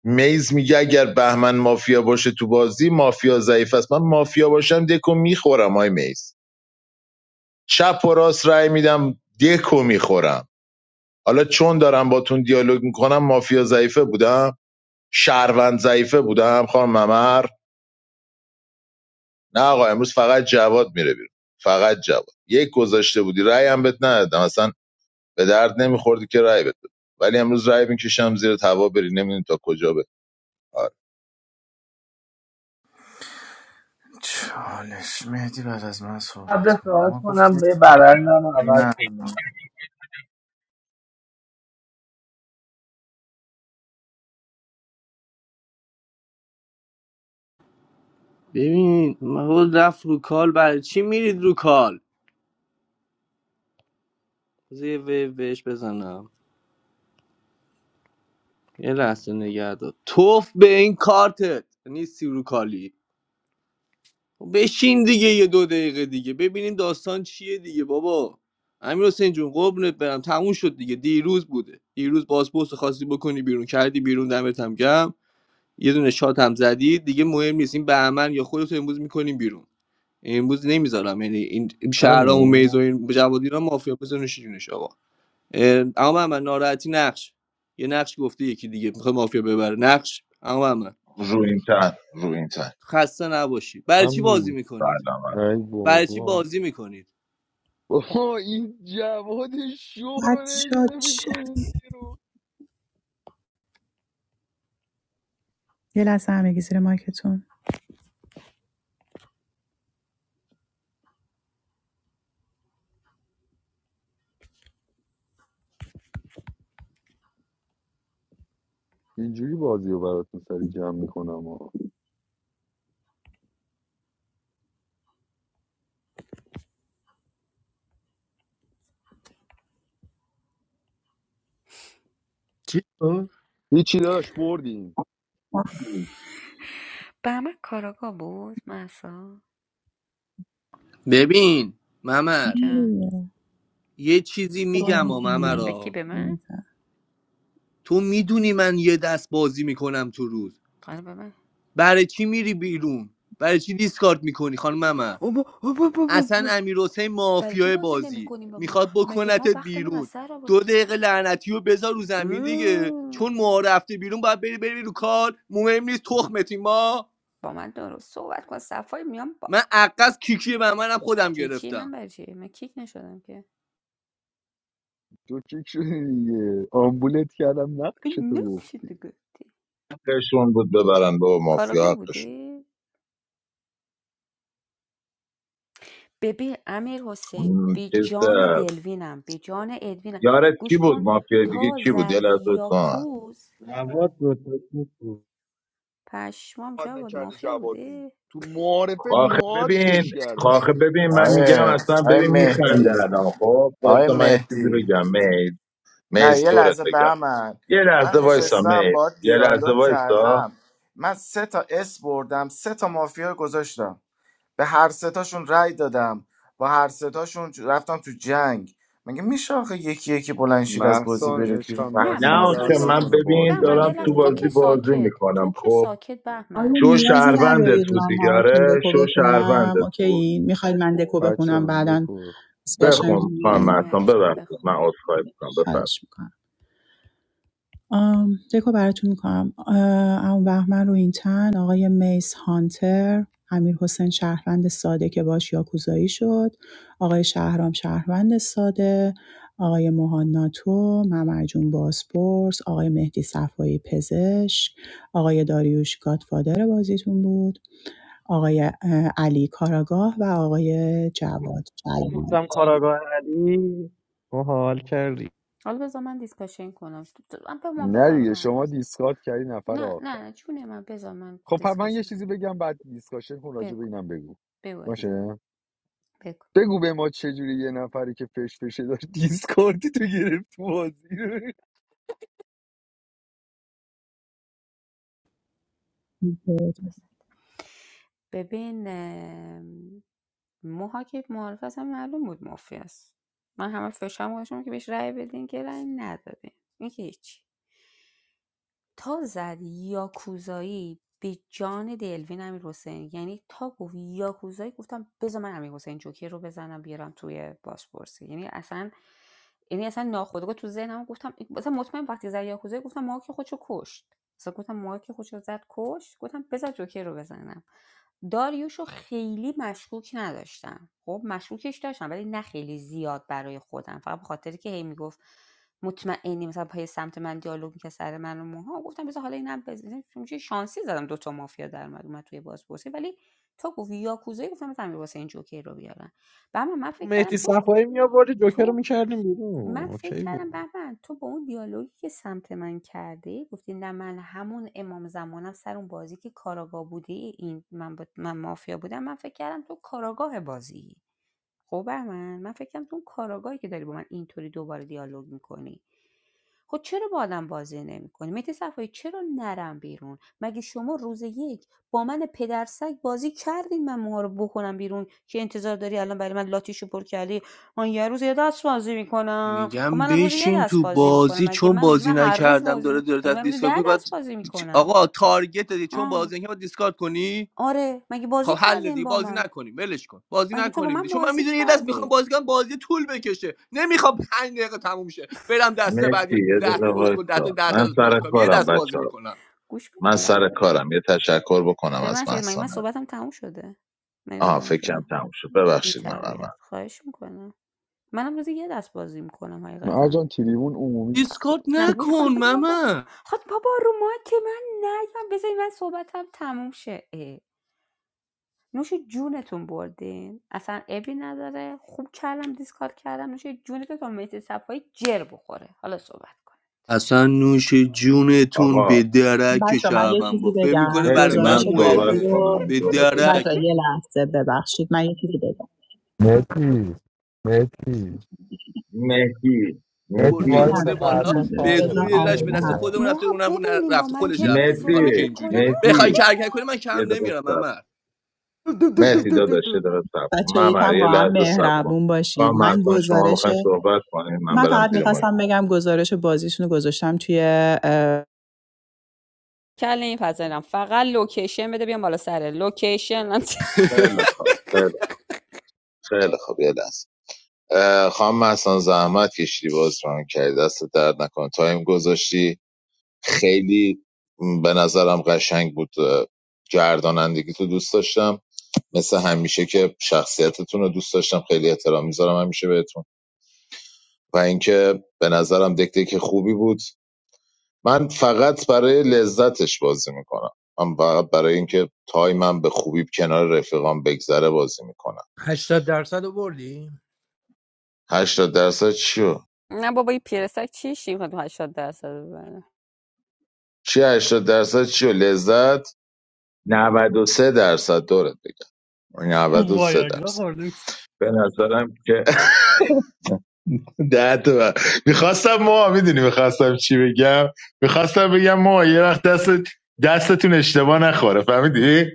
Speaker 4: میز میگه اگر بهمن مافیا باشه تو بازی مافیا ضعیف است من مافیا باشم دکو میخورم های میز چپ و راست رای میدم دکو میخورم حالا چون دارم باتون دیالوگ میکنم مافیا ضعیفه بودم شهروند ضعیفه بودم خانم ممر نه آقا امروز فقط جواد میره بیرون فقط جواد یک گذاشته بودی رأی هم بهت ندادم اصلا به درد نمیخوردی که رأی بده ولی امروز رأی میکشم زیر توا بری نمیدونم تا کجا به آره.
Speaker 13: چالش مهدی بعد از من صحبت
Speaker 10: قبل
Speaker 13: کن
Speaker 10: صحبت
Speaker 13: ما
Speaker 10: کنم
Speaker 13: گفتیم
Speaker 10: به برندم رو عوض
Speaker 13: نه
Speaker 10: کنی ببین محمود رفت رو کال برای چی میرید رو کال بذار یه ویو بهش بزنم یه لحظه نگه دار توف به این کارتت نیستی رو کالی بشین دیگه یه دو دقیقه دیگه ببینیم داستان چیه دیگه بابا امیر حسین جون قربونت برم تموم شد دیگه دیروز بوده دیروز بازپست رو خواستی بکنی بیرون کردی بیرون دمت هم گم یه دونه شات هم زدی دیگه مهم نیست این بهمن یا خودت رو امروز میکنیم بیرون امروز نمیذارم یعنی این شهرام و میز و
Speaker 7: منو
Speaker 10: این جوادیرا مافیا بزنش جونش آقا اما من ناراحتی نقش یه نقش گفته یکی دیگه میخواد مافیا ببره نقش اما من
Speaker 4: رو این تن رو این تن
Speaker 10: خسته نباشی برای چی
Speaker 7: من
Speaker 10: بازی
Speaker 7: بود
Speaker 10: میکنید
Speaker 4: بله،
Speaker 7: ای
Speaker 10: برای چی
Speaker 7: بابا
Speaker 10: بازی میکنید
Speaker 7: بابا این جواد شو رو
Speaker 1: بچه ها
Speaker 7: نمی‌تونه
Speaker 1: چه
Speaker 7: بکنید بیرون
Speaker 1: یه لحظه همگی زیر مایکتون
Speaker 7: اینجوری بازی رو براتون سری جمع میکنم آقا
Speaker 2: چی شد؟
Speaker 7: هیچی داشت بردیم
Speaker 5: به من کاراگا بود محسا
Speaker 10: ببین ممر
Speaker 5: جان
Speaker 10: یه چیزی میگم و
Speaker 5: به کی
Speaker 10: ممرا
Speaker 5: به من
Speaker 1: آره.
Speaker 10: تو میدونی من یه دست بازی میکنم تو روز
Speaker 5: قال به من
Speaker 10: برای چی میری بیرون برای چی دیسکارد میکنی خانم ممر
Speaker 5: اوه با- اوه با- با- با-
Speaker 10: اصلا
Speaker 5: با.
Speaker 10: امیر حسین
Speaker 5: برای چی
Speaker 10: مافیای
Speaker 5: بازی
Speaker 10: بازی
Speaker 5: نمیکنیم با ما
Speaker 10: میخواد
Speaker 5: مگه ما
Speaker 10: بکنتت
Speaker 5: وقتمون از
Speaker 10: بیرون
Speaker 5: سر آورد
Speaker 10: دو دقیقه لعنتی رو بذار رو زمین دیگه
Speaker 5: اوه.
Speaker 10: چون ما رفته بیرون باید بری بری رو کار مهم نیست تخمتی ما
Speaker 5: با من درست صحبت کن صفای میام با
Speaker 10: من عقص کیکی به منم خودم
Speaker 5: کیکی
Speaker 10: گرفتم
Speaker 5: من برای چی من کیک نشدم که
Speaker 7: تو چیک شدی دیگه آمبولت کردم نقش تو
Speaker 5: نمیشه
Speaker 7: گفتی
Speaker 5: تو گفتی
Speaker 4: حقشون بود ببرن بابا
Speaker 5: کاراگا
Speaker 4: مافیا حقشون
Speaker 5: بودی ببین امیر حسین
Speaker 4: م،
Speaker 5: به
Speaker 4: چیز،
Speaker 5: جان
Speaker 4: اه،
Speaker 5: دلوینم به جان ادوینم
Speaker 4: یارت کی
Speaker 5: گوش
Speaker 4: بود
Speaker 5: کن
Speaker 4: مافیا دیگه
Speaker 5: تا
Speaker 4: کی بود یه
Speaker 5: زد
Speaker 4: لحظه کن
Speaker 5: یاکوز پشمام
Speaker 7: بد
Speaker 5: جواد
Speaker 7: نکرده
Speaker 5: مافیا
Speaker 7: جوادو
Speaker 5: بوده
Speaker 7: تو معارفه
Speaker 4: آخه
Speaker 7: نوادزش
Speaker 4: ببین
Speaker 7: کرده
Speaker 4: آخه ببین من میگم
Speaker 13: آیه
Speaker 4: اصلا
Speaker 13: آیه
Speaker 4: ببین میخنده
Speaker 13: مهدی
Speaker 4: الان خب
Speaker 13: آیه
Speaker 4: واسه من یه چیزی
Speaker 13: مهدی
Speaker 4: بگم
Speaker 13: نه
Speaker 4: میز
Speaker 13: یه
Speaker 4: دورت
Speaker 13: لحظه به
Speaker 4: بگم
Speaker 13: من
Speaker 4: یه
Speaker 13: من
Speaker 4: لحظه وایسا
Speaker 13: نشستم
Speaker 4: میز
Speaker 13: با
Speaker 4: یه لحظه
Speaker 13: دیالوگ
Speaker 4: وایسا
Speaker 13: کردم من سه تا اس بردم سه تا مافیا گذاشتم به هر سه تاشون رأی دادم با هر سه تاشون رفتم تو جنگ مگه میشه آخه یکی یکی بلند شید از بازی
Speaker 7: محسان
Speaker 13: برید بیرون
Speaker 7: عشقم
Speaker 5: نه
Speaker 13: وقتی
Speaker 4: نه
Speaker 13: ما
Speaker 7: دستت
Speaker 13: رو
Speaker 4: آخه
Speaker 5: بازم
Speaker 7: درد
Speaker 13: تست
Speaker 4: من
Speaker 5: نیست
Speaker 7: نکنه
Speaker 13: کنید
Speaker 4: ببین
Speaker 7: بازی
Speaker 5: بهمن یه
Speaker 7: ران
Speaker 4: دارم تو
Speaker 5: لحظه تو
Speaker 4: بازی
Speaker 5: که
Speaker 7: کردی
Speaker 4: بازی
Speaker 5: ساکت تو
Speaker 4: میکنم
Speaker 5: که
Speaker 4: خب
Speaker 5: ساکت بهمن
Speaker 1: آیا
Speaker 4: شو
Speaker 1: نیازی ندارید
Speaker 4: شهروندت بود
Speaker 1: من
Speaker 4: دیگه
Speaker 1: براتون
Speaker 4: آره
Speaker 1: دکو
Speaker 4: شو
Speaker 1: بخونم
Speaker 4: شهروندت بود
Speaker 1: اوکی میخواید من دکو
Speaker 7: بچه
Speaker 1: بخونم
Speaker 7: هم
Speaker 1: بعدا
Speaker 7: دکو
Speaker 1: دیسکاشن
Speaker 4: بخون
Speaker 5: بخون
Speaker 4: خانم
Speaker 5: بخون
Speaker 1: کنیم؟
Speaker 4: محسان
Speaker 5: ازم
Speaker 4: ببخشید
Speaker 5: بخون
Speaker 4: من عذرخواهی میکنم بفرمایید
Speaker 1: خواهش میکنم آم، دکو براتون میکنم اون بهمن رو این تن آقای میس هانتر امیر حسین شهروند ساده که باش یاکوزایی شد آقای شهرام شهروند ساده آقای موهان ناتو ممرجون بازپرس آقای مهدی صفایی پزشک آقای داریوش گادفادر بازیتون بود آقای علی کاراگاه و آقای جواد جلیلی
Speaker 11: کاراگاهی تو حال
Speaker 5: حالا بذار من دیسکاشن کنم تو- تو- من به ما
Speaker 7: نه
Speaker 5: بذار به
Speaker 7: دیگه
Speaker 5: من حرف
Speaker 7: شما
Speaker 5: بزن.
Speaker 7: دیسکارد کردی نفر
Speaker 5: نه
Speaker 7: آخر
Speaker 5: نه نه جون من بذار من
Speaker 7: خب پس من یه
Speaker 5: دیسکاشن
Speaker 7: چیزی بگم بعد دیسکاشن کن راجع به
Speaker 5: بگو
Speaker 7: اینم بگو
Speaker 5: بگو عزیزم،
Speaker 7: باشه
Speaker 5: بگو
Speaker 7: بگو به ما چجوری یه نفری که فش فشه داشت دیسکاردی تو گرفت تو بازی
Speaker 5: بذار. ببین موها که معارف اصلا معلوم بود مافیاست من همه فشارم گذاشتم که بهش رأی بدین که رأی ندادین این که هیچی تا زد یاکوزایی به جان دلوین امیر حسین یعنی تا گفت یاکوزایی گفتم بذار من امیر حسین جوکر رو بزنم بیارم توی بازپرسی یعنی اصلا یعنی اصلا ناخودآگاه تو ذهنم گفتم مثلا مطمئن وقتی زد یاکوزایی گفتم ما که خودشو کشت مثلا گفتم ما که خودشو زد کشت گفتم بذار جوکر رو بزنم داریوشو خیلی مشکوک نداشتم. خب مشکوکش داشتم ولی نه خیلی زیاد برای خودم. فقط به خاطری که هی میگفت مطمئنی مثلا پای سمت من دیالوگ می‌کرد سر من و موها گفتم بذار حالا اینم بزنم چون چه شانسی زدم دو تا مافیا در اومد اومد توی بازپرسی ولی تو گفت یاکوزایی گفتم مثلا امیر حسین جوکر رو بیارن و اما من فکر کردم
Speaker 11: مهدی
Speaker 5: تو
Speaker 11: صفایی می آوردی جوکر رو
Speaker 5: تو
Speaker 11: میکردیم بیرون
Speaker 5: من فکر
Speaker 11: اوکی
Speaker 5: کردم
Speaker 11: بود
Speaker 5: بهمن تو با اون دیالوگی که سمت من کردی گفتی نه من همون امام زمانم سر اون بازی که کاراگاه بودی این من, با- من مافیا بودم من فکر کردم تو کاراگاه بازی خب بهمن من فکرم تو اون کاراگاهی که داری با من اینطوری دوباره دیالوگ میکنی خب چرا با آدم بازی نمیکنی مهدی صفایی چرا نرم بیرون مگه شما روز یک با من پدرسگ بازی کردین من موها رو بکنم بیرون که انتظار داری الان برای من لاتیشو پر کردی من یه روز یه دست بازی میکنم خب
Speaker 10: میگم
Speaker 5: منم روز یه
Speaker 10: بشین
Speaker 5: دست
Speaker 10: تو
Speaker 5: بازی میکنم
Speaker 10: بازی
Speaker 5: مگه
Speaker 10: چون
Speaker 5: من مگه
Speaker 10: بازی
Speaker 5: من هر روز
Speaker 10: نکردم
Speaker 5: بازی
Speaker 10: داره
Speaker 5: می...
Speaker 10: داره
Speaker 5: مگه
Speaker 10: از
Speaker 5: من روزی
Speaker 10: دیسکارد
Speaker 5: ده
Speaker 10: میگه بعد
Speaker 5: دست بازی میکنم
Speaker 10: آقا تارگت دی چون
Speaker 5: ها
Speaker 10: بازی نکردم باید دیسکارد کنی
Speaker 5: آره مگه
Speaker 10: خب
Speaker 5: بازی
Speaker 10: حل
Speaker 5: کردین
Speaker 10: دی
Speaker 5: با
Speaker 10: بازی
Speaker 5: من
Speaker 10: نکنیم ولش کن بازی
Speaker 5: مگه تو با
Speaker 10: نکنیم دی
Speaker 5: من
Speaker 10: چون من
Speaker 5: بازی
Speaker 10: میدونی یه دست میخوام
Speaker 5: کردی
Speaker 10: بازی کنم بازی طول بکشه نمیخوام 5 دقیقه تموم شه برم دسته
Speaker 4: مرسی
Speaker 10: بعدی
Speaker 4: یه
Speaker 10: 10
Speaker 4: دقیقه
Speaker 10: تا اسکل 10 تا
Speaker 4: وایسا
Speaker 10: 10 تا
Speaker 4: من
Speaker 10: بازی
Speaker 4: سر
Speaker 10: کنم یه
Speaker 4: کارم
Speaker 10: دست بازی
Speaker 4: بچه ها
Speaker 10: میکنم
Speaker 5: گوش کن
Speaker 4: من
Speaker 5: لذت.
Speaker 4: سر کارم یه تشکر بکنم
Speaker 5: به
Speaker 4: از
Speaker 5: من شکل مگه
Speaker 4: محسان
Speaker 5: من صحبتم تموم شده مگه
Speaker 4: آها
Speaker 5: رو که
Speaker 4: فکرم
Speaker 5: من
Speaker 4: تموم شد
Speaker 5: بی
Speaker 4: ببخشید من من
Speaker 5: تربیت خواهش میکنم منم روزی یه دست بازی میکنم
Speaker 7: نه
Speaker 5: حقیقتا
Speaker 7: جان تریبون عمومی نیست
Speaker 10: دیسکارد
Speaker 5: نه گوش
Speaker 10: نکن
Speaker 5: کن بذار بابا
Speaker 10: ماما
Speaker 5: خود بابا رو ما که من نیام بذاری من صحبتم تموم شه اه. نوش جونتون بردین اصلا ابی نداره خوب کردم دیسکارد کردم نوش جونتون تا مهدی صفایی جر بخوره حالا صحبت کن
Speaker 10: اصلا نوش جونتون
Speaker 4: آقا
Speaker 10: به درک
Speaker 1: بچه من یه
Speaker 10: شعبم
Speaker 1: چیزی
Speaker 10: با فکر میکنه
Speaker 1: بگم
Speaker 10: برای
Speaker 4: مرسی
Speaker 10: من
Speaker 4: من
Speaker 1: گزارش
Speaker 4: صحبت
Speaker 1: بازی
Speaker 10: مهمه
Speaker 1: رو
Speaker 4: کنم
Speaker 10: به
Speaker 4: دورت بگم
Speaker 10: درک
Speaker 1: بچه یه لحظه ببخشید من یه چیزی بگم
Speaker 7: مرسی مرسی
Speaker 4: مهدی
Speaker 7: نتی
Speaker 10: برسی
Speaker 4: مهدی
Speaker 1: نه
Speaker 7: وایسا
Speaker 10: آورده
Speaker 1: نه
Speaker 10: بالا
Speaker 1: نه،
Speaker 7: محسن
Speaker 1: نه،
Speaker 7: کار
Speaker 10: به زور
Speaker 7: داره
Speaker 1: بذار
Speaker 10: یه
Speaker 7: یه
Speaker 10: لش
Speaker 1: آمبول
Speaker 10: به دست
Speaker 1: حرف
Speaker 7: وایسا
Speaker 10: خودمون رفته اون رفته خودش رفته بیرون حالا که
Speaker 4: مهدی
Speaker 10: اینجوریه بخوای
Speaker 4: مهدی
Speaker 10: کرکر کنی من
Speaker 4: یه
Speaker 10: کم
Speaker 4: دقیقه
Speaker 10: نمیارم
Speaker 4: سب
Speaker 10: امر
Speaker 4: مهدی داداش یه
Speaker 5: مو-
Speaker 4: دقیقه سب
Speaker 1: بچه
Speaker 4: ممر
Speaker 1: یکم
Speaker 4: یه
Speaker 1: با هم
Speaker 4: لحظه سب کن
Speaker 1: مهربون
Speaker 4: خواهم
Speaker 1: باشید من
Speaker 4: مرسان شما
Speaker 1: گزارش
Speaker 4: میخواین صحبت کنیم من
Speaker 1: من
Speaker 4: برم
Speaker 1: فقط
Speaker 4: زیر من
Speaker 1: میخواستم بگم گزارش بازیشون رو گذاشتم توی اه،
Speaker 5: کله این پذیرم فقط لوکیشن بده بیام بالا سر لوکیشن
Speaker 4: خیلی خوب خیلی خوب خیلی خوب یه لحظه اه، خانم محسن زحمت کشیدی باز ران کردی دست درد نکن تایم گذاشتی خیلی م، به نظرم قشنگ بود اه، گردانندگی تو دوست داشتم مثل همیشه که شخصیتتون رو دوست داشتم خیلی احترام میذارم همیشه بهتون و اینکه به نظرم دک دک خوبی بود من فقط برای لذتش بازی میکنم من فقط برای اینکه تایمم به خوبی کنار رفیقام بگذره بازی میکنم
Speaker 2: 80 درصد رو بردی
Speaker 4: هشتاد درصد چیو
Speaker 5: نه بابا این پیرسک چیش این 80 درصد ببره
Speaker 4: چی هشتاد درصد چیو لذت 93 درصد دورت بگم 93
Speaker 2: وایاگرا
Speaker 4: درصد
Speaker 2: خورده
Speaker 4: به نظرم که ده تا میخواستم ما میدونی میخواستم چی بگم میخواستم بگم ما یه وقت دست دستتون اشتباه نخوره فهمیدی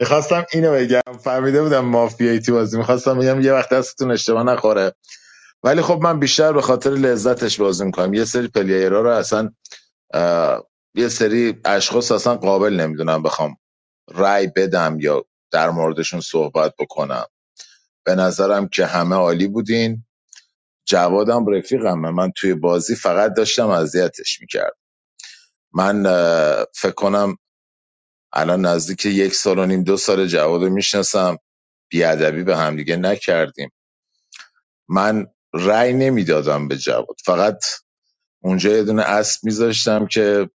Speaker 4: میخواستم اینو بگم فهمیده بودم مافیایی تو بازی میخواستم بگم یه وقت دستتون اشتباه نخوره ولی خب من بیشتر به خاطر لذتش بازی میکنم یه سری پلیرها رو اصلا یه سری اشخاص اصلا قابل نمیدونم بخوام رای بدم یا در موردشون صحبت بکنم به نظرم که همه عالی بودین جوادم رفیقمه من توی بازی فقط داشتم اذیتش میکرد من اه، فکر کنم الان نزدیک یک سال و نیم دو سال جواد رو میشناسم بیادبی به همدیگه نکردیم من رای نمیدادم به جواد فقط اونجا یه دونه اسب میذاشتم که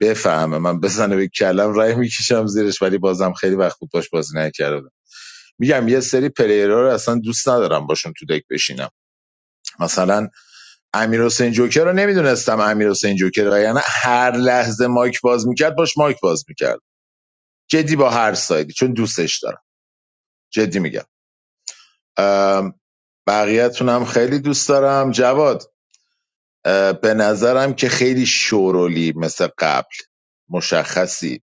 Speaker 4: بفهمه من بزنه به کلم رای میکشم زیرش ولی بازم خیلی وقت بود باش بازی نکردم میگم یه سری پلیرها رو اصلا دوست ندارم باشون تو دک بشینم مثلا امیر حسین جوکر رو نمیدونستم امیر حسین جوکر و یعنی هر لحظه مایک باز میکرد باش مایک باز میکرد جدی با هر سایدی چون دوستش دارم جدی میگم بقیه‌تون هم خیلی دوست دارم جواد به نظرم که خیلی شورولی مثل قبل مشخصی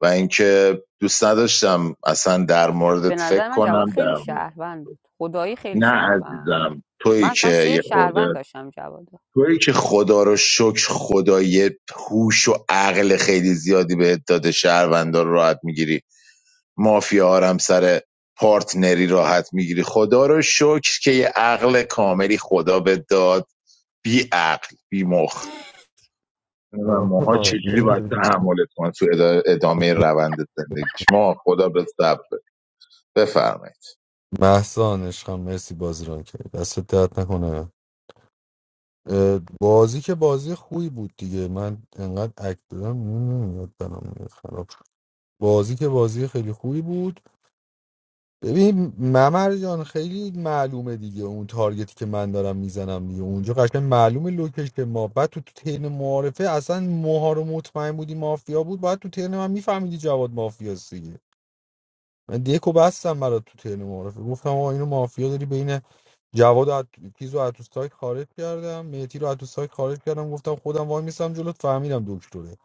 Speaker 4: و اینکه دوست نداشتم اصلا در موردت
Speaker 5: به
Speaker 4: فکر
Speaker 5: نظر من جواد
Speaker 4: کنم
Speaker 5: خیلی
Speaker 4: در مورد
Speaker 5: شهروند بود خدایی خیلی
Speaker 4: نه
Speaker 5: شهروند بود
Speaker 4: عزیزم
Speaker 5: من
Speaker 4: تویی که
Speaker 5: اصلا
Speaker 4: یه
Speaker 5: سیف
Speaker 4: خورده
Speaker 5: شهروند داشتم جواد
Speaker 4: تویی که خدا رو شکر خدای هوش و عقل خیلی زیادی به داده شهروندار راحت میگیری مافیا هم سر پارتنری راحت میگیری خدا رو شکر که یه عقل کاملی خدا به داد بی عقل بی مخ نمی‌دونم ماها چجوری باید تحملت کنن تو ادامه روند زندگیش ما خدا به صبر بفرمایید
Speaker 7: محسان عشقم مرسی بازی رو کرد دست درد نکنه اه، بازی که بازی خوبی بود دیگه من انقدر اک دادم نمیاد برام خراب شد. بازی که بازی خیلی خوبی بود ببین ممر جان خیلی معلومه دیگه اون تارگتی که من دارم میزنم دیگه اونجا قشنگ معلومه لوکش که ما بعد تو تو ترن معارفه اصلا موها رو مطمئن بودی مافیا بود بعد تو ترن من میفهمیدی جواد مافیاست دیگه من دیکو بستم برات تو ترن معرفه گفتم آقا اینو مافیا داری بین جواد و عط... چیز رو تو سایت خارج کردم مهدی رو تو سایت خارج کردم گفتم خودم وای میستم جلوت فهمیدم دکتره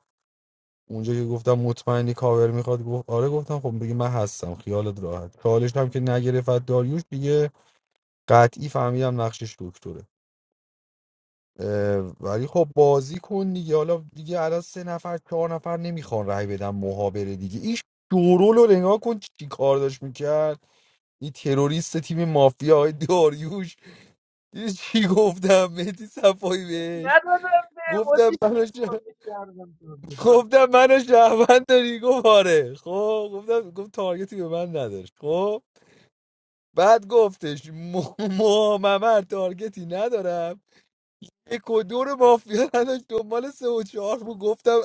Speaker 7: اونجا که گفتم مطمئنی کاور میخواد گفت آره گفتم خب بگی من هستم خیالت راحت چالش هم که نگرفت داریوش دیگه قطعی فهمیدم نقشش دکتره اه، ولی خب بازی کن دیگه حالا دیگه الان سه نفر چهار نفر نمیخوان رای بدن محابره دیگه ایش دورول رو نگاه کن چی کار داشت میکرد این تروریست تیم مافیا های داریوش دیدی چی گفتم مهدی صفایی بهش گفتم منو ش... گفتم منو شهروند داری گفت آره خب گفتم گفت تارگتی به من نداشت خب بعد گفتش محمد تارگتی ندارم یک و دو رو مافیا نداشت دنبال سه و چهار بود گفتم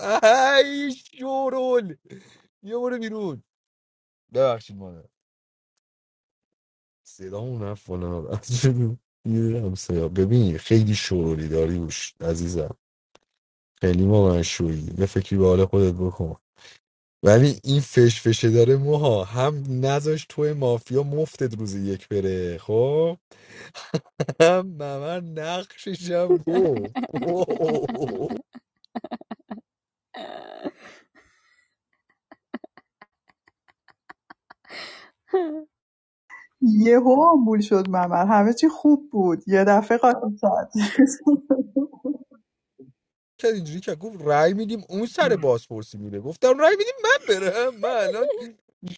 Speaker 7: ای شورول یه برو بیرون ببخشید صدامون رفت بالا از چه می‌دونم صدا ببین خیلی شورولی داری بوش عزیزم خیلی ما من شوری یه فکری به حال خودت بکن ولی این فش فشه داره موها هم نذاش توی مافیا مفتت روز یک بره خب هم ممر نقشش هم گفت
Speaker 1: یهو آمبول شد ممر همه چی خوب بود یه دفعه قاطی شد
Speaker 7: کرد اینجوری که گفت رای میدیم اون سر بازپرسی میره گفتم رای میدیم من برم من الان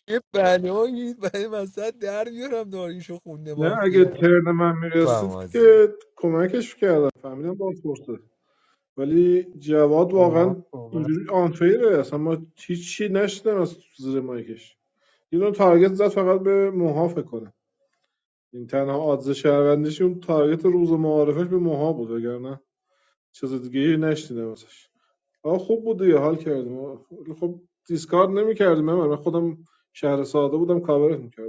Speaker 7: یه بلایی برای وسط در میارم داریشو خونده
Speaker 16: نه اگه
Speaker 7: مافیا
Speaker 16: ترن من
Speaker 7: فهم
Speaker 16: میرسید
Speaker 7: عزیزم
Speaker 16: که کمکش کردم فهمیدم باز پرسه ولی جواد
Speaker 11: با
Speaker 16: واقعا
Speaker 11: ما صحبت
Speaker 16: اینجوری آنفیره اصلا ما هیچ چی نشدم از زیر مایکش یه دونه تارگت زد فقط به موها فکر کنم. این تنها آدز شهروندیشون تارگت روز معارفش به موها بود وگرنه چیز دیگه ای نشنیدم ازش آه خوب بود دیگه حال کردیم آه، خب دیسکارد نمیکردیم من خودم شهر ساده بودم کاورت میکردم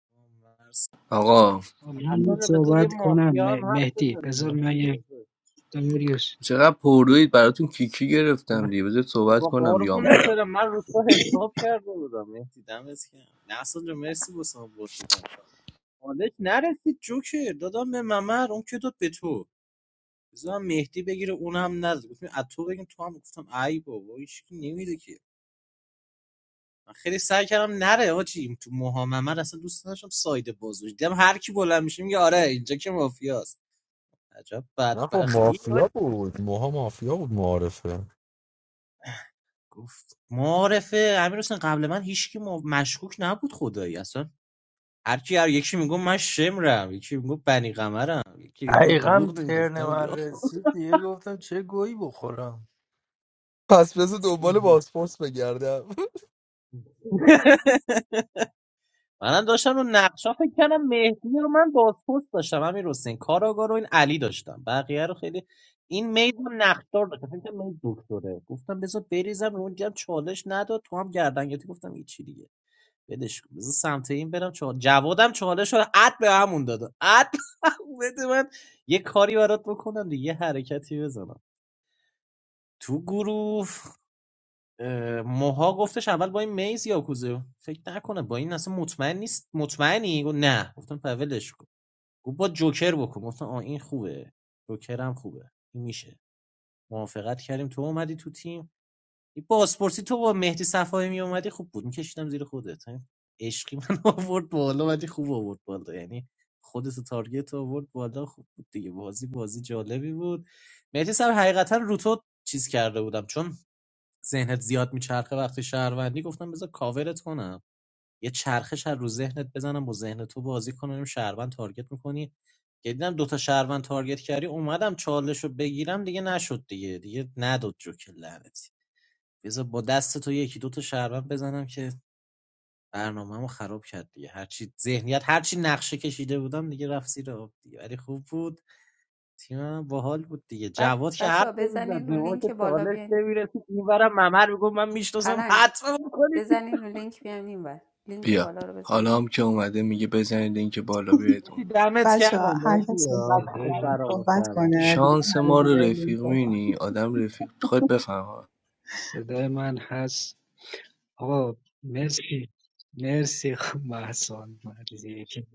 Speaker 11: کن. مرسی.
Speaker 10: آقا
Speaker 11: اصلا
Speaker 17: من
Speaker 11: بذار یه
Speaker 17: صحبت کنم
Speaker 11: مافیا
Speaker 17: مه-
Speaker 11: هم حرف
Speaker 17: مهدی
Speaker 11: بزنه
Speaker 17: بذار من
Speaker 11: مهدی
Speaker 17: یه
Speaker 11: بزرگ
Speaker 17: داریوش
Speaker 10: چقدر پروید براتون کیکی گرفتم دیگه بذار صحبت
Speaker 11: بابا
Speaker 10: کنم دیگه
Speaker 11: قربونت
Speaker 10: آمبولم
Speaker 11: برم من رو تو حساب کرده بودم مهدی دمت گرم نه اصلا جو مرسی بسام بود بودم حالت نرسید جوکر دادم به ممر اون که داد به تو بذارم مهدی بگیره اونم نزد گفتم از تو بگیم تو هم گفتم ای بابا هیچ کی نمیده که. من خیلی سعی کردم نره آجی تو موهام من اصلا دوست نداشتم ساید بازوش دیدم هر کی بلند میشه میگه آره اینجا که مافیاست عجب
Speaker 7: نه خب
Speaker 11: بدبختی
Speaker 7: مافیا
Speaker 11: آجی.
Speaker 7: بود موها مافیا بود معارفه
Speaker 11: گفت معارفه امیر حسین قبل من هیچکی ما- مشکوک نبود خدایی اصلا هر کی هر یکی میگم من شمرم یکی میگم بنی قمرم یکی میگم
Speaker 2: دقیقا
Speaker 11: دروغ
Speaker 2: ترن
Speaker 11: نمیگفتم
Speaker 2: من رسید دیگه گفتم چه گویی بخورم
Speaker 7: پس بذار دنبال
Speaker 11: گفتم
Speaker 7: بازپرس بگردم
Speaker 11: منم داشتم رو نقشا فکر کردم مهدی رو من بازپست داشتم همین حسین کاراگاه رو این علی داشتم بقیه رو خیلی این مید رو نقشدار داشتم فکر کردم مید دکتره گفتم بذار بریزم رو اونجا هم چالش نداد تو هم گردن گرفتی گفتم این چی دیگه بدش کن. بذار سمت این برم چال... جوادم چالش رو عد به همون داد عد بده من یه کاری برات بکنم دیگه یه حرکتی بزنم تو گروه اه، موها گفتش اول با این میز یا فکر نکنه با این اصلا مطمئن نیست مطمئنی گفت نه گفتم پولش کن گفت با جوکر بکن گفتم آ این خوبه جوکر هم خوبه این میشه موافقت کردیم تو اومدی تو تیم این بازپرسی تو با مهدی صفایی می اومدی خوب بود میکشیدم زیر خودت این عشقی من آورد بالا ولی خوب آورد بالا یعنی خودت تارگت آورد بالا خوب بود دیگه بازی بازی جالبی بود مهدی صاحب حقیقتا رو تو چیز کرده بودم چون ذهنت زیاد میچرخه وقتی شهروندی گفتم بذار کاورت کنم یه چرخش از رو ذهنت بزنم با ذهن تو بازی کنم شهروند تارگت میکنی که دیدم دوتا شهروند تارگت کردی اومدم چالش رو بگیرم دیگه نشد دیگه دیگه نداد جوکر لعنتی بذار با دست تو یکی دوتا شهروند بزنم که برنامه‌مو خراب کرد دیگه هرچی ذهنیت هرچی نقشه کشیده بودم دیگه رفت زیر آب دیگه ولی خوب بود تیم من باحال بود دیگه
Speaker 5: بعد
Speaker 11: جواد که
Speaker 5: بچه ها
Speaker 11: حرف نمیزد
Speaker 5: بزنین رو
Speaker 11: به ما
Speaker 5: لینک
Speaker 11: که
Speaker 5: بالا
Speaker 11: چالش
Speaker 5: بیاین
Speaker 11: نمیرسید اینورم ممر میگفت من میشناسم
Speaker 5: پلنگ
Speaker 11: حتما بکنید
Speaker 5: بزنین رو لینک بیاین این لینک
Speaker 10: بیا
Speaker 5: بالا رو بزنین
Speaker 10: حالا هم که اومده میگه بزنید این که بالا
Speaker 11: مهدی
Speaker 10: بیادون
Speaker 11: دمت
Speaker 1: بچه
Speaker 11: کردم
Speaker 1: ها هر
Speaker 11: مهدی
Speaker 1: کس صحبت
Speaker 11: آه.
Speaker 17: صدای
Speaker 11: خوب
Speaker 1: نکرده
Speaker 17: من
Speaker 11: برامون
Speaker 1: صحبت
Speaker 11: شرمن
Speaker 1: کنه دیگه
Speaker 11: کردی
Speaker 10: شانس
Speaker 1: همه
Speaker 10: ما
Speaker 1: دیگه
Speaker 10: رو
Speaker 1: این
Speaker 10: رفیق
Speaker 1: صحبت.
Speaker 10: مینی آدم رفیق خود بفهم
Speaker 17: صدای من هست آقا مرسی مرسی محسان مدیدی که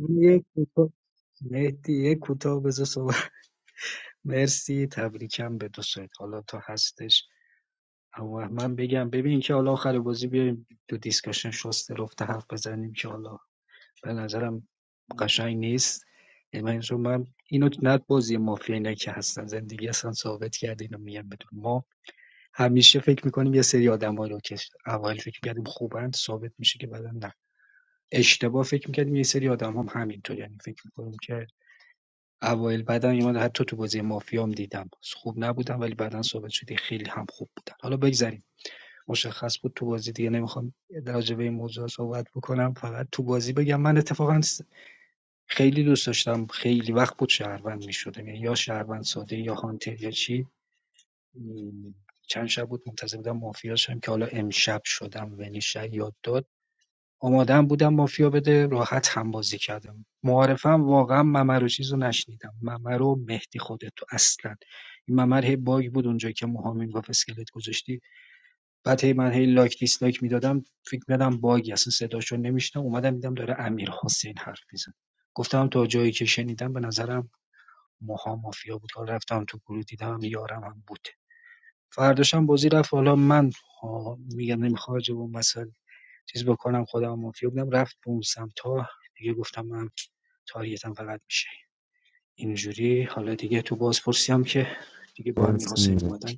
Speaker 17: من یه کوتاه مهدی یه کوتاه بذار صحبت مرسی تبریکم به دو سایت حالا تا هستش اما من بگم ببین که حالا آخر بازی بیایم تو دیسکشن شست رفته حرف بزنیم که حالا به نظرم قشنگ نیست یعنی من من اینو نه بازی مافیا اینا که هستن زندگی اصلا ثابت کرده اینو میگم بدون ما همیشه فکر میکنیم یه سری آدمایی رو که اول فکر میکردیم خوبن ثابت میشه که بعدا نه اشتباه فکر میکردیم یه سری آدم هم همینطور یعنی فکر میکنیم که اوایل بعدا یه مقدار حتی تو بازی مافیا هم دیدم خوب نبودم ولی بعدا ثابت شد خیلی هم خوب بودن حالا بگذریم مشخص بود تو بازی دیگه نمیخوام راجع به این موضوع صحبت بکنم فقط تو بازی بگم من اتفاقا خیلی دوست داشتم خیلی وقت بود شهروند میشدم یعنی یا شهروند ساده یا هانتر یا چی چند شب بود منتظر بودم مافیا شدم که حالا امشب شدم ونیشه یاد داد آمادهام بودم مافیا بده راحت هم بازی کردم معارفم واقعا ممر و چیز رو نشنیدم ممر و مهدی خودتو اصلا این ممر هی باگ بود اونجا که موهامین گفت اسکلت گذاشتی بعد هی من هی لایک دیسلایک میدادم فکر میدادم باگی اصلا صداشو نمیشتم اومدم دیدم داره امیر حسین حرف میزن گفتم تا جایی که شنیدم به نظرم موها مافیا بود حالا رفتم تو گروه دیدم یارم هم بود فرداشم بازی رفت حالا من ها، میگم نمیخواد چیز بکنم خودم مافیا بودم رفت به اون سمتا دیگه گفتم من تاریتم فقط میشه اینجوری حالا دیگه تو بازپرسی هم که دیگه با امیر
Speaker 7: مرسی
Speaker 17: حسین اومدن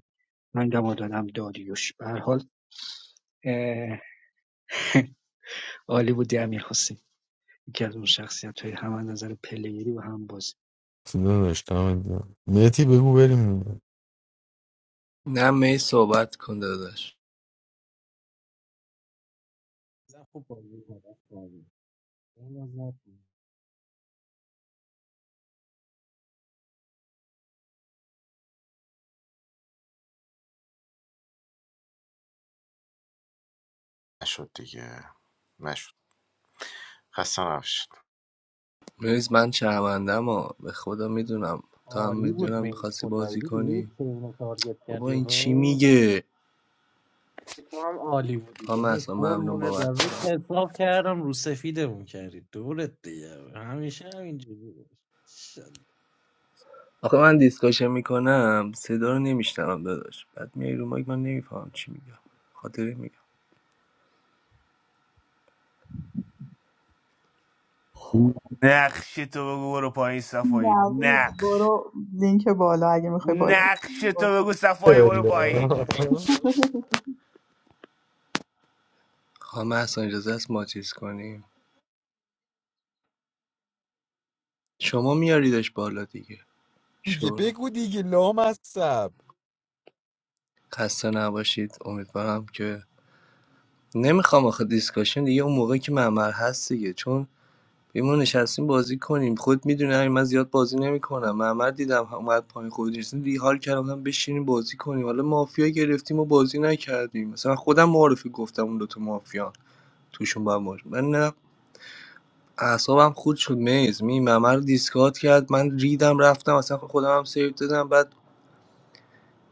Speaker 17: من دم دادم داریوش به هر حال اه، عالی بودی امیر حسین یکی از اون شخصیت های هم نظر پلیری و هم باز
Speaker 7: داشتم میتی بگو بریم
Speaker 10: نه می صحبت کن داداش
Speaker 11: نه، خوب بازی کردی این از نکن.
Speaker 13: نشد دیگه نشد خسته نباشید
Speaker 10: میز من شرمندم ها به خدا میدونم تا هم
Speaker 11: عالی بود
Speaker 10: میدونم
Speaker 11: مهدی
Speaker 10: میخواستی
Speaker 11: خدایی
Speaker 10: بازی
Speaker 11: دیدی
Speaker 10: کنی
Speaker 11: که اینو تارگت
Speaker 10: بابا
Speaker 11: کردی
Speaker 10: این چی
Speaker 11: ها
Speaker 10: میگه
Speaker 11: تو هم عالی بودی
Speaker 10: خانم
Speaker 11: داداش.
Speaker 10: اصلا ممنون
Speaker 11: قربونه در
Speaker 10: بابت
Speaker 11: روز حساب کردم رو سفیدمون کردی دورت دیگه همیشه همینجوری باش.
Speaker 10: آخه من دیسکاشن میکنم صدا رو نمیشنوم داداش بعد میای رو مایک من نمیفهمم چی میگم خاطر میگم
Speaker 19: Nakshetra guru paani safai.
Speaker 1: نوید
Speaker 19: Naksh
Speaker 1: برو لینک بالا اگه میخوای بالا
Speaker 19: nakshetra guru safai guru paai.
Speaker 7: الا.
Speaker 10: خانم اصلا اجازه است ما چیز کنیم شما میاریدش بالا دیگه
Speaker 7: دیگه
Speaker 10: شور
Speaker 7: بگو دیگه لام از سب
Speaker 10: خسته نباشید امیدوارم که نمیخوام آخه دیسکاشن دیگه اون موقع که معمر هست دیگه چون بیا ما نشستیم بازی کنیم خود میدونی همین من زیاد بازی نمیکنم محمد دیدم اومد پایین خود نشستیم دیگه حال کردم گفتم بشینیم بازی کنیم حالا مافیا گرفتیم و بازی نکردیم مثلا خودم معرفی گفتم اون دوتا مافیا توشون با مار من نه اعصابم خود شد میز می ممر دیسکات کرد من ریدم رفتم اصلا خودم هم سیو دادم بعد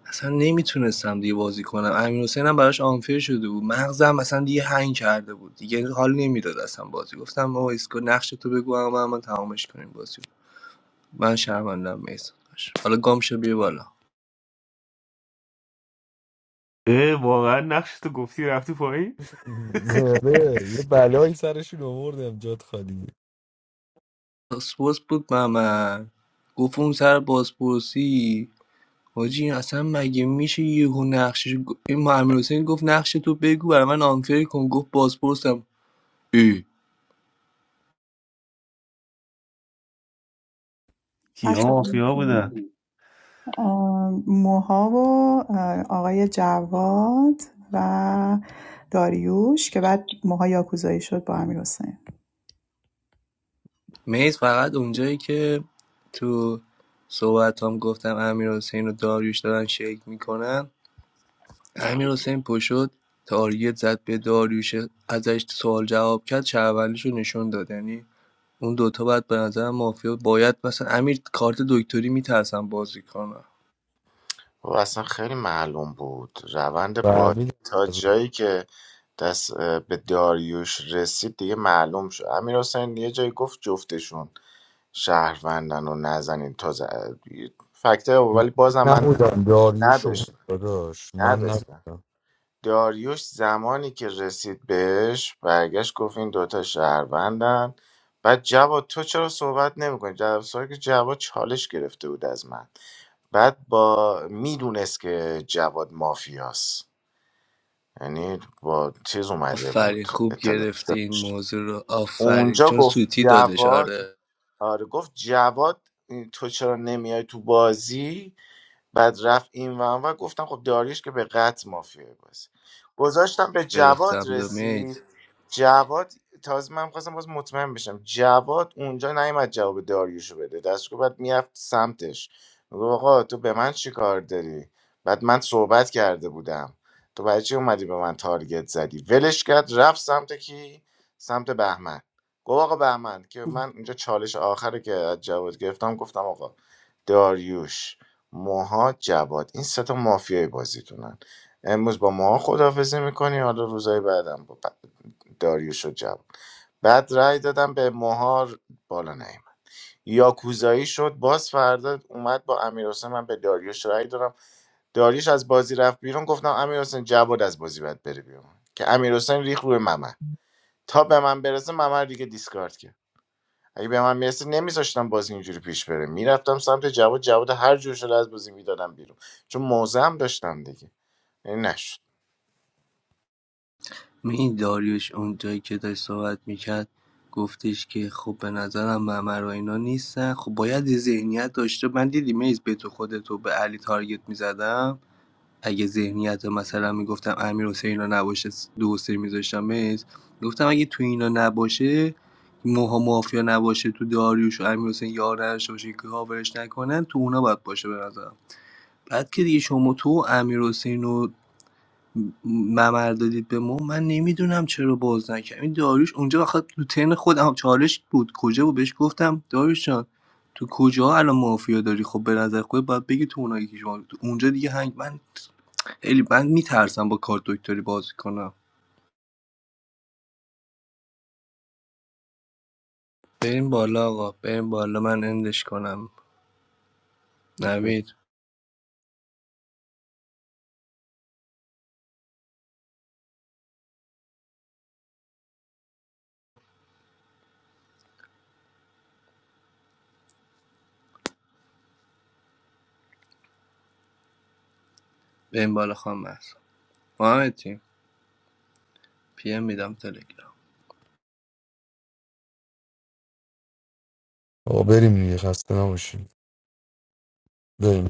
Speaker 10: اصلا نمیتونستم دیگه بازی کنم امیر حسین هم براش آنفیر شده بود مغزم اصلا دیگه هنگ کرده بود دیگه حال نمیداد اصلا بازی گفتم بابا اسکو نقش تو بگو اما من تمامش کنیم بازی من شهروندم میسم حالا گامشو بیا بالا
Speaker 19: Eh, baal nakshetra kuch sirf tu paai.
Speaker 7: آره یه بلایی سرشون آوردم جات خالی
Speaker 10: پاسپورت بود محمد گفت اون سر بازپرسی حاجی اصلا مگه میشه یهو نقشش گ- این محمد حسین گفت نقش تو بگو برای من آنفر کن گفت بازپرسم ای
Speaker 19: Kya
Speaker 1: بچه
Speaker 19: sirf abuda.
Speaker 1: موها و اه، آقای جواد و داریوش که بعد موها یاکوزایی شد با امیر حسین.
Speaker 10: میز فقط اونجایی که تو صحبت هم گفتم امیر حسین و داریوش دارن شیک میکنن امیر حسین پشد تاریت زد به داریوش ازش سوال جواب کرد شهروندیش نشون داد یعنی اون دوتا باید به نظر مافیا باید مثلا امیر کارت دکتری میترسم بازی کنم
Speaker 13: و اصلا خیلی معلوم بود روند بازی
Speaker 7: فهمیدم
Speaker 13: تا
Speaker 7: از اون.
Speaker 13: جایی که دست اه، به داریوش رسید دیگه معلوم شد امیر حسین یه جایی گفت جفتشون شهروندن و نزنین تا ز... فکته ولی بازم من
Speaker 7: نبودم داریوش و
Speaker 13: نداشتم
Speaker 7: داداش من
Speaker 13: نداشتم
Speaker 7: نبودم
Speaker 13: داریوش زمانی که رسید بهش برگشت گفت این دوتا شهروندن بعد جواد تو چرا صحبت نمیکنی در صورتی که جواد چالش گرفته بود از من بعد با میدونست که جواد مافیاست، یعنی با چیز اومده
Speaker 10: آفرین
Speaker 13: بود
Speaker 10: خوب
Speaker 13: اطلاع
Speaker 10: گرفتی این
Speaker 13: داشت
Speaker 10: موضوع رو آفرین
Speaker 13: اونجا
Speaker 10: چون
Speaker 13: گفت
Speaker 10: سوتی دادش
Speaker 13: جواد
Speaker 10: آره
Speaker 13: آره گفت جواد تو چرا نمیای تو بازی بعد رفت این ون و گفتم خب داریش که به قطع مافیای بازی گذاشتم به جواد
Speaker 10: گرفتم
Speaker 13: رسید
Speaker 10: دمید
Speaker 13: جواد تازه من خواستم باز مطمئن بشم جواد اونجا نیومد جواب داریوشو بده دستشو بعد میرفت سمتش میگو آقا تو به من چی کار داری بعد من صحبت کرده بودم تو برای چی اومدی به من تارگت زدی ولش کرد رفت سمت کی سمت بهمن گفت آقا بهمن که من اینجا چالش آخره که از جواد گرفتم گفتم آقا داریوش موها جواد این سه تا مافیای بازیتونن امروز با موها خداحافظی میکنی حالا روزای بعدم با داریوش و جواد بعد رأی دادم به موها بالا نیم یاکوزایی شد باز فردا اومد با امیر من به داریوش رأی دادم داریوش از بازی رفت بیرون گفتم امیر حسین جواد از بازی باید بره بیرون که امیر حسین ریخ روی ممن تا به من برسه ممر دیگه دیسکارد کرد اگه به من میرسه نمیذاشتم بازی اینجوری پیش بره میرفتم سمت جواد جواد هر جور شده از بازی میدادم بیرون چون موزه هم داشتم دیگه این نشد
Speaker 10: این داریوش اونجایی که داشت صحبت میکرد گفتش که خب به نظرم ممر و اینا نیستن خب باید یه ذهنیت داشته من دیدی میز به تو خودتو به علی تارگت میزدم اگه ذهنیت مثلا میگفتم امیر حسین رو نباشه دو و سه گفتم اگه تو اینا نباشه موها مافیا نباشه تو داریوش و امیر حسین یار نداشته باشه که کاورش نکنن تو اونا باید باشه به نظرم بعد که دیگه شما تو امیر حسین و ممر دادید به ما من نمیدونم چرا باز نکردم این داریوش اونجا وقت تو تن خودم چالش بود کجا بود بهش گفتم داریوش جان تو کجا الان مافیا داری خب به نظر خود باید بگی تو اونایی که شما اونجا دیگه هنگ من خیلی من میترسم با کارت دکتری بازی کنم بریم بالا آقا بریم بالا من اندش کنم نوید بریم بالا خواهم محسا محمد تیم پی ام میدم تلگرام
Speaker 7: آقا بریم دیگه خسته نباشیم بریم